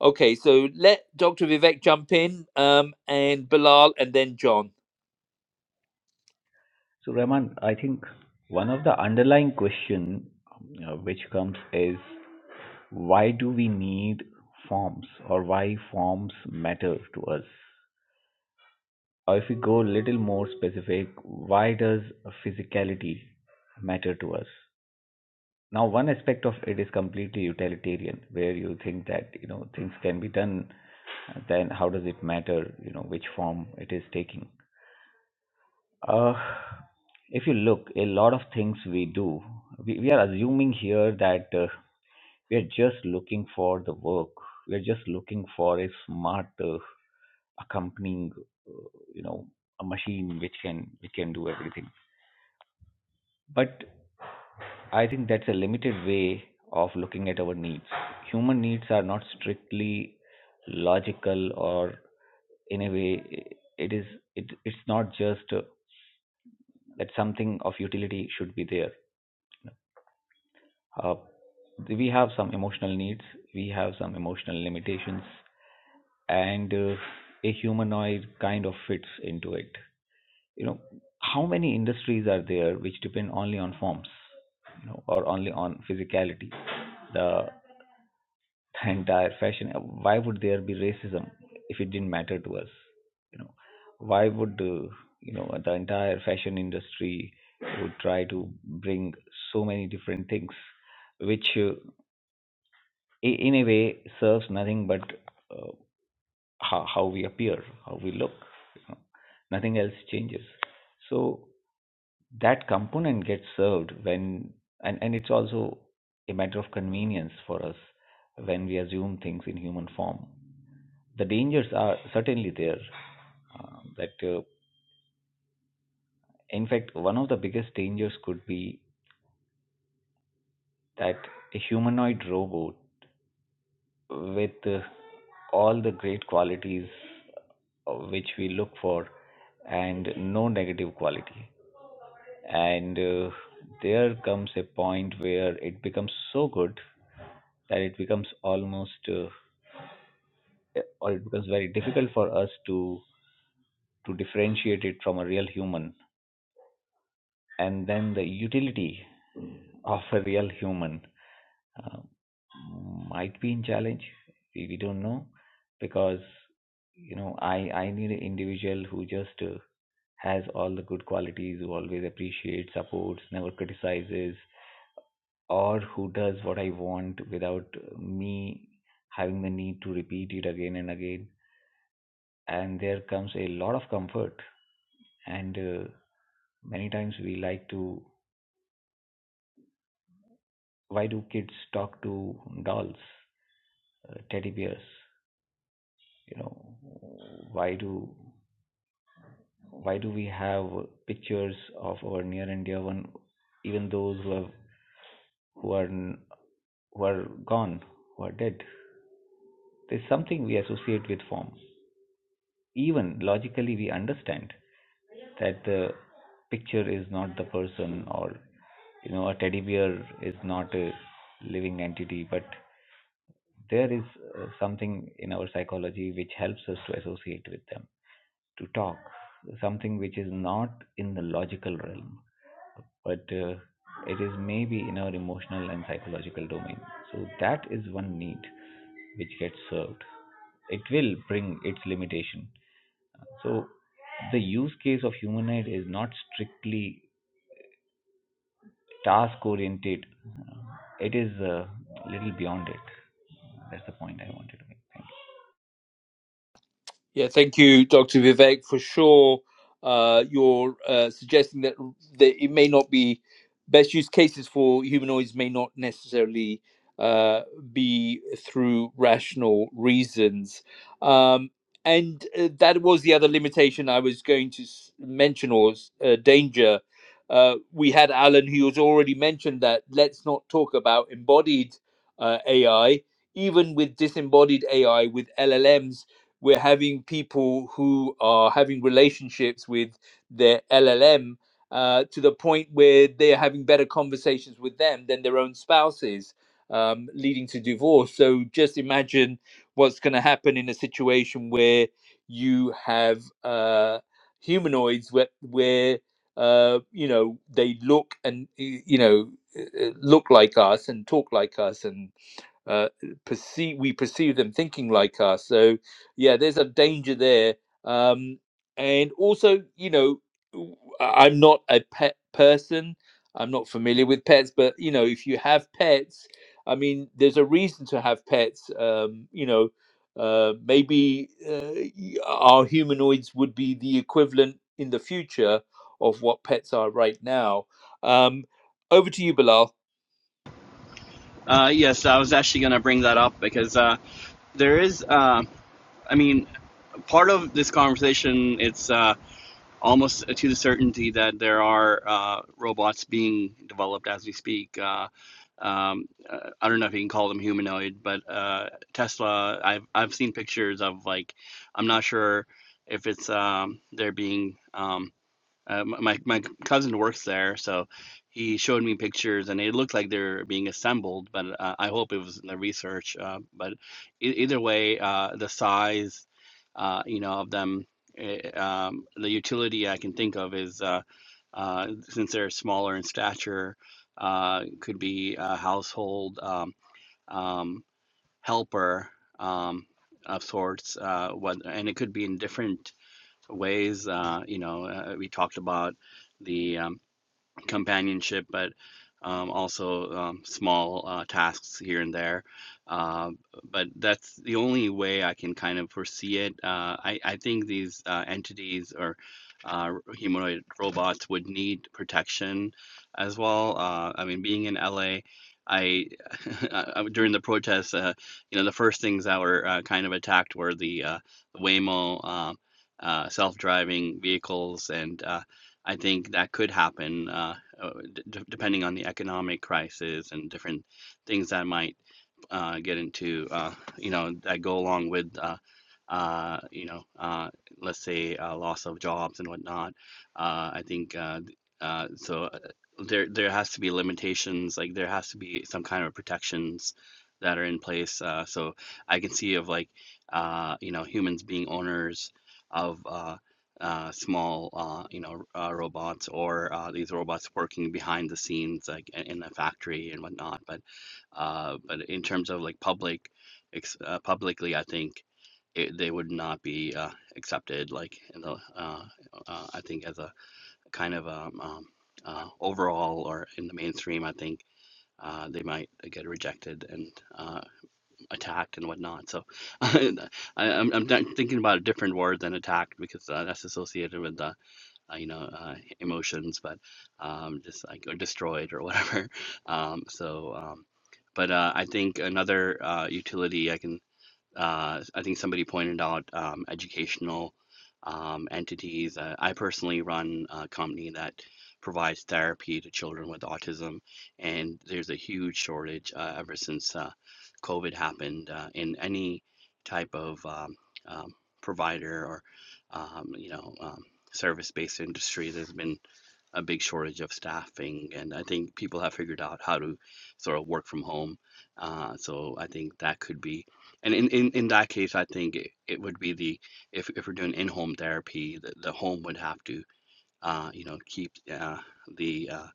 [SPEAKER 1] Okay, so let Dr. Vivek jump in, um, and Bilal, and then John.
[SPEAKER 8] So, Rahman, I think one of the underlying question uh, which comes is why do we need forms or why forms matter to us? Or if we go a little more specific, why does physicality matter to us? Now, one aspect of it is completely utilitarian, where you think that you know things can be done, then how does it matter? You know which form it is taking. Uh, if you look, a lot of things we do, we, we are assuming here that uh, we are just looking for the work. We are just looking for a smart uh, accompanying, uh, you know, a machine which can which can do everything. But I think that's a limited way of looking at our needs. Human needs are not strictly logical or in a way it is it it's not just uh, that something of utility should be there uh, we have some emotional needs, we have some emotional limitations, and uh, a humanoid kind of fits into it. You know, how many industries are there which depend only on forms, you know, or only on physicality? The, the entire fashion. uh, Why would there be racism if it didn't matter to us? You know, why would uh, you know the entire fashion industry would try to bring so many different things? which uh, in a way serves nothing but uh, how, how we appear, how we look. You know. Nothing else changes. So that component gets served when, and, and it's also a matter of convenience for us when we assume things in human form. The dangers are certainly there. Uh, that, uh, in fact, one of the biggest dangers could be that a humanoid robot with uh, all the great qualities uh, which we look for and no negative quality. And uh, there comes a point where it becomes so good that it becomes almost uh, or it becomes very difficult for us to to differentiate it from a real human and then the utility of a real human uh, might be in challenge. We, we don't know because you know I I need an individual who just uh, has all the good qualities, who always appreciates, supports, never criticizes, or who does what I want without me having the need to repeat it again and again. And there comes a lot of comfort. And uh, many times we like to. Why do kids talk to dolls, uh, teddy bears? you know why do why do we have pictures of our near and dear one even those who have who are who are gone who are dead there's something we associate with form even logically we understand that the picture is not the person or you know a teddy bear is not a living entity but there is uh, something in our psychology which helps us to associate with them to talk, something which is not in the logical realm, but uh, it is maybe in our emotional and psychological domain. So that is one need which gets served. It will bring its limitation. So the use case of humanoid is not strictly task oriented. It is a little beyond it. That's the point I wanted to make.
[SPEAKER 1] Yeah, thank you, Dr. Vivek. For sure, uh, you're uh, suggesting that, that it may not be best use cases for humanoids may not necessarily uh, be through rational reasons. Um, and uh, that was the other limitation I was going to s- mention or s- uh, danger. Uh, we had Alan, who has already mentioned that let's not talk about embodied uh, AI, even with disembodied AI, with LLMs we're having people who are having relationships with their LLM uh, to the point where they are having better conversations with them than their own spouses, um, leading to divorce. So just imagine what's going to happen in a situation where you have uh, humanoids where, where uh, you know they look and y- you know uh, uh, look like us and talk like us and uh, perceive we perceive them thinking like us. So yeah, there's a danger there. Um, and also, you know, i I- I'm not a pet person. I'm not familiar with pets, but you know, if you have pets, I mean, there's a reason to have pets. Um, you know, uh, maybe uh, y- our humanoids would be the equivalent in the future of what pets are right now. Um, over to you, Bilal.
[SPEAKER 9] Uh, yes, I was actually going to bring that up because uh, there is, uh, I mean, part of this conversation, it's uh, almost to the certainty that there are uh, robots being developed as we speak. Uh, um, uh, I don't know if you can call them humanoid, but uh, Tesla, I've, I've seen pictures of like, I'm not sure if it's um, they're being um, uh, my my cousin works there, so he showed me pictures, and it looked like they're being assembled. But uh, I hope it was in the research. Uh, but e- either way, uh, the size, uh, you know, of them, eh, um, the utility I can think of is uh, uh, since they're smaller in stature, uh, could be a household um, um, helper um, of sorts. Uh, what, and it could be in different ways. Uh, you know, uh, we talked about the um, companionship, but um, also um, small uh, tasks here and there. Uh, but that's the only way I can kind of foresee it. Uh, I, I think these uh, entities or uh, humanoid robots would need protection as well. Uh, I mean, being in LA, I, I- during the protests, uh, you know, the first things that were uh, kind of attacked were the uh, Waymo uh, uh, self-driving vehicles and uh, I think that could happen. Uh, uh, d depending on the economic crisis and different things that might uh, get into uh, you know that go along with uh, uh, you know uh, let's say uh, loss of jobs and whatnot. Uh, I think uh, uh, so. Uh, there there has to be limitations. Like there has to be some kind of protections that are in place. Uh, so I can see of like uh, you know humans being owners of. Uh, uh, small, uh, you know, uh, robots or uh, these robots working behind the scenes, like in in a factory and whatnot. But uh, but in terms of like public, ex uh, publicly, I think it, they would not be uh, accepted. Like in the, uh, uh, I think as a kind of um, um, uh, overall or in the mainstream, I think uh, they might get rejected and uh, attacked and whatnot. So I, I'm I'm not thinking about a different word than attacked because uh, that's associated with the uh, you know, uh, emotions, but um, just like or destroyed or whatever. Um, so, um, but uh, I think another uh, utility I can uh, I think somebody pointed out um, educational um, entities. Uh, I personally run a company that provides therapy to children with autism, and there's a huge shortage uh, ever since uh, COVID happened uh, in any type of um, um, provider or um, you know um, service-based industry. There's been a big shortage of staffing, and I think people have figured out how to sort of work from home. Uh, so I think that could be, and in, in, in that case, I think it, it would be the if if we're doing in-home therapy, the, the home would have to uh, you know keep uh, the uh,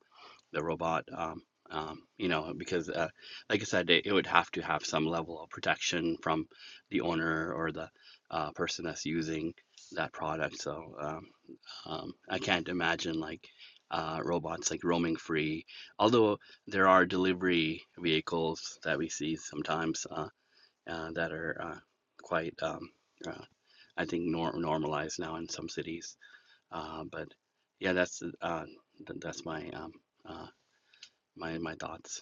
[SPEAKER 9] the robot. Um, um, you know, because uh, like I said, it, it would have to have some level of protection from the owner or the uh, person that's using that product. So, um, um, I can't imagine like uh, robots like roaming free, although there are delivery vehicles that we see sometimes uh, uh, that are uh, quite, um, uh, I think, norm normalized now in some cities. Uh, but yeah, that's uh, th that's my um, uh, my my thoughts.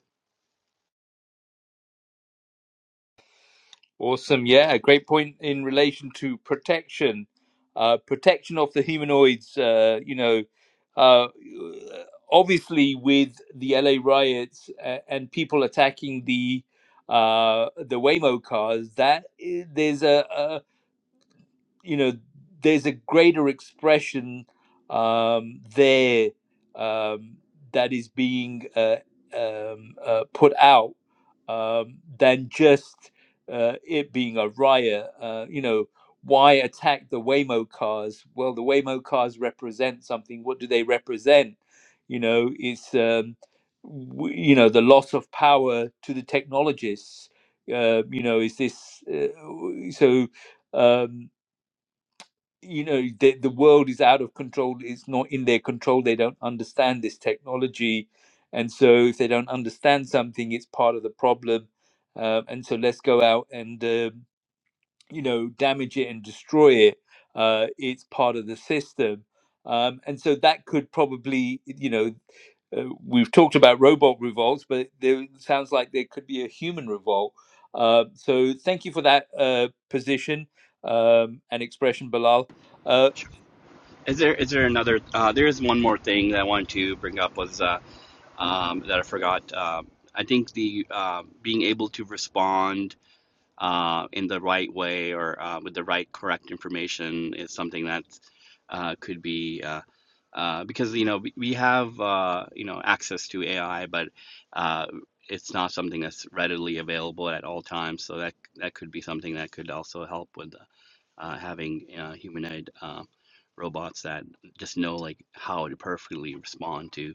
[SPEAKER 1] Awesome. Yeah, great point in relation to protection, uh, protection of the humanoids. Uh, you know, uh, obviously with the LA riots uh, and people attacking the uh, the Waymo cars, that i- there's a, you know there's a greater expression um, there um, that is being uh, um, uh, put out um, than just uh, it being a riot. Uh, you know, why attack the Waymo cars? Well, the Waymo cars represent something. What do they represent? You know, it's um, w- you know the loss of power to the technologists. Uh, you know, is this uh, w- so? Um, you know the, the world is out of control it's not in their control they don't understand this technology and so if they don't understand something it's part of the problem um, and so let's go out and um, you know damage it and destroy it uh, it's part of the system um, and so that could probably you know uh, we've talked about robot revolts, but there sounds like there could be a human revolt. Uh, so thank you for that uh, position um, and expression, Bilal. Uh,
[SPEAKER 9] Sure. Is there is there another? Uh, there is one more thing that I wanted to bring up was uh, um, that I forgot. Uh, I think the uh, being able to respond uh, in the right way or uh, with the right correct information is something that uh, could be uh, uh, because you know we, we have uh, you know access to AI, but uh, it's not something that's readily available at all times. So that that could be something that could also help with uh, having uh, humanoid uh, robots that just know like how to perfectly respond to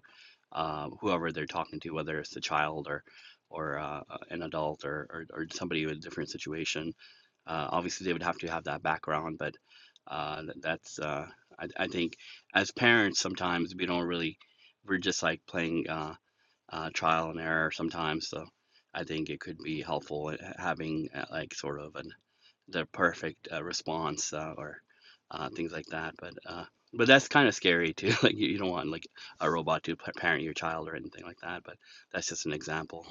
[SPEAKER 9] uh, whoever they're talking to, whether it's the child or or uh, uh, an adult or, or, or somebody with a different situation. Uh, obviously, they would have to have that background, but uh, that's, uh, I, I think, as parents, sometimes we don't really, we're just like playing uh, uh, trial and error sometimes. So I think it could be helpful uh, having uh, like sort of an, the perfect uh, response uh, or uh, things like that. But uh, but that's kind of scary too. Like you, you don't want like a robot to pa- parent your child or anything like that. But that's just an example.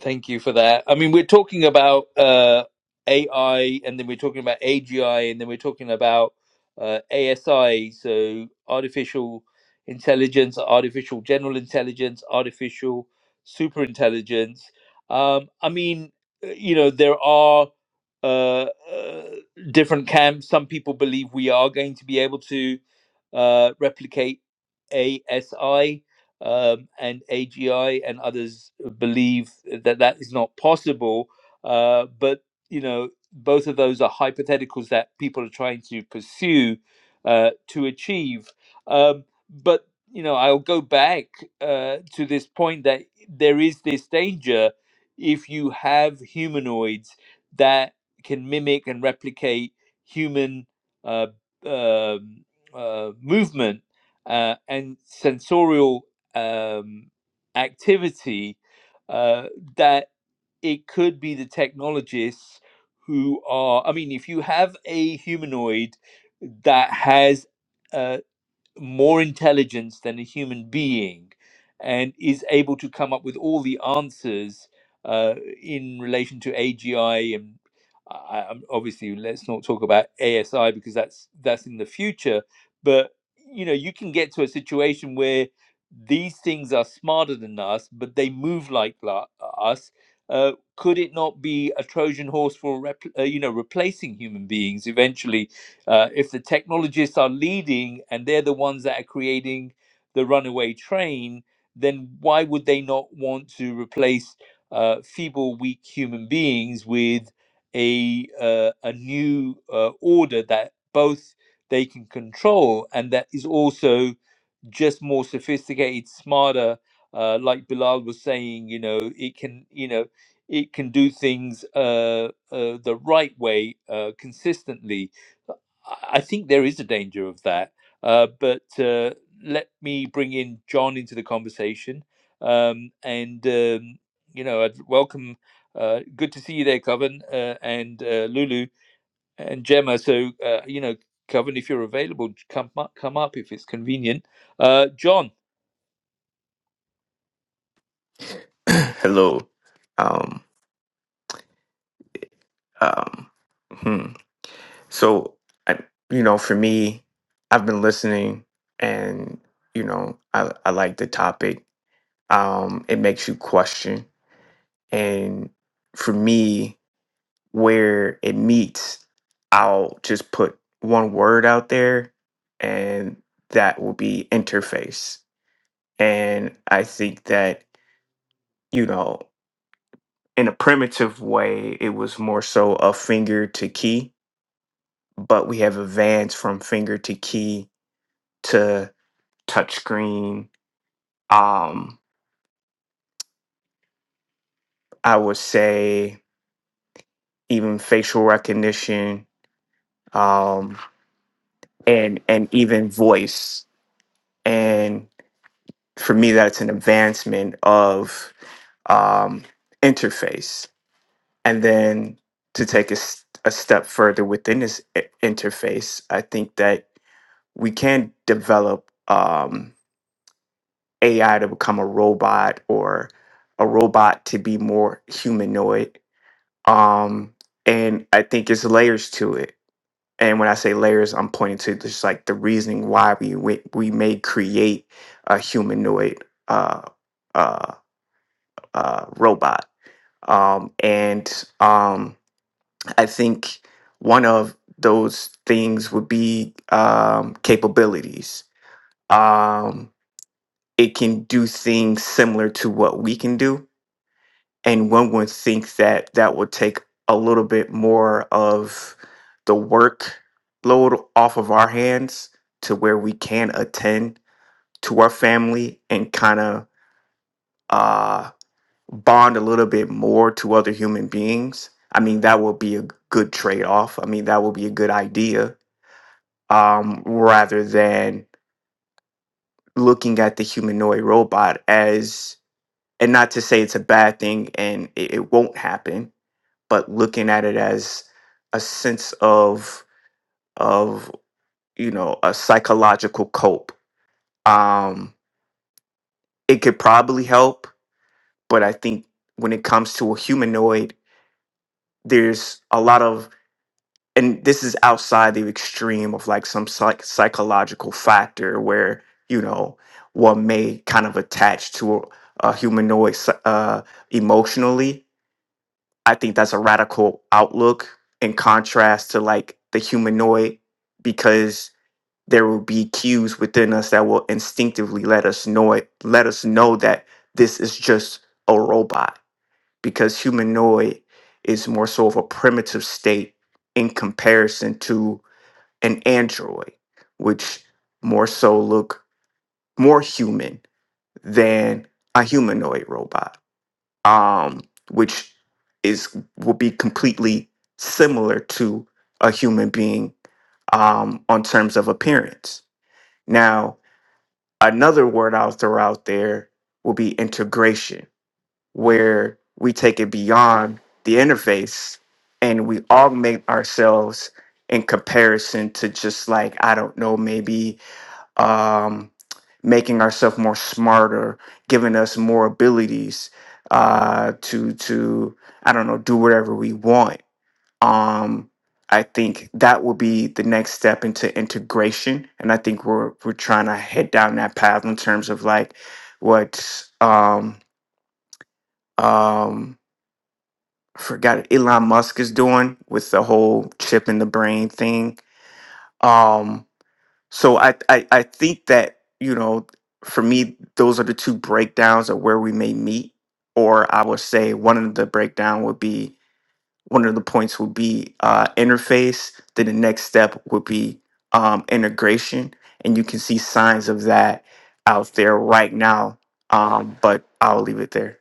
[SPEAKER 1] Thank you for that. I mean, we're talking about uh, AI, and then we're talking about AGI, and then we're talking about uh, ASI, so artificial intelligence, artificial general intelligence, artificial super intelligence. Um, I mean, uh, you know, there are uh, uh, different camps. Some people believe we are going to be able to uh, replicate ASI um, and AGI and others believe that that is not possible. Uh, but you know, both of those are hypotheticals that people are trying to pursue uh, to achieve. Um, but you know, I'll go back uh, to this point that there is this danger if you have humanoids that can mimic and replicate human uh, um uh, movement uh, and sensorial um, activity uh, that it could be the technologists who are i mean if you have a humanoid that has uh, more intelligence than a human being and is able to come up with all the answers uh, in relation to AGI and I, I'm obviously let's not talk about ASI because that's that's in the future but you know you can get to a situation where these things are smarter than us but they move like la- us uh, could it not be a Trojan horse for repl- uh, you know replacing human beings eventually uh, if the technologists are leading and they're the ones that are creating the runaway train, then why would they not want to replace uh, feeble, weak human beings with a uh, a new uh, order that both they can control and that is also just more sophisticated, smarter. Uh, like Bilal was saying, you know, it can, you know, it can do things uh, uh, the right way, uh, consistently. I think there is a danger of that. Uh, but uh, let me bring in John into the conversation. Um, and, um, you know, I'd welcome. Uh, good to see you there, Coven, uh, and uh, Lulu and Gemma. So, uh, you know, Coven, if you're available, j- come up, come up if it's convenient. Uh, John,
[SPEAKER 10] Hello. Um, um, hmm. So, I, you know, for me, I've been listening and, you know, I, I like the topic. Um, it makes you question. And for me, where it meets, I'll just put one word out there and that will be interface. And I think that, you know, in a primitive way, it was more so a finger to key but we have advanced from finger to key to touchscreen. Um, I would say even facial recognition, um, and and even voice. And for me, that's an advancement of um, interface. And then to take a, s- a step further within this i- interface, I think that we can develop. Um, AI to become a robot or a robot to be more humanoid. Um, and I think it's layers to it. And when I say layers, I'm pointing to just like the reasoning why we we, we may create a humanoid uh, uh, uh, robot. Um, and um, I think one of those things would be um, capabilities. Um, it can do things similar to what we can do and one would think that that would take a little bit more of the work load off of our hands to where we can attend to our family and kind of uh, bond a little bit more to other human beings. I mean, that would be a good trade off. I mean, that would be a good idea um, rather than looking at the humanoid robot as, and not to say it's a bad thing and it, it won't happen, but looking at it as a sense of of you know a psychological cope um it could probably help but i think when it comes to a humanoid there's a lot of and this is outside the extreme of like some psych- psychological factor where you know one may kind of attach to a, a humanoid psy- uh, emotionally I think that's a radical outlook in contrast to like the humanoid, because there will be cues within us that will instinctively let us know it, let us know that this is just a robot. Because humanoid is more so of a primitive state in comparison to an android, which more so look more human than a humanoid robot um, which is will be completely similar to a human being um, on terms of appearance. Now, another word I'll throw out there will be integration, where we take it beyond the interface and we augment ourselves in comparison to just like I don't know maybe um, making ourselves more smarter, giving us more abilities uh, to to I don't know do whatever we want. Um, I think that will be the next step into integration, and I think we're we're trying to head down that path in terms of like what um, um, I forgot Elon Musk is doing with the whole chip in the brain thing. Um, So I, I I think that you know for me those are the two breakdowns of where we may meet, or I would say one of the breakdown would be one of the points would be uh, interface. Then the next step would be um, integration, and you can see signs of that out there right now. Um, but I'll leave it there.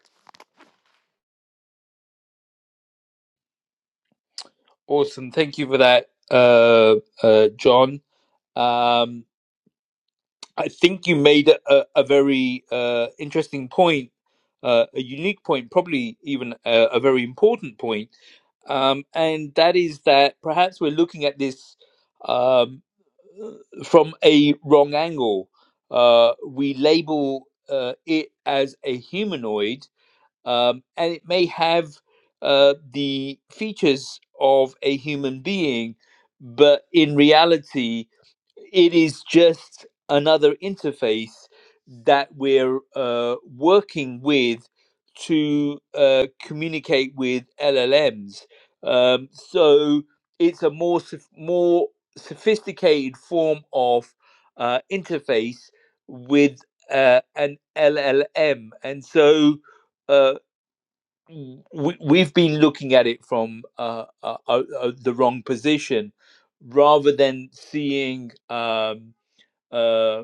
[SPEAKER 1] awesome. Thank you for that, uh, uh, John. Um, I think you made a, a very uh, interesting point, uh, a unique point, probably even a, a very important point, um, and that is that perhaps we're looking at this um, from a wrong angle. Uh, we label uh, it as a humanoid um, and it may have uh, the features of a human being, but in reality, it is just another interface that we're uh, working with to uh, communicate with LLMs. Um, so it's a more soph- more sophisticated form of uh, interface with uh, an LLM, and so uh, we, we've been looking at it from uh, uh, uh, uh, the wrong position rather than seeing um, uh,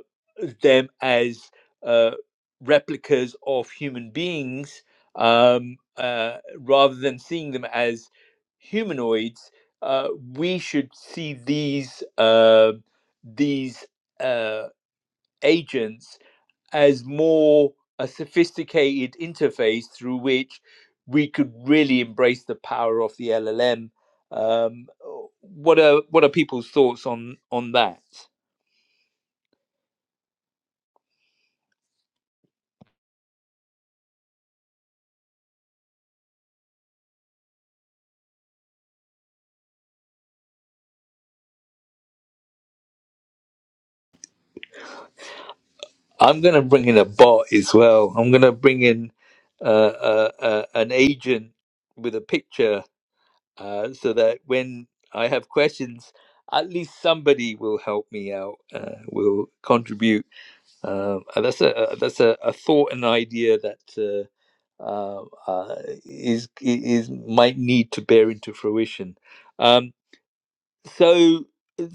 [SPEAKER 1] them as uh, replicas of human beings um, uh, rather than seeing them as humanoids uh, we should see these uh, these uh, agents as more a sophisticated interface through which we could really embrace the power of the LLM. Um, what are what are people's thoughts on on that? I'm going to bring in a bot as well. I'm going to bring in uh, uh, uh, an agent with a picture uh, so that when I have questions, at least somebody will help me out, uh, will contribute Um, and that's a a- that's a, a thought and idea that uh, uh, uh, is is might need to bear into fruition. Um, so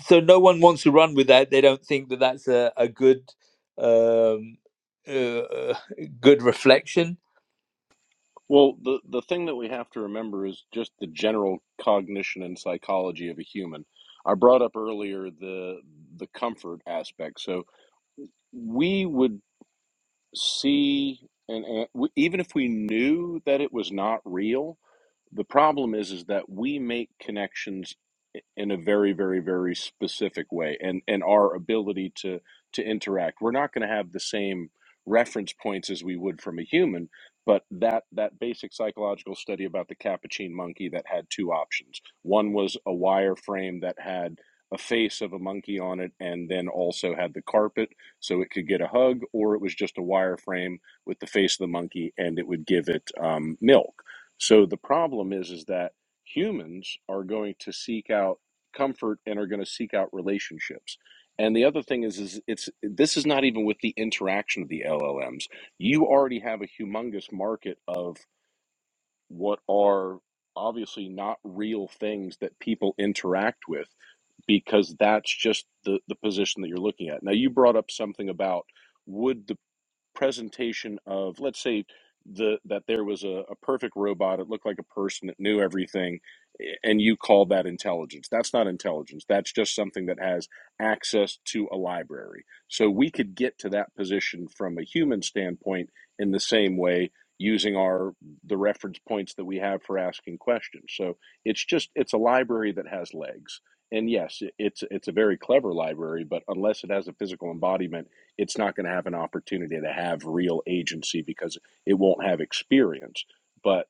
[SPEAKER 1] so no one wants to run with that. They don't think that that's a a good um, uh, uh, good reflection.
[SPEAKER 4] Well, the the thing that we have to remember is just the general cognition and psychology of a human. I brought up earlier the the comfort aspect. So we would see, and, and we, even if we knew that it was not real, The problem is is that we make connections in a very very very specific way and and our ability to to interact. We're not going to have the same reference points as we would from a human, but that that basic psychological study about the capuchin monkey that had two options. One was a wire frame that had a face of a monkey on it and then also had the carpet so it could get a hug or it was just a wire frame with the face of the monkey and it would give it um, milk so the problem is is that humans are going to seek out comfort and are going to seek out relationships. And the other thing is is it's this is not even with the interaction of the LLMs. You already have a humongous market of what are obviously not real things that people interact with because that's just the the position that you're looking at. Now you brought up something about would the presentation of let's say the that there was a, a perfect robot it looked like a person that knew everything eh, and you call that intelligence that's not intelligence that's just something that has access to a library so we could get to that position from a human standpoint in the same way using our the reference points that we have for asking questions so it's just it's a library that has legs and yes it- it's it's a very clever library but unless it has a physical embodiment it's not going to have an opportunity to have real agency because it won't have experience. But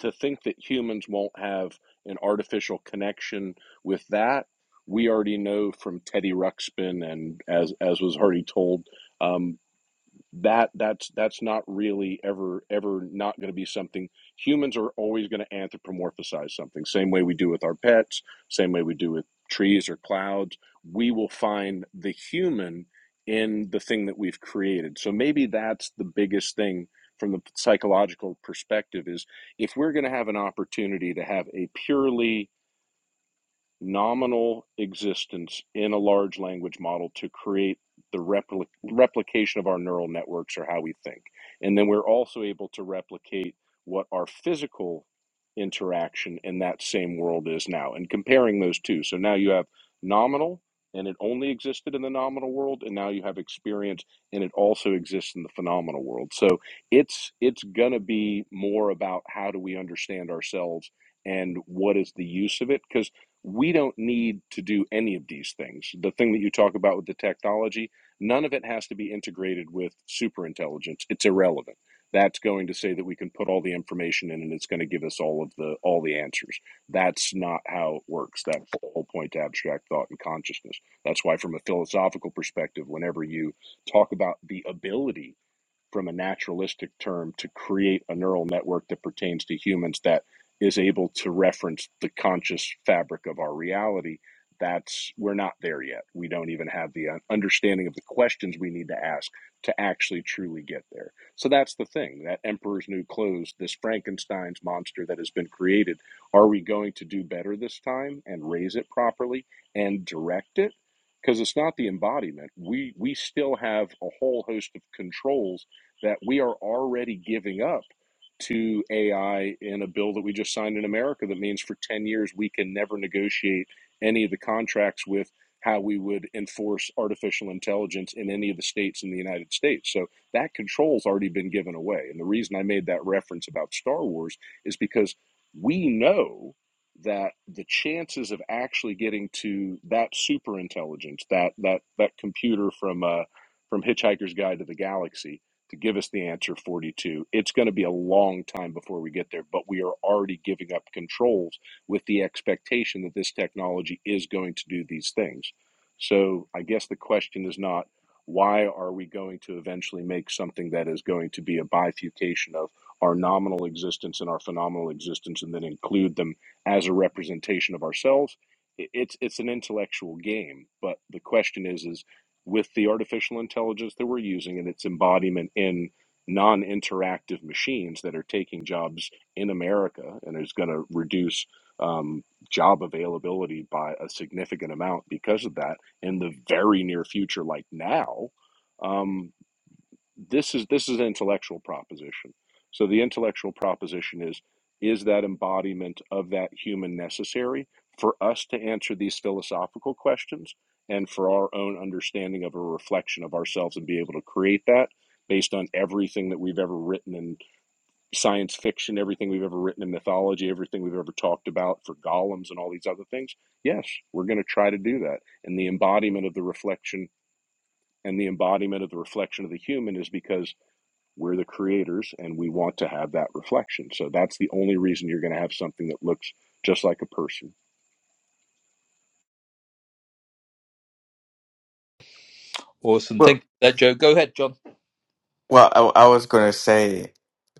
[SPEAKER 4] to think that humans won't have an artificial connection with that, we already know from Teddy Ruxpin and as as was already told. Um, that that's that's not really ever ever not going to be something humans are always going to anthropomorphize something same way we do with our pets same way we do with trees or clouds we will find the human in the thing that we've created so maybe that's the biggest thing from the psychological perspective is if we're going to have an opportunity to have a purely nominal existence in a large language model to create the repli- replication of our neural networks or how we think. And then we're also able to replicate what our physical interaction in that same world is now and comparing those two. So now you have nominal and it only existed in the nominal world and now you have experience and it also exists in the phenomenal world. So it's it's going to be more about how do we understand ourselves and what is the use of it because we don't need to do any of these things. The thing that you talk about with the technology, none of it has to be integrated with superintelligence. It's irrelevant. That's going to say that we can put all the information in and it's going to give us all of the all the answers. That's not how it works. That's the whole point to abstract thought and consciousness. That's why from a philosophical perspective, whenever you talk about the ability from a naturalistic term to create a neural network that pertains to humans that is able to reference the conscious fabric of our reality that's we're not there yet we don't even have the uh, understanding of the questions we need to ask to actually truly get there so that's the thing that emperor's new clothes this frankenstein's monster that has been created are we going to do better this time and raise it properly and direct it because it's not the embodiment we we still have a whole host of controls that we are already giving up to AI in a bill that we just signed in America that means for 10 years we can never negotiate any of the contracts with how we would enforce artificial intelligence in any of the states in the United States. So that control's already been given away. And the reason I made that reference about Star Wars is because we know that the chances of actually getting to that super intelligence, that that that computer from uh, from Hitchhiker's Guide to the Galaxy, to give us the answer 42. It's going to be a long time before we get there, but we are already giving up controls with the expectation that this technology is going to do these things. So I guess the question is not why are we going to eventually make something that is going to be a bifurcation of our nominal existence and our phenomenal existence and then include them as a representation of ourselves? It's, it's an intellectual game, but the question is, is with the artificial intelligence that we're using and its embodiment in non interactive machines that are taking jobs in America and is going to reduce um, job availability by a significant amount because of that in the very near future, like now. Um, this is this is an intellectual proposition. So the intellectual proposition is is that embodiment of that human necessary for us to answer these philosophical questions and for our own understanding of a reflection of ourselves and be able to create that based on everything that we've ever written in science fiction, everything we've ever written in mythology, everything we've ever talked about for golems and all these other things. Yes, we're going to try to do that. And the embodiment of the reflection and the embodiment of the reflection of the human is because we're the creators and we want to have that reflection. So that's the only reason you're going to have something that looks just like a person.
[SPEAKER 1] Awesome. Thank you for that, Joe. Go ahead, John.
[SPEAKER 10] Well, I, I was gonna say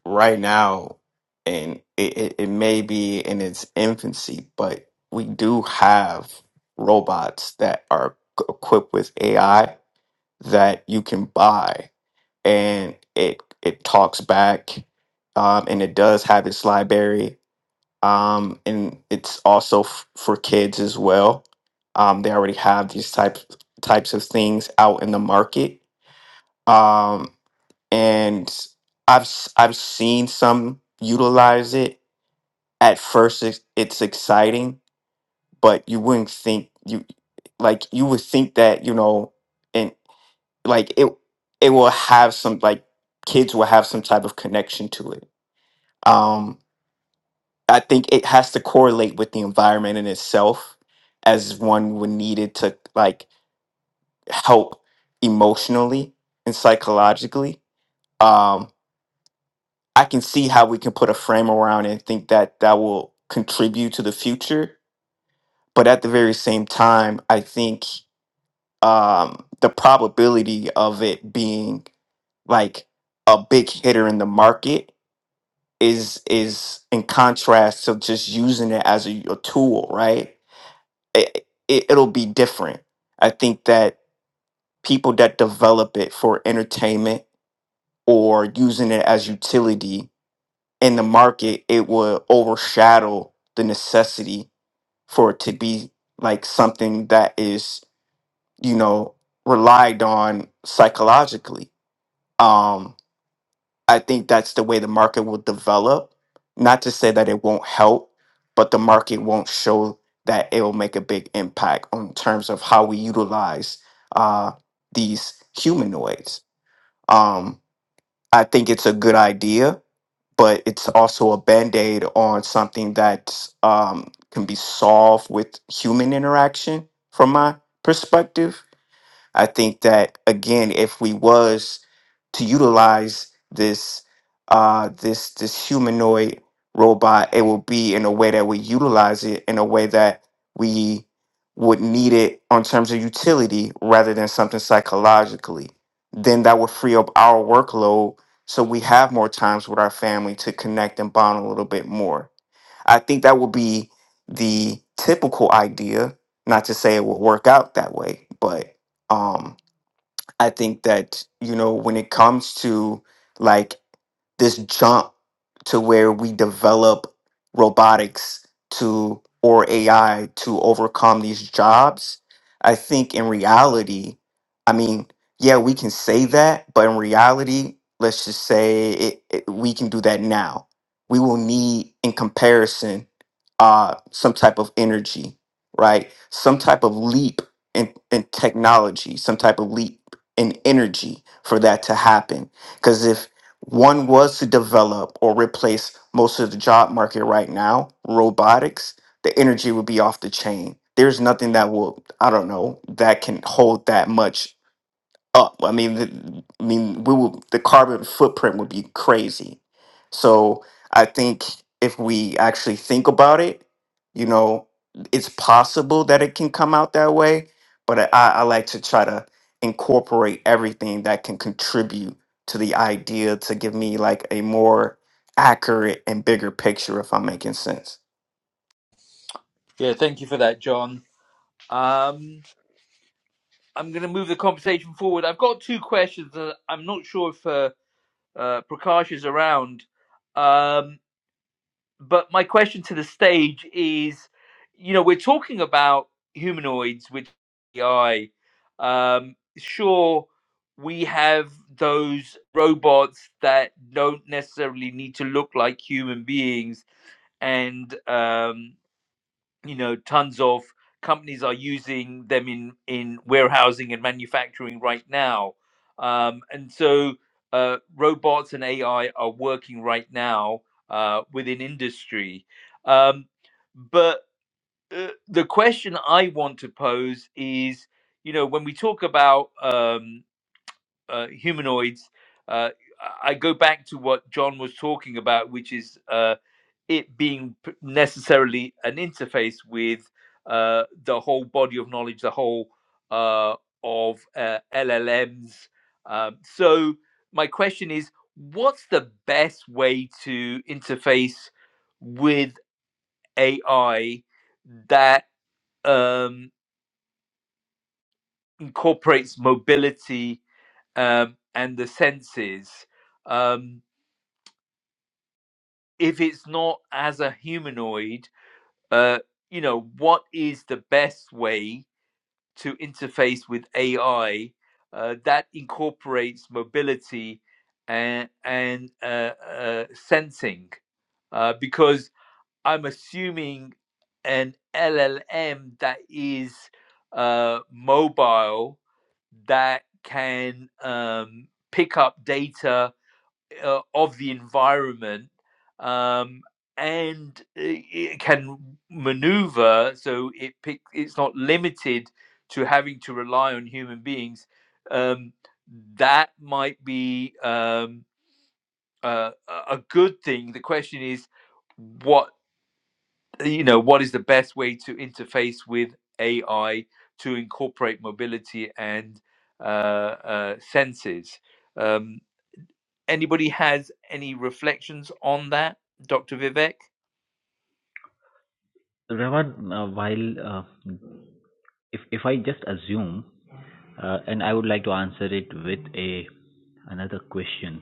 [SPEAKER 10] right now, and it, it, it may be in its infancy, but we do have robots that are c- equipped with AI that you can buy, and it it talks back, um, and it does have its library, um, and it's also f- for kids as well. Um, they already have these types types of things out in the market. Um, and I've s- I've seen some utilize it. At first, it's, it's exciting, but you wouldn't think you like you would think that you know, and like it it will have some like kids will have some type of connection to it. Um, I think it has to correlate with the environment in itself, as one would need it to like help emotionally and psychologically. Um, I can see how we can put a frame around it and think that that will contribute to the future. But at the very same time, I think um, the probability of it being like a big hitter in the market is is in contrast to just using it as a, a tool, right? It, it, it'll be different. I think that people that develop it for entertainment or using it as utility in the market it would overshadow the necessity for it to be like something that is you know relied on psychologically um i think that's the way the market will develop not to say that it won't help but the market won't show that it will make a big impact on terms of how we utilize uh these humanoids um i think it's a good idea but it's also a band-aid on something that um, can be solved with human interaction from my perspective I think that again, if we was to utilize this uh this this humanoid robot, it will be in a way that we utilize it in a way that we would need it on terms of utility rather than something psychologically. Then that would free up our workload so we have more times with our family to connect and bond a little bit more I think that would be the typical idea. Not to say it will work out that way, but um, I think that, you know, when it comes to like this jump to where we develop robotics to or AI to overcome these jobs, I think in reality, I mean, yeah, we can say that, but in reality, let's just say it, it, we can do that now. We will need, in comparison, uh, some type of energy, right? Some type of leap in, in technology, some type of leap and energy for that to happen. Because if one was to develop or replace most of the job market right now, robotics, the energy would be off the chain. There's nothing that will, I don't know, that can hold that much up. I mean, the, I mean, we will the carbon footprint would be crazy. So I think if we actually think about it, you know, it's possible that it can come out that way. But I, I like to try to incorporate everything that can contribute to the idea to give me like a more accurate and bigger picture, if I'm making sense.
[SPEAKER 1] Yeah, thank you for that, John. Um, I'm going to move the conversation forward. I've got two questions. That I'm not sure if uh, uh, Prakash is around. Um, but my question to the stage is you know we're talking about humanoids with ai um sure we have those robots that don't necessarily need to look like human beings and um you know tons of companies are using them in in warehousing and manufacturing right now um, and so uh, robots and ai are working right now uh, within industry um, but uh, the question i want to pose is you know when we talk about um, uh, humanoids uh, i I go back to what john was talking about which is uh, it being necessarily an interface with uh, the whole body of knowledge, the whole uh, of uh, LLMs. Um, so my question is, what's the best way to interface with AI that um, incorporates mobility um, and the senses? Um, if it's not as a humanoid, uh, you know, what is the best way? to interface with AI uh, that incorporates mobility and, and uh, uh, sensing. Uh, because I'm assuming an LLM that is uh, mobile that can um, pick up data uh, of the environment um, and it can maneuver so it pick, it's not limited to having to rely on human beings um, that might be um, uh, a good thing the question is what you know what is the best way to interface with ai to incorporate mobility and uh, uh, senses Um, anybody has any reflections on that, Dr. Vivek?
[SPEAKER 8] Ravan, uh, while uh, if if I just assume, uh, and I would like to answer it with a another question,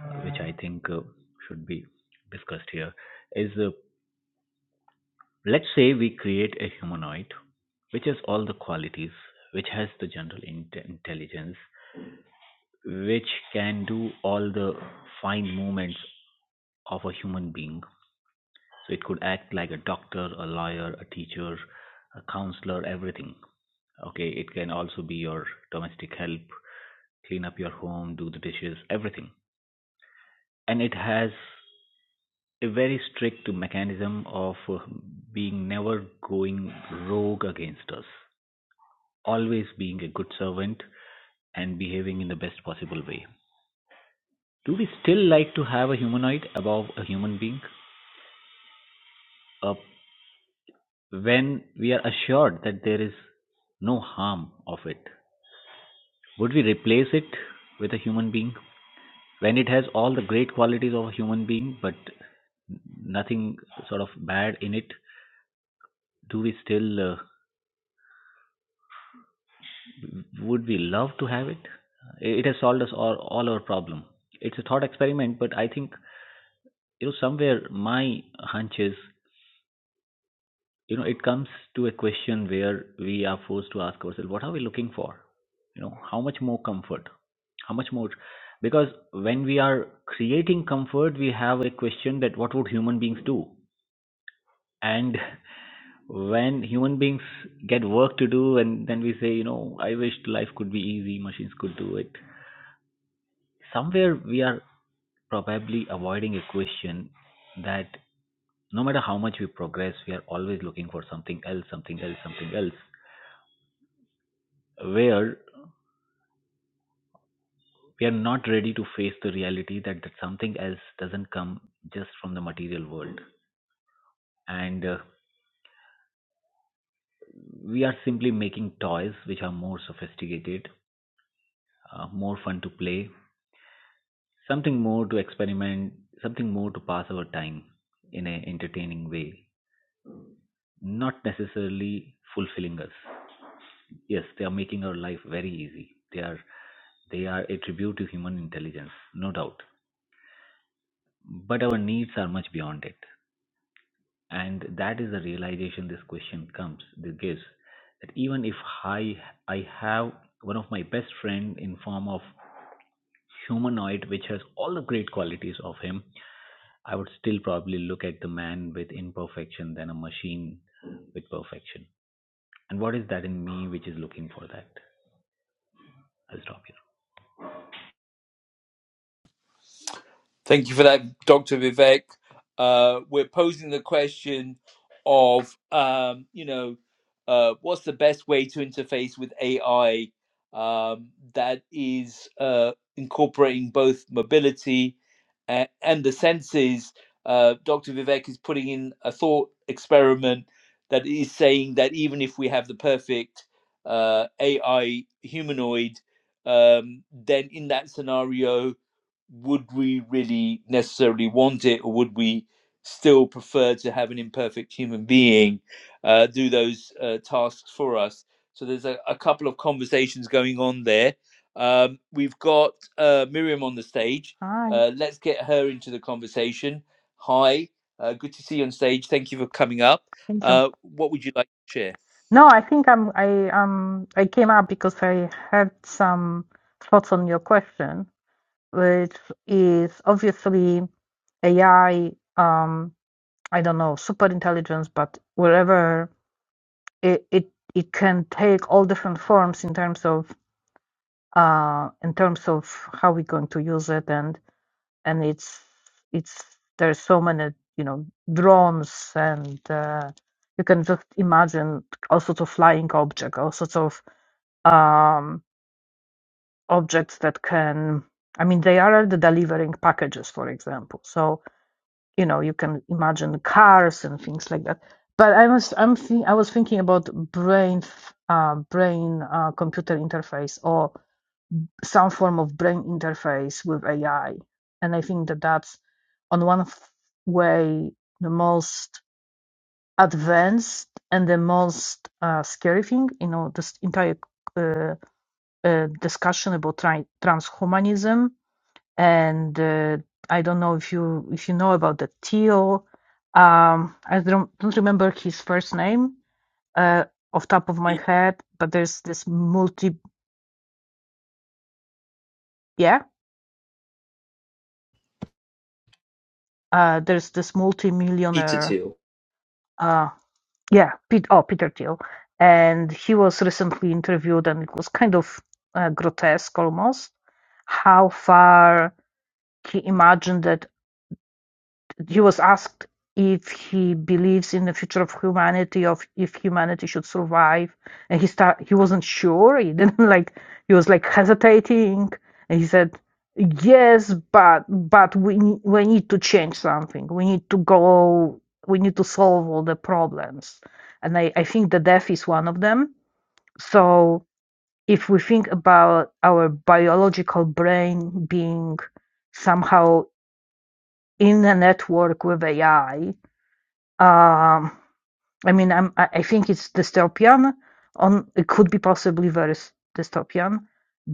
[SPEAKER 8] uh, which I think uh, should be discussed here, is uh, let's say we create a humanoid, which has all the qualities, which has the general inte intelligence, which can do all the fine movements of a human being, so it could act like a doctor, a lawyer, a teacher, a counselor, everything. Okay, it can also be your domestic help, clean up your home, do the dishes, everything. And it has a very strict mechanism of uh, being never going rogue against us, always being a good servant and behaving in the best possible way. Do we still like to have a humanoid above a human being? A when we are assured that there is no harm of it? Would we replace it with a human being when it has all the great qualities of a human being but nothing sort of bad in it? Do we still uh, would we love to have it? It has solved us all, all our problem. It's a thought experiment, but I think you know somewhere my hunch is you know it comes to a question where we are forced to ask ourselves what are we looking for? You know how much more comfort, How much more? Because when we are creating comfort, we have a question that what would human beings do? And when human beings get work to do, and then we say, you know, I wished life could be easy, machines could do it. Somewhere we are probably avoiding a question that no matter how much we progress, we are always looking for something else, something else, something else, where we are not ready to face the reality that, that something else doesn't come just from the material world. And uh, We are simply making toys which are more sophisticated, uh, more fun to play, something more to experiment, something more to pass our time in an entertaining way, not necessarily fulfilling us. Yes, they are making our life very easy. They are they are a tribute to human intelligence, no doubt. But our needs are much beyond it. and that is the realization this question comes this gives that even if i i have one of my best friend in form of humanoid which has all the great qualities of him i would still probably look at the man with imperfection than a machine with perfection and what is that in me which is looking for that i'll stop here
[SPEAKER 1] Thank you for that, Dr. Vivek. Uh, we're posing the question of, um, you know, uh, what's the best way to interface with AI um, that is uh, incorporating both mobility and, and the senses? Uh, Dr. Vivek is putting in a thought experiment that is saying that even if we have the perfect uh, AI humanoid, um, then in that scenario, would we really necessarily want it, or would we still prefer to have an imperfect human being uh, do those uh, tasks for us? So there's a, a couple of conversations going on there. Um, we've got uh, Miriam on the stage.
[SPEAKER 11] Hi,
[SPEAKER 1] Uh, let's get her into the conversation. Hi, uh, good to see you on stage. Thank you for coming up.
[SPEAKER 11] thank you.
[SPEAKER 1] Uh, what would you like to share?
[SPEAKER 11] No, I think I'm I um I came up because I had some thoughts on your question, which is obviously AI, um, I don't know, super intelligence, but wherever it, it it can take all different forms in terms of uh in terms of how we're going to use it. and. and it's it's there's so many you know drones and uh, you can just imagine all sorts of flying objects all sorts of um, objects that can i mean they are already delivering packages for example so you know you can imagine cars and things like that but i was i'm think, i was thinking about brain f- uh, brain uh, computer interface or some form of brain interface with AI. And I think that that's, on one way, the most advanced and the most uh, scary thing. You know, this entire uh, uh, discussion about tri- transhumanism. And uh, I don't know if you if you know about the Teal. Um, I don't, don't remember his first name uh, off top of my head, but there's this multi yeah uh, there's this
[SPEAKER 1] Peter
[SPEAKER 11] multi-millionaire
[SPEAKER 1] Thiel.
[SPEAKER 11] Uh, yeah, Pete, oh, Peter Thiel. And he was recently interviewed, and it was kind of uh, grotesque almost how far he imagined that he was asked if he believes in the future of humanity, of if humanity should survive, and he start he wasn't sure. He didn't like he was like hesitating, and he said, "Yes, but but we ne- we need to change something. We need to go. We need to solve all the problems." And I I think the death is one of them. So if we think about our biological brain being somehow in a network with AI, um, I mean, I'm, I I think it's dystopian. On it could be possibly very s- dystopian,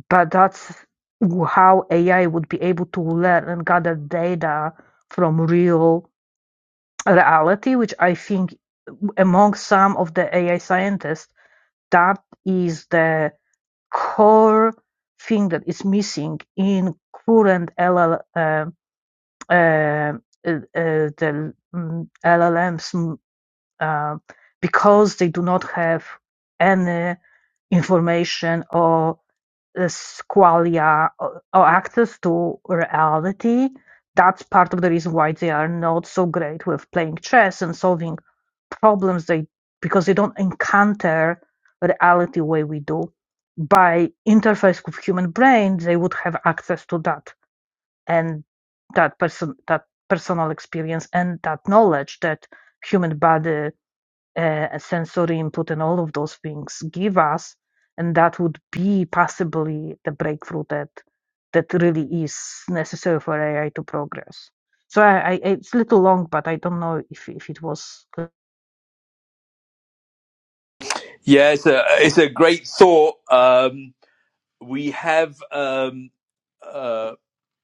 [SPEAKER 11] but that's w- how AI would be able to learn and gather data from real reality, which I think w- among some of the AI scientists, that is the core thing that is missing in current LL, uh, uh, uh, uh, the mm, LLMs uh, because they do not have any information or uh, squalia or, or access to reality. That's part of the reason why they are not so great with playing chess and solving problems. They because they don't encounter reality the way we do. By interface with human brain, they would have access to that and that person that personal experience and that knowledge that human body uh, a sensory input and all of those things give us and that would be possibly the breakthrough that that really is necessary for ai to progress so i, I it's a little long but i don't know if if it was like,
[SPEAKER 1] Yeah, it's a it's a great thought. Um, we have um, uh,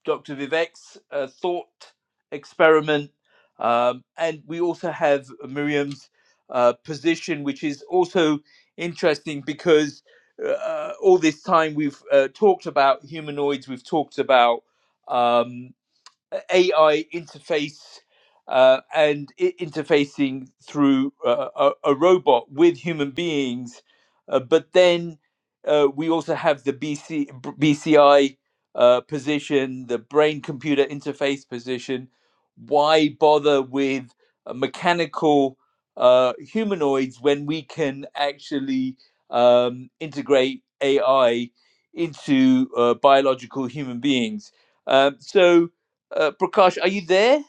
[SPEAKER 1] Dr. Vivek's uh, thought experiment, um, and we also have Miriam's uh, position, which is also interesting because uh, all this time we've uh, talked about humanoids, we've talked about um, AI interface uh, and i- interfacing through uh, a, a robot with human beings. Uh, but then uh, we also have the BC, BCI uh, position, the brain computer interface position. Why bother with uh, mechanical uh, humanoids when we can actually um, integrate AI into uh, biological human beings? Um, so, uh, Prakash, are you there?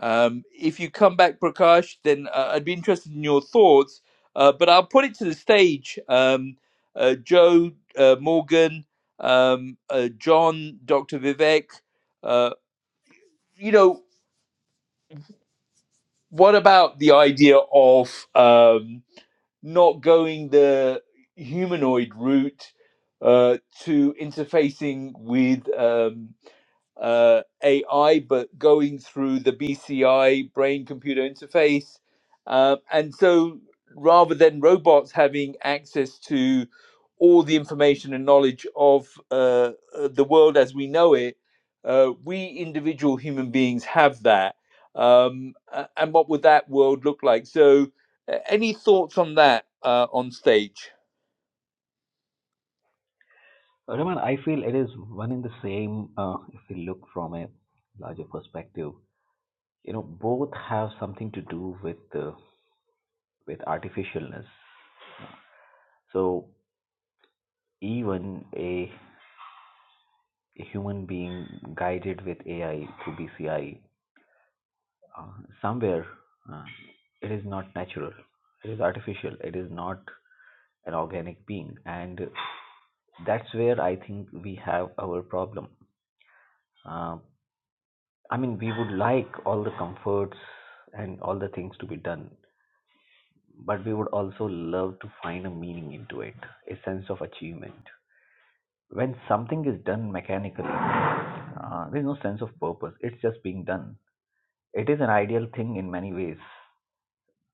[SPEAKER 1] Um, if you come back, Prakash, then uh, I'd be interested in your thoughts. Uh, but I'll put it to the stage. Um, uh, Joe, uh, Morgan, um, uh, John, Dr. Vivek, uh, you know, what about the idea of um, not going the humanoid route uh, to interfacing with? um, uh, AI, but going through the BCI brain computer interface. Uh, and so rather than robots having access to all the information and knowledge of uh, uh, the world as we know it, uh, we individual human beings have that. Um, a- and what would that world look like? So, uh, any thoughts on that uh, on stage?
[SPEAKER 8] Raman, I feel it is one in the same uh, if we look from a larger perspective. You know, both have something to do with uh, with artificialness. So even a, a human being guided with AI through BCI, uh, somewhere uh, it is not natural. It is artificial. It is not an organic being, and that's where I think we have our problem. Uh, I mean, we would like all the comforts and all the things to be done, but we would also love to find a meaning into it, a sense of achievement. when something is done mechanically, uh, there's no sense of purpose. It's just being done. It is an ideal thing in many ways,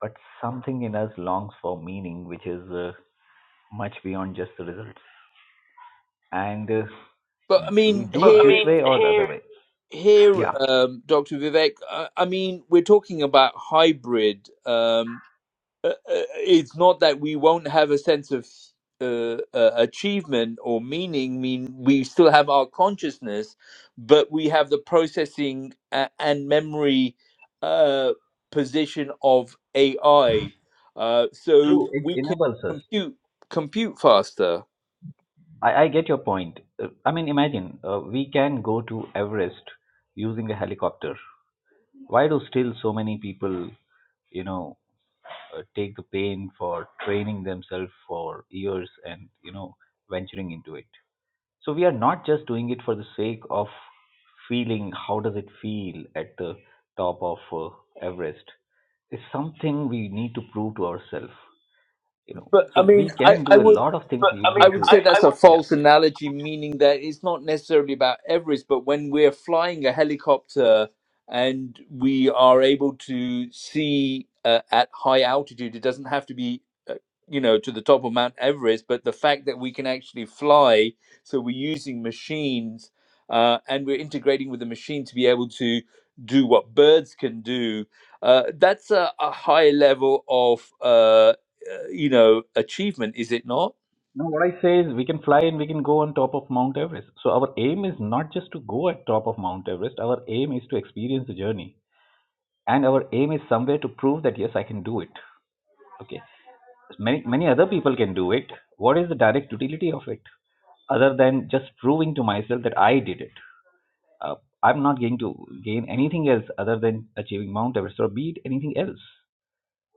[SPEAKER 8] but something in us longs for meaning, which is uh, much beyond just the results. And uh,
[SPEAKER 1] But I
[SPEAKER 8] we
[SPEAKER 1] mean,
[SPEAKER 8] do it this
[SPEAKER 1] here
[SPEAKER 8] way or the eh, other way.
[SPEAKER 1] here,
[SPEAKER 8] Yeah,
[SPEAKER 1] um, Dr. Vivek, I, I mean, we're talking about hybrid. Um, uh, uh, it's not that we won't have a sense of uh, uh, achievement or meaning. I mean, we still have our consciousness, but we have the processing uh, and memory uh, position of AI. Uh,
[SPEAKER 8] true.
[SPEAKER 1] so
[SPEAKER 8] It
[SPEAKER 1] we can
[SPEAKER 8] enables us.
[SPEAKER 1] compute compute faster.
[SPEAKER 8] I, I get your point. Uh, I mean, imagine uh, we can go to Everest using a helicopter. Why do still so many people? you know uh, take the pain for training themselves for years and you know venturing into it so we are not just doing it for the sake of feeling how does it feel at the top of uh, everest it's something we need to prove to ourselves you know
[SPEAKER 1] But
[SPEAKER 8] so
[SPEAKER 1] I mean,
[SPEAKER 8] we
[SPEAKER 1] I,
[SPEAKER 8] can
[SPEAKER 1] I
[SPEAKER 8] do a
[SPEAKER 1] would
[SPEAKER 8] lot of things But I mean,
[SPEAKER 1] I
[SPEAKER 8] leading to
[SPEAKER 1] would
[SPEAKER 8] I,
[SPEAKER 1] say
[SPEAKER 8] I
[SPEAKER 1] that's a
[SPEAKER 8] would. yeah
[SPEAKER 1] false analogy, meaning that it's not necessarily about Everest, but when we're flying a helicopter and we are able to see uh, at high altitude, it doesn't have to be, uh, you know, to the top of Mount Everest, but the fact that we can actually fly, so we're using machines uh, and we're integrating with the machine to be able to do what birds can do, uh, that's a, a high level of, uh, uh, you know, achievement, is it not?
[SPEAKER 8] now what i say is we can fly and we can go on top of mount everest so our aim is not just to go at top of mount everest our aim is to experience the journey and our aim is somewhere to prove that yes i can do it Okay. Many many other people can do it. What is the direct utility of it other than just proving to myself that I did it? Uh, I'm not going to gain anything else other than achieving Mount Everest or beat anything else.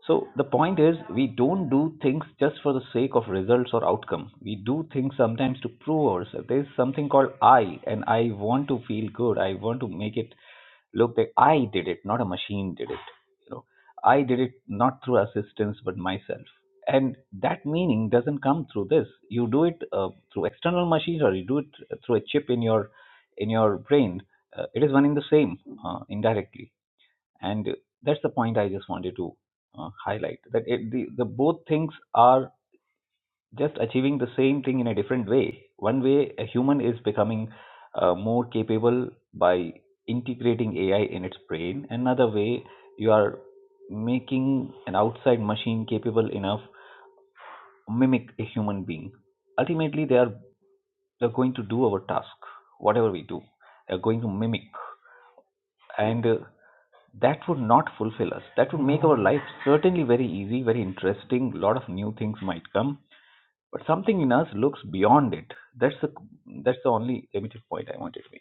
[SPEAKER 8] So the point is, we don't do things just for the sake of results or outcome. We do things sometimes to prove ourselves. There's something called I, and I want to feel good. I want to make it look like I did it, not a machine did it. You know, I did it not through assistance but myself. And that meaning doesn't come through this. You do it uh, through external machines, or you do it through a chip in your in your brain. Uh, it is one in the same uh, indirectly and that's the point i just wanted to uh, highlight that it, the, the both things are just achieving the same thing in a different way one way a human is becoming uh, more capable by integrating ai in its brain another way you are making an outside machine capable enough to mimic a human being ultimately they are they're going to do our task whatever we do they're going to mimic and. uh, that would not fulfill us. That would make our life certainly very easy, very interesting. A lot of new things might come, but something in us looks beyond it. That's the that's the only limited point I wanted to make.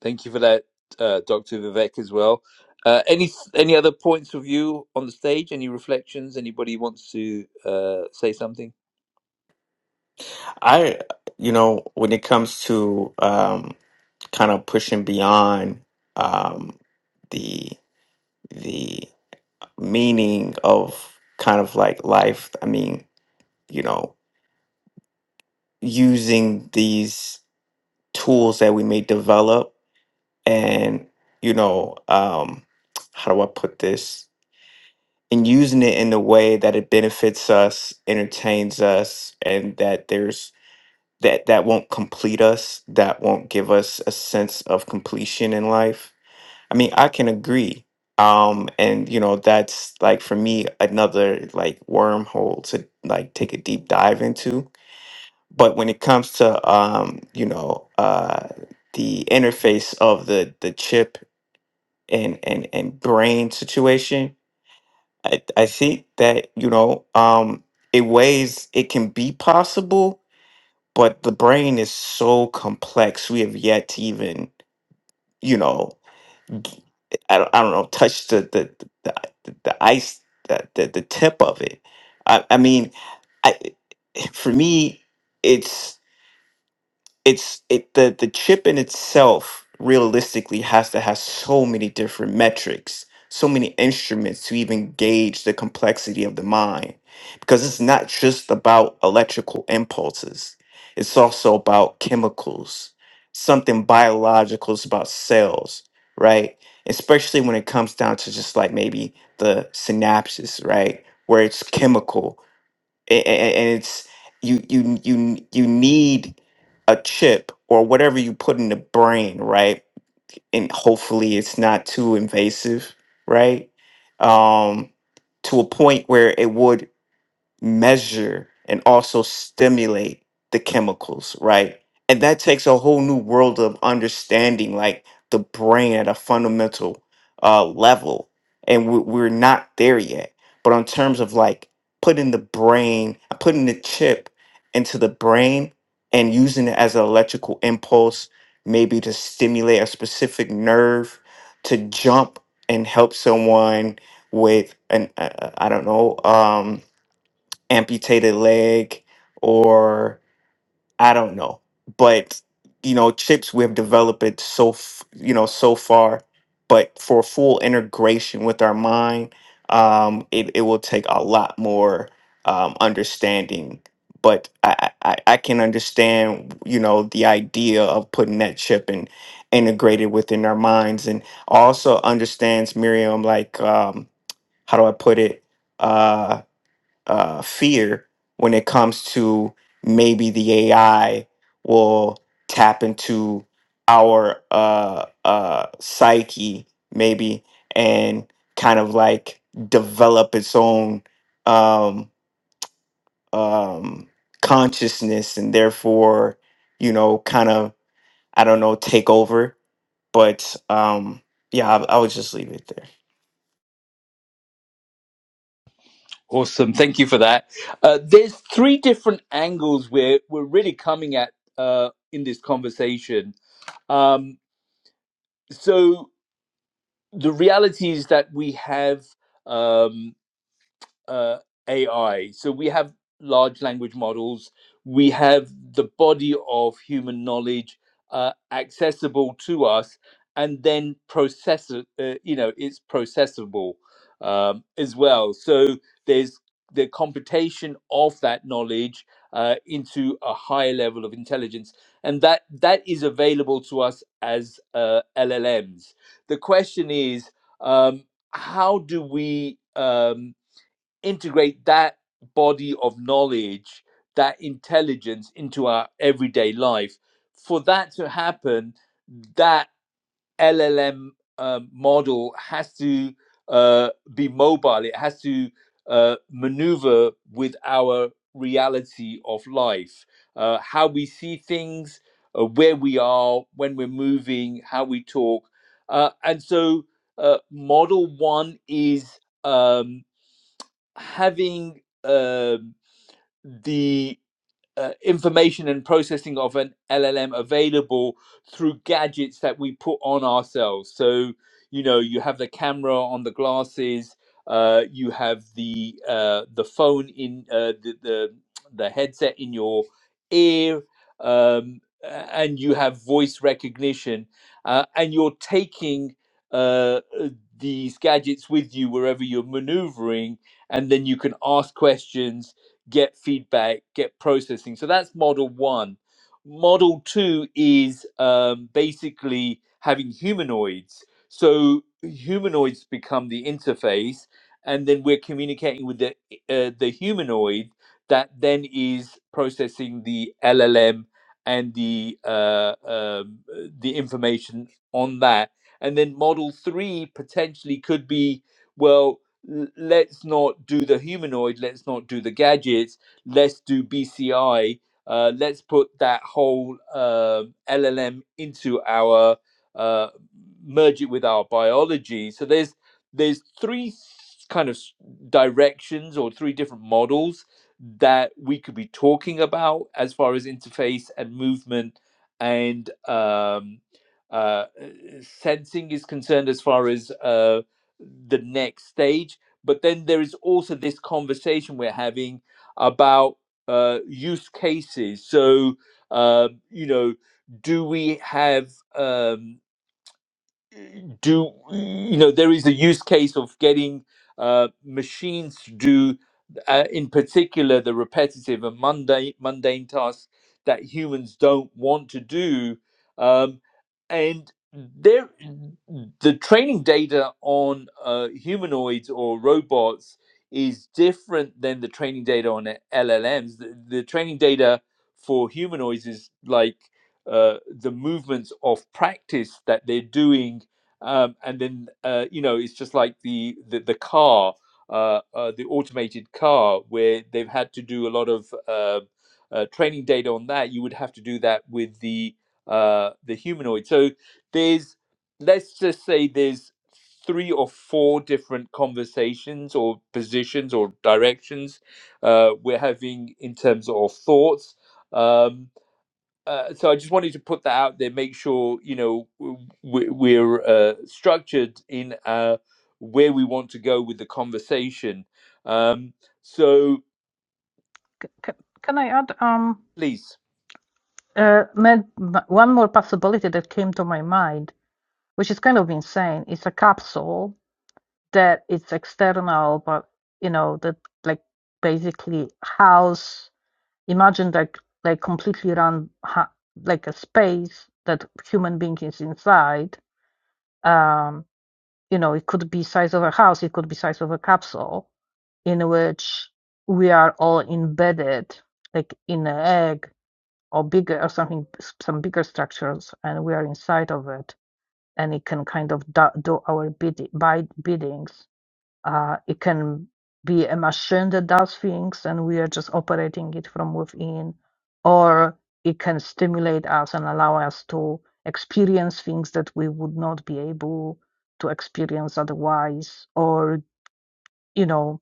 [SPEAKER 1] Thank you for that, uh, Dr. Vivek, as well. Uh, any any other points of view on the stage? Any reflections? Anybody wants to uh, say something?
[SPEAKER 10] I, you know, when it comes to um, kind of pushing beyond um, the the meaning of kind of like life, I mean, you know, using these tools that we may develop, and you know, um, how do I put this? And using it in a way that it benefits us, entertains us, and that there's that that won't complete us that won't give us a sense of completion in life i mean i can agree um and you know that's like for me another like wormhole to like take a deep dive into but when it comes to um you know uh the interface of the the chip and and and brain situation i i think that you know um it ways it can be possible but the brain is so complex we have yet to even you know g- i don't, I don't know touch the the the, the the ice the, the the tip of it i, I mean i for me it's it's it the the chip in itself realistically has to have so many different metrics so many instruments to even gauge the complexity of the mind because it's not just about electrical impulses it's also about chemicals something biological is about cells right especially when it comes down to just like maybe the synapses right where it's chemical a- a- a- and it's you you you you need a chip or whatever you put in the brain right and hopefully it's not too invasive right um to a point where it would measure and also stimulate the chemicals, right? And that takes a whole new world of understanding, like the brain at a fundamental uh, level. And we- we're not there yet. But in terms of like putting the brain, putting the chip into the brain and using it as an electrical impulse, maybe to stimulate a specific nerve to jump and help someone with an, uh, I don't know, um, amputated leg or I don't know. But you know, chips we have developed it so f- you know so far, but for full integration with our mind, um, it it will take a lot more um, understanding. But I, I I I can understand you know the idea of putting that chip and integrated within our minds, and also understands Miriam like um, how do I put it? Uh, uh, fear when it comes to maybe the AI will tap into our uh, uh, psyche, maybe, and kind of like develop its own um, um, consciousness and therefore, you know, kind of, I don't know, take over. But um, yeah, I, I would just leave it there.
[SPEAKER 1] Awesome. Thank you for that. Uh, there's three different angles we're we're really coming at uh, in this conversation. Um, so the reality is that we have. Um, uh, AI. So we have large language models, we have the body of human knowledge uh, accessible to us, and then process, uh, you know, it's processable um, as well. So there's the computation of that knowledge uh, into a higher level of intelligence, and that that is available to us as uh, LLMs. The question is, um, how do we? um, integrate that body of knowledge, that intelligence into our everyday life. For that to happen, that LLM um, model has to uh, be mobile, it has to uh, maneuver with our reality of life, uh, how we see things, uh, where we are, when we're moving, how we talk. Uh, and so, uh, model one is. Um, having um the uh, information and processing of an LLM available through gadgets that we put on ourselves. So, you know, you have the camera on the glasses, uh, you have the uh, the phone in uh, the, the the headset in your ear, um, a- and you have voice recognition, uh, and you're taking uh, uh, these gadgets with you wherever you're maneuvering, and then you can ask questions get feedback, get processing. So that's model one. Model two is um, basically having humanoids. So humanoids become the interface, and then we're communicating with the uh, the humanoid that then is processing the LLM and the uh, um, uh, the information on that. And then model three potentially could be well l- let's not do the humanoid, let's not do the gadgets, let's do BCI, uh, let's put that whole um LLM into our uh, merge it with our biology. So there's there's three s- kind of s- directions or three different models that we could be talking about as far as interface and movement and um, uh, uh, sensing is concerned as far as uh, the next stage but then there is also this conversation we're having about uh, use cases. So, um, you know, do we have um, do you know there is a use case of getting uh, machines to do uh, in particular the repetitive and mundane mundane tasks that humans don't want to do um, and there the training data on uh, humanoids or robots is different than the training data on llms the, the training data for humanoids is like uh, the movements of practice that they're doing um, and then uh, you know it's just like the the, the car uh, uh, the automated car where they've had to do a lot of uh, uh, training data on that you would have to do that with the uh, the humanoid so there's let's just say there's three or four different conversations or positions or directions uh, we're having in terms of thoughts Um, uh, so I just wanted to put that out there, make sure you know w- we're uh, structured in uh, where we want to go with the conversation. Um, so
[SPEAKER 11] c- can i add um
[SPEAKER 1] please,
[SPEAKER 11] uh, one more possibility that came to my mind which is kind of insane it's a capsule that it's external but you know that like basically house imagine like like completely run ha like a space that human being is inside um you know it could be size of a house it could be size of a capsule in which we are all embedded like in an egg or bigger or something some bigger structures and we are inside of it and it can kind of do, do our bid, by biddings uh, it can be a machine that does things and we are just operating it from within, or it can stimulate us and allow us to experience things that we would not be able to experience otherwise, or, you know,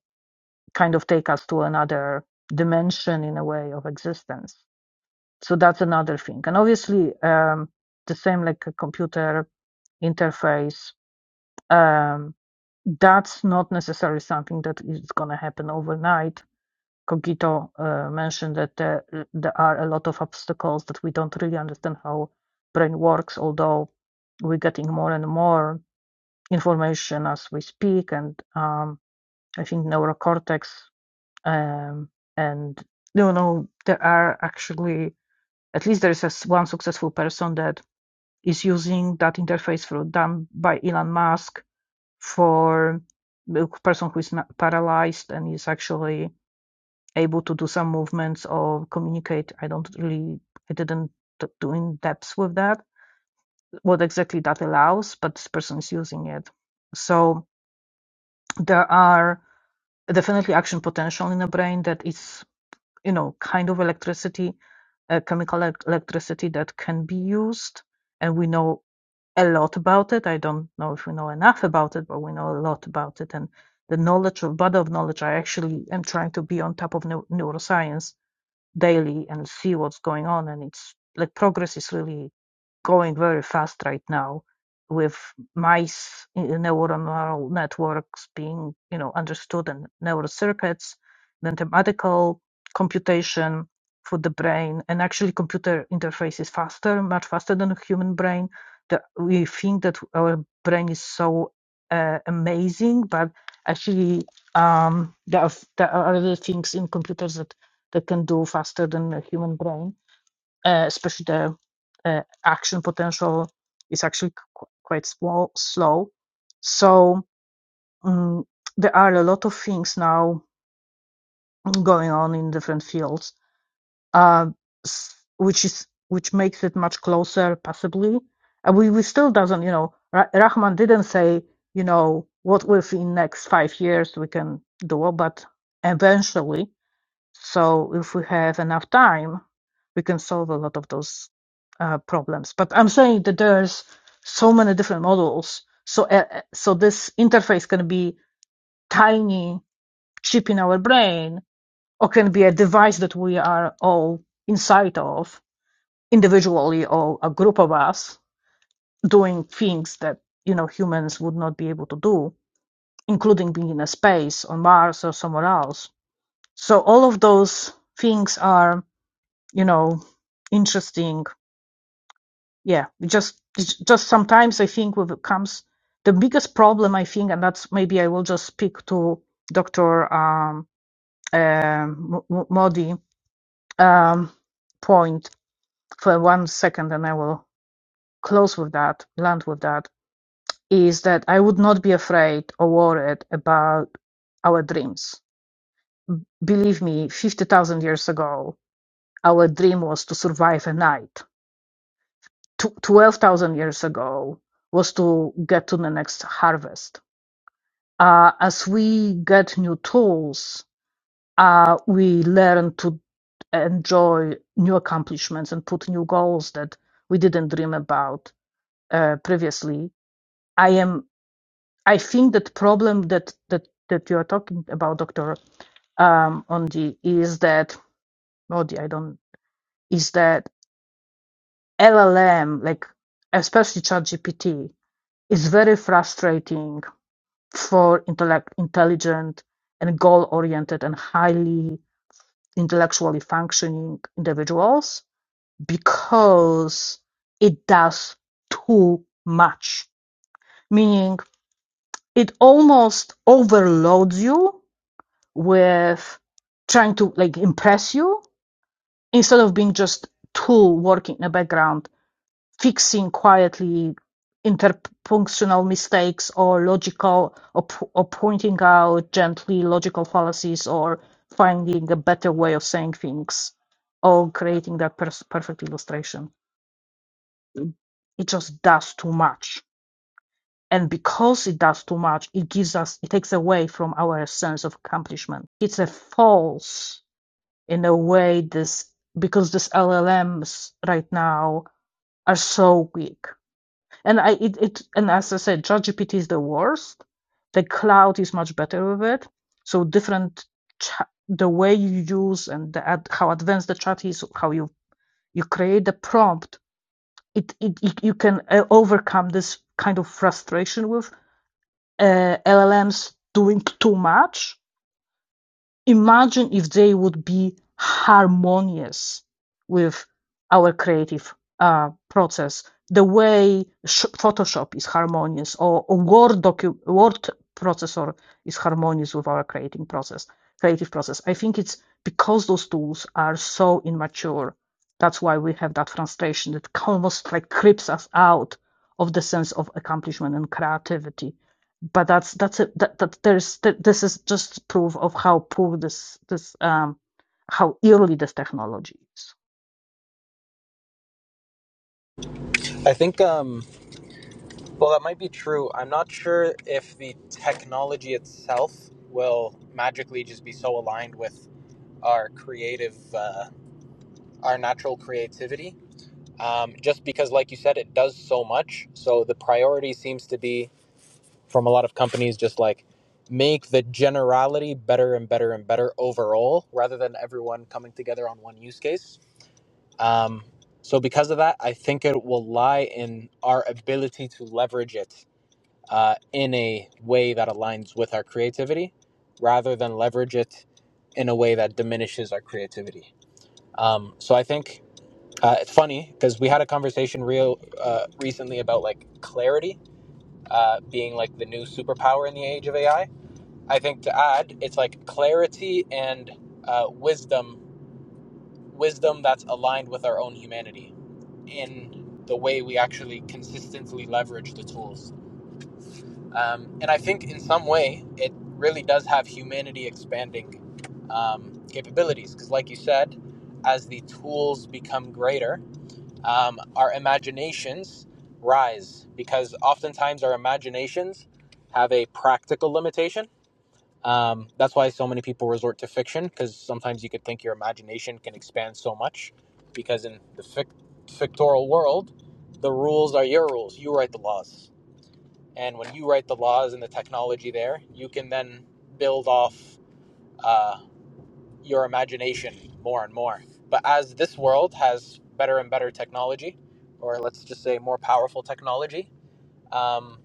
[SPEAKER 11] kind of take us to another dimension in a way of existence. So that's another thing. And obviously, um, the same like a computer interface. Um, that's not necessarily something that is going to happen overnight. Cogito uh, mentioned that there, there are a lot of obstacles that we don't really understand how brain works, although we're getting more and more information as we speak. And um, I think neurocortex um, and, you know, there are actually, at least there is a s one successful person that is using that interface for done by Elon Musk for the person who is paralyzed and is actually able to do some movements or communicate. I don't really, I didn't do in depth with that, what exactly that allows, but this person is using it. So there are definitely action potential in the brain that is, you know, kind of electricity, uh, chemical electricity that can be used. And we know a lot about it. I don't know if we know enough about it, but we know a lot about it. And the knowledge of body of knowledge, I actually am trying to be on top of neuroscience daily and see what's going on. And it's like progress is really going very fast right now with mice uh, neuronal networks being, you know, understood and neural circuits, mathematical computation for the brain and actually computer interface is faster, much faster than a human brain. That we think that our brain is so uh, amazing, but actually um, there, are, there are other things in computers that that can do faster than a human brain, uh, especially the uh, action potential is actually qu- quite small, slow. So um, there are a lot of things now going on in different fields, uh, which is which makes it much closer, possibly. And we, we still doesn't, you know, Ra- Rahman didn't say, you know, what within next five years we can do, but eventually. So if we have enough time, we can solve a lot of those uh, problems. But I'm saying that there's so many different models. So uh, uh, so this interface can be tiny chip in our brain, or can be a device that we are all inside of individually or a group of us doing things that you know humans would not be able to do, including being in a space on Mars or somewhere else. So all of those things are you know interesting yeah we just it's just sometimes i think with it comes the biggest problem i think and that's maybe i will just speak to dr um, um, Mo- Mo- modi um, point for one second and i will close with that land with that is that i would not be afraid or worried about our dreams believe me 50000 years ago our dream was to survive a night 12,000 years ago was to get to the next harvest. Uh, as we get new tools, uh, we learn to enjoy new accomplishments and put new goals that we didn't dream about uh, previously. I am. I think that problem that that that you are talking about, Doctor um, Ondi, is that Ondi, I don't is that LLM like especially ChatGPT is very frustrating for intellect, intelligent and goal-oriented and highly intellectually functioning individuals because it does too much. Meaning it almost overloads you with trying to like impress you instead of being just tool working in the background fixing quietly interpunctional mistakes or logical or, or pointing out gently logical fallacies or finding a better way of saying things or creating that pers- perfect illustration it just does too much and because it does too much it gives us it takes away from our sense of accomplishment it's a false in a way this because these llms right now are so weak And I it, it and as I said, ChatGPT is the worst. The cloud is much better with it. So different cha- the way you use and the ad, how advanced the chat is, how you you create the prompt, it, it, it you can uh, overcome this kind of frustration with uh, LLMs doing too much imagine if they would be harmonious with our creative uh, process the way sh- photoshop is harmonious or, or word docu- word processor is harmonious with our creating process creative process i think it's because those tools are so immature that's why we have that frustration that almost like creeps us out of the sense of accomplishment and creativity but that's that's it that, that there's th- this is just proof of how poor this this um how early this technology is
[SPEAKER 7] I think, um, well, that might be true. I'm not sure if the technology itself will magically just be so aligned with our creative, uh, our natural creativity. Um, just because, like you said, it does so much. So the priority seems to be from a lot of companies just like make the generality better and better and better overall rather than everyone coming together on one use case. Um, so, because of that, I think it will lie in our ability to leverage it uh, in a way that aligns with our creativity rather than leverage it in a way that diminishes our creativity. Um, so, I think. Uh, it's funny because we had a conversation real uh, recently about like clarity uh, being like the new superpower in the age of AI I think to add, it's like clarity and uh, wisdom, wisdom that's aligned with our own humanity in the way we actually consistently leverage the tools. Um, and I think in some way, it really does have humanity expanding um, capabilities. Because, like you said, as the tools become greater, um, our imaginations rise. Because oftentimes our imaginations have a practical limitation um, that's why so many people resort to fiction because sometimes you could think your imagination can expand so much. Because in the fic- fictoral world, the rules are your rules. You write the laws, and when you write the laws and the technology there, you can then build off uh, your imagination more and more. But as this world has better and better technology, or let's just say more powerful technology, um,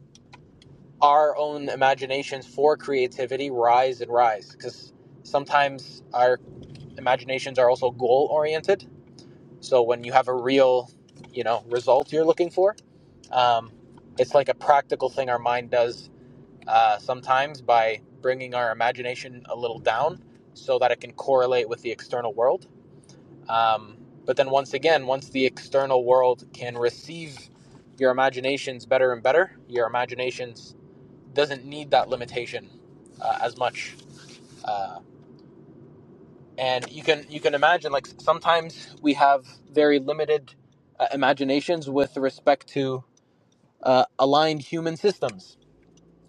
[SPEAKER 7] our own imaginations for creativity rise and rise because sometimes our imaginations are also goal oriented so when you have a real you know result you're looking for um, it's like a practical thing our mind does uh, sometimes by bringing our imagination a little down so that it can correlate with the external world um, but then once again once the external world can receive your imaginations better and better your imaginations doesn't need that limitation uh, as much. Uh, and you can you can imagine like sometimes we have very limited uh, imaginations with respect to uh, aligned human systems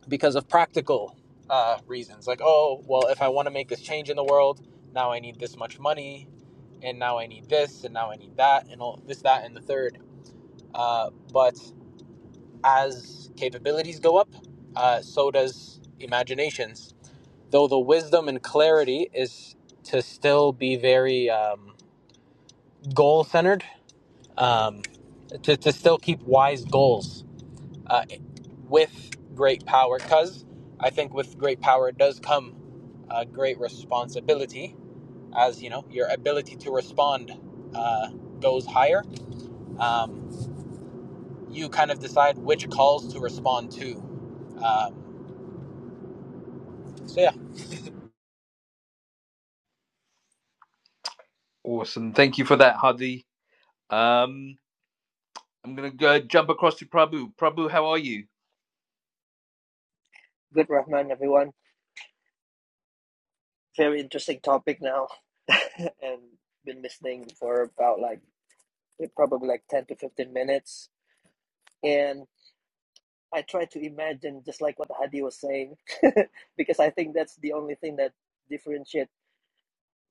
[SPEAKER 7] because of practical uh, reasons. Like oh well, if I want to make this change in the world, now I need this much money, and now I need this, and now I need that, and all this, that, and the third. Uh, but as capabilities go up, uh, so does imaginations though the wisdom and clarity is to still be very um, goal centered, um, to, to still keep wise goals uh, with great power. Because I think with great power does come uh, great responsibility, as you know, your ability to respond uh, goes higher. Um, you kind of decide which calls to respond to. Um, so yeah,
[SPEAKER 1] awesome, thank you for that, Hadi. Um, I'm gonna go jump across to Prabhu. Prabhu, how are you?
[SPEAKER 12] Good Rahman, everyone. Very interesting topic now, and been listening for about like eh, probably like ten to fifteen minutes, and I try to imagine just like what Hadi was saying, because I think that's the only thing that differentiates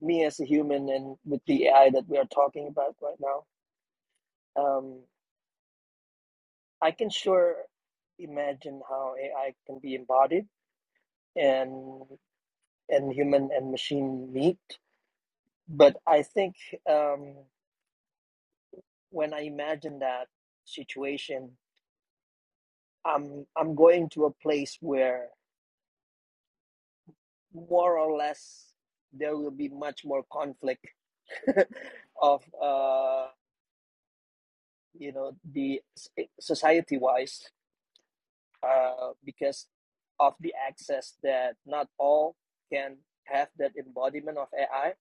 [SPEAKER 12] me as a human and with the AI that we are talking about right now. Um, I can sure imagine how AI can be embodied and and human and machine meet, but I think. Um, when I imagine that situation, I'm I'm going to a place where more or less there will be much more conflict of uh, you know the society wise uh, because of the access that not all can have that embodiment of AI.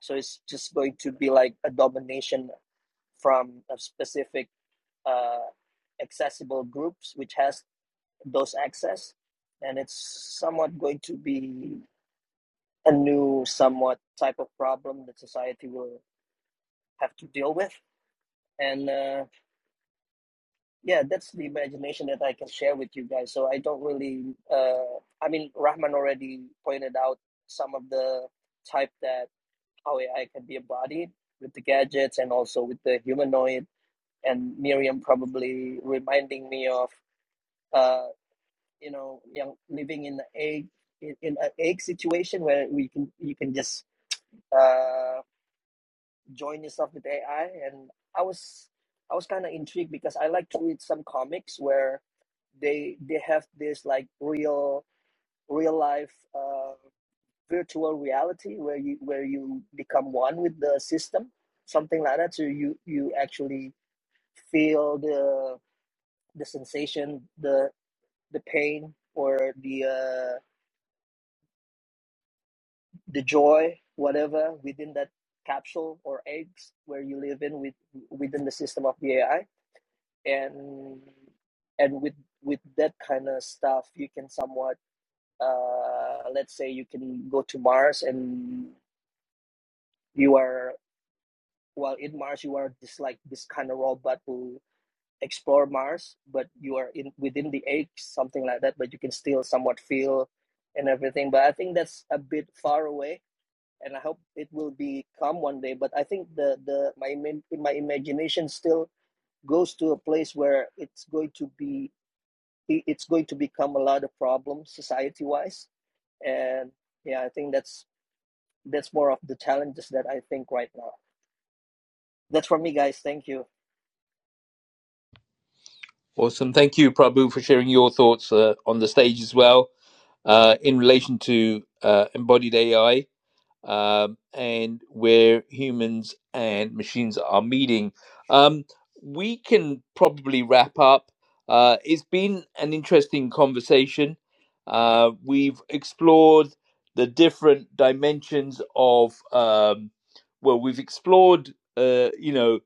[SPEAKER 12] So it's just going to be like a domination from a specific uh, accessible groups, which has those access and it's somewhat going to be a new somewhat type of problem that society will have to deal with and uh, yeah that's the imagination that i can share with you guys so i don't really uh, i mean rahman already pointed out some of the type that how ai can be embodied with the gadgets and also with the humanoid and miriam probably reminding me of uh, you know young living in a egg in, in an egg situation where we can you can just uh join yourself with AI and I was I was kind of intrigued because I like to read some comics where they they have this like real real life uh virtual reality where you where you become one with the system something like that so you you actually feel the the sensation the the pain or the uh the joy, whatever within that capsule or eggs where you live in with within the system of the AI, and and with with that kind of stuff, you can somewhat, uh, let's say, you can go to Mars and you are well in Mars, you are just like this kind of robot who explore Mars, but you are in within the egg, something like that, but you can still somewhat feel and everything. But I think that's a bit far away and I hope it will become one day. But I think the the my my imagination still goes to a place where it's going to be it's going to become a lot of problems society wise. And yeah, I think that's that's more of the challenges that I think right now. That's for me, guys. Thank you.
[SPEAKER 1] Awesome, thank you, Prabhu, for sharing your thoughts uh, on the stage as well uh, in relation to uh, embodied AI. um, and where humans and machines are meeting. Um, we can probably wrap up. Uh, it's been an interesting conversation. Uh, we've explored the different dimensions of, um, well, we've explored, uh, you know,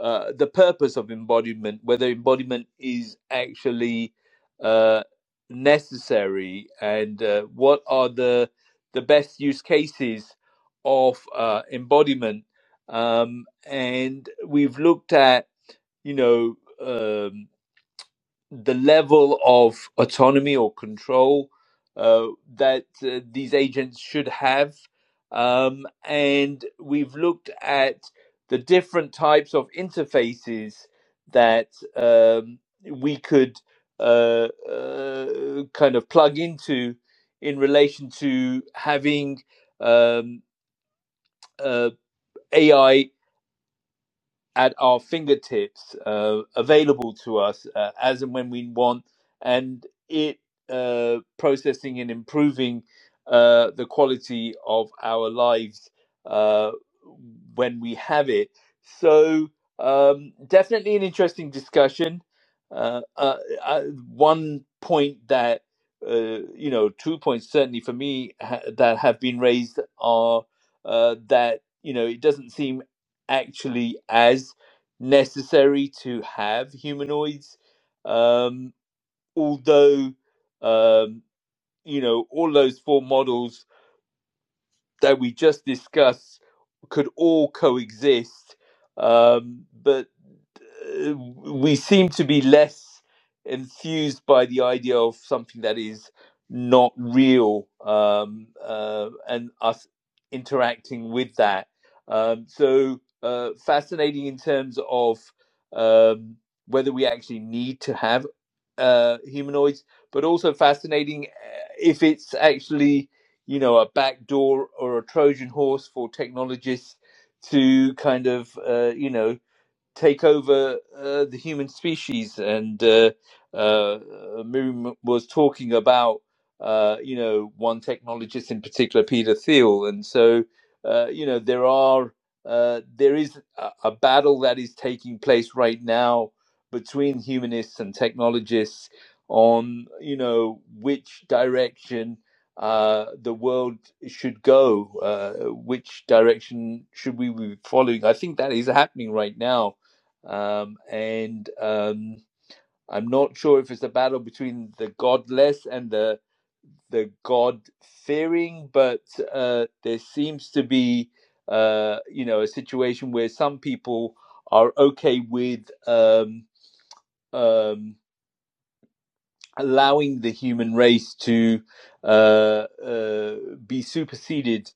[SPEAKER 1] uh, the purpose of embodiment, whether embodiment is actually uh, necessary, and uh, what are the the best use cases of uh, embodiment. Um, and we've looked at, you know, um, the level of autonomy or control uh, that uh, these agents should have. Um, and we've looked at the different types of interfaces that um, we could uh, uh, kind of plug into in relation to having um, uh, AI at our fingertips, uh, available to us uh, as and when we want, and it uh, processing and improving uh, the quality of our lives uh, when we have it. So, um, definitely an interesting discussion. Uh, uh, uh, one point that uh, you know, two points certainly for me ha- that have been raised are uh, that you know it doesn't seem actually as necessary to have humanoids. Um, although, um, you know, all those four models that we just discussed could all coexist. Um, but uh, we seem to be less enthused by the idea of something that is not real um, uh, and us interacting with that. Um, so uh, fascinating in terms of um, whether we actually need to have uh, humanoids, but also fascinating uh, if it's actually you know a backdoor or a Trojan horse for technologists to kind of uh, you know take over uh, the human species. And uh, uh, Miriam was talking about, uh, you know, one technologist in particular, Peter Thiel. And so, uh, you know, there are uh, there is a, a battle that is taking place right now between humanists and technologists on, you know, which direction. Uh, the world should go. Uh, which direction should we be following? I think that is happening right now um, and um, I'm not sure if it's a battle between the godless and the the god fearing, but uh, there seems to be uh, you know a situation where some people are okay with um, um, allowing the human race to uh, uh, be superseded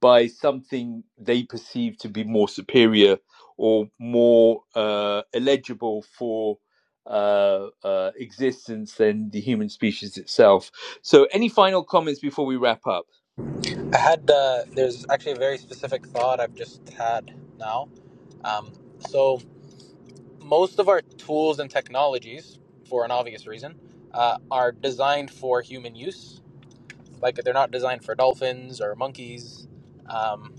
[SPEAKER 1] by something they perceive to be more superior or more uh, eligible for uh, uh, existence than the human species itself. So, any final comments before we wrap up?
[SPEAKER 7] I had uh, there's actually a very specific thought I've just had now Um, so most of our tools and technologies, for an obvious reason, uh, are designed for human use. Like they're not designed for dolphins or monkeys, um,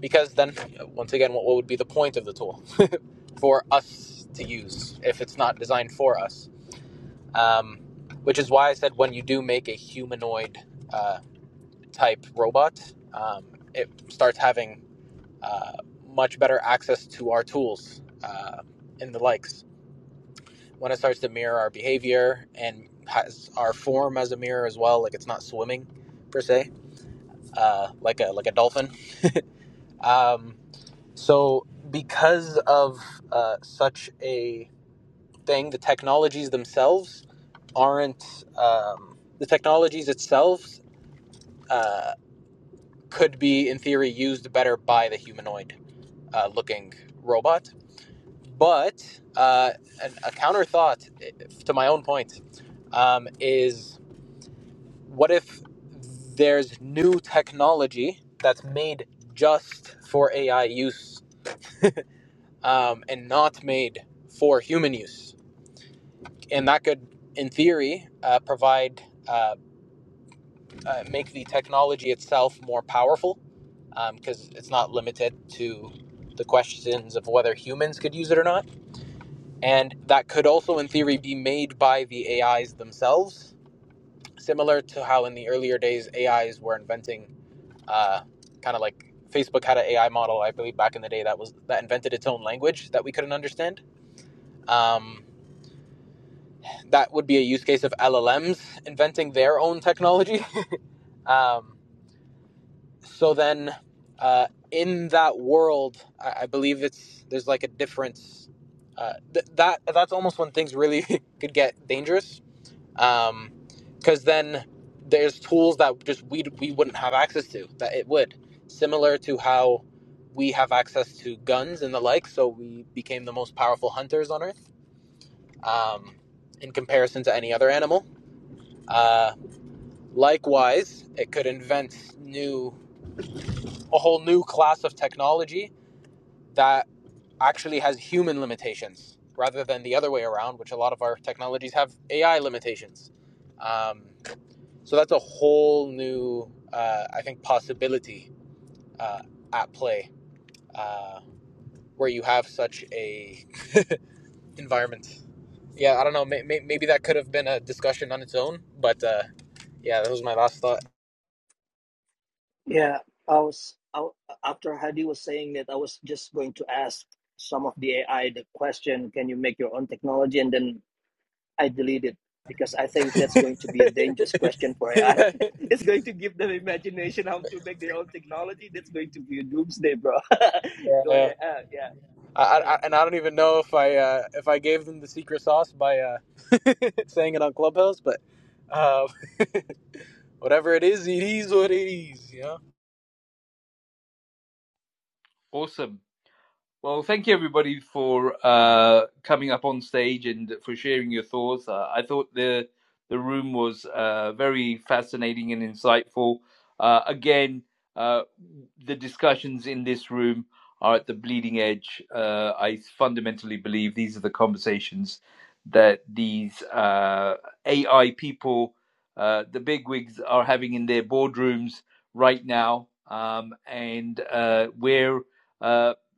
[SPEAKER 7] because then once again, what, what would be the point of the tool for us to use if it's not designed for us? Um, which is why I said when you do make a humanoid uh, type robot, um, it starts having uh, much better access to our tools uh, and the likes when it starts to mirror our behavior and has our form as a mirror as well. Like it's not swimming per se, uh, like a like a dolphin. Um, so because of uh, such a thing, the technologies themselves aren't um, the technologies itself uh, could be in theory used better by the humanoid uh, looking robot. But uh, an, a counter thought eh, to my own point um, is what if there's new technology that's made just for AI use um, and not made for human use? And that could, in theory, uh, provide, uh, uh, make the technology itself more powerful because um, it's not limited to the questions of whether humans could use it or not. And that could also, in theory, be made by the AIs themselves, similar to how in the earlier days AIs were inventing uh, kind of like Facebook had an AI model, I believe, back in the day that was that invented its own language that we couldn't understand. Um, that would be a use case of LLMs inventing their own technology. Um, so then, uh, in that world, I, I believe it's there's like a difference. Uh, th- that that's almost when things really could get dangerous um because then there's tools that just we we wouldn't have access to that it would similar to how we have access to guns and the like so we became the most powerful hunters on earth um in comparison to any other animal uh likewise it could invent new a whole new class of technology that actually has human limitations rather than the other way around which a lot of our technologies have ai limitations um So that's a whole new, uh, I think, possibility uh, at play uh, where you have such a environment. Yeah, I don't know. May- may- maybe that could have been a discussion on its own, but uh, yeah, that was my last thought.
[SPEAKER 12] Yeah, I was I, after Hadi was saying that I was just going to ask some of the AI the question: Can you make your own technology? And then I delete it because I think that's going to be a dangerous question for AI.
[SPEAKER 7] yeah,
[SPEAKER 12] it's going to give them imagination how to make their own technology. That's going to be a doomsday, bro. Go
[SPEAKER 7] yeah.
[SPEAKER 12] ahead. Uh, yeah.
[SPEAKER 7] I,
[SPEAKER 12] Uh,
[SPEAKER 7] I, and I don't even know if I uh, if I gave them the secret sauce by uh, saying it on Clubhouse, but uh, whatever it is, it is what it is. You know.
[SPEAKER 1] Awesome. Well, thank you everybody for uh, coming up on stage and for sharing your thoughts. Uh, I thought the the room was uh, very fascinating and insightful. Uh, again, uh, the discussions in this room are at the bleeding edge. Uh, I fundamentally believe these are the conversations that these uh, AI people, uh, the bigwigs, are having in their boardrooms right now, um, and uh, where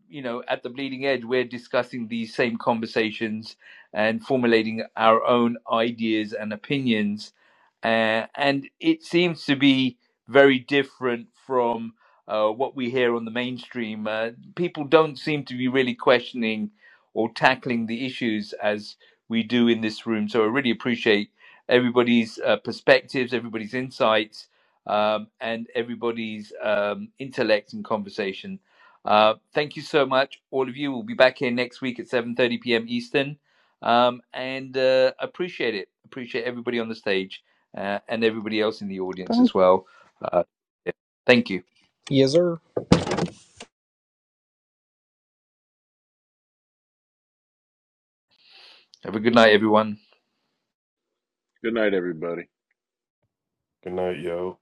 [SPEAKER 1] you know, at the bleeding edge, we're discussing these same conversations and formulating our own ideas and opinions. Uh, and it seems to be very different from uh, what we hear on the mainstream. Uh, people don't seem to be really questioning or tackling the issues as we do in this room. So I really appreciate everybody's uh, perspectives, everybody's insights, um, and everybody's um, intellect and conversations. Uh, thank you so much, all of you. We'll be back here next week at 7:30 p.m. Eastern, um, and uh, appreciate it. Appreciate everybody on the stage uh, and everybody else in the audience as well. Uh, yeah. Thank you.
[SPEAKER 7] Yes, sir.
[SPEAKER 1] Have a good night, everyone.
[SPEAKER 4] Good night, everybody.
[SPEAKER 5] Good night, yo.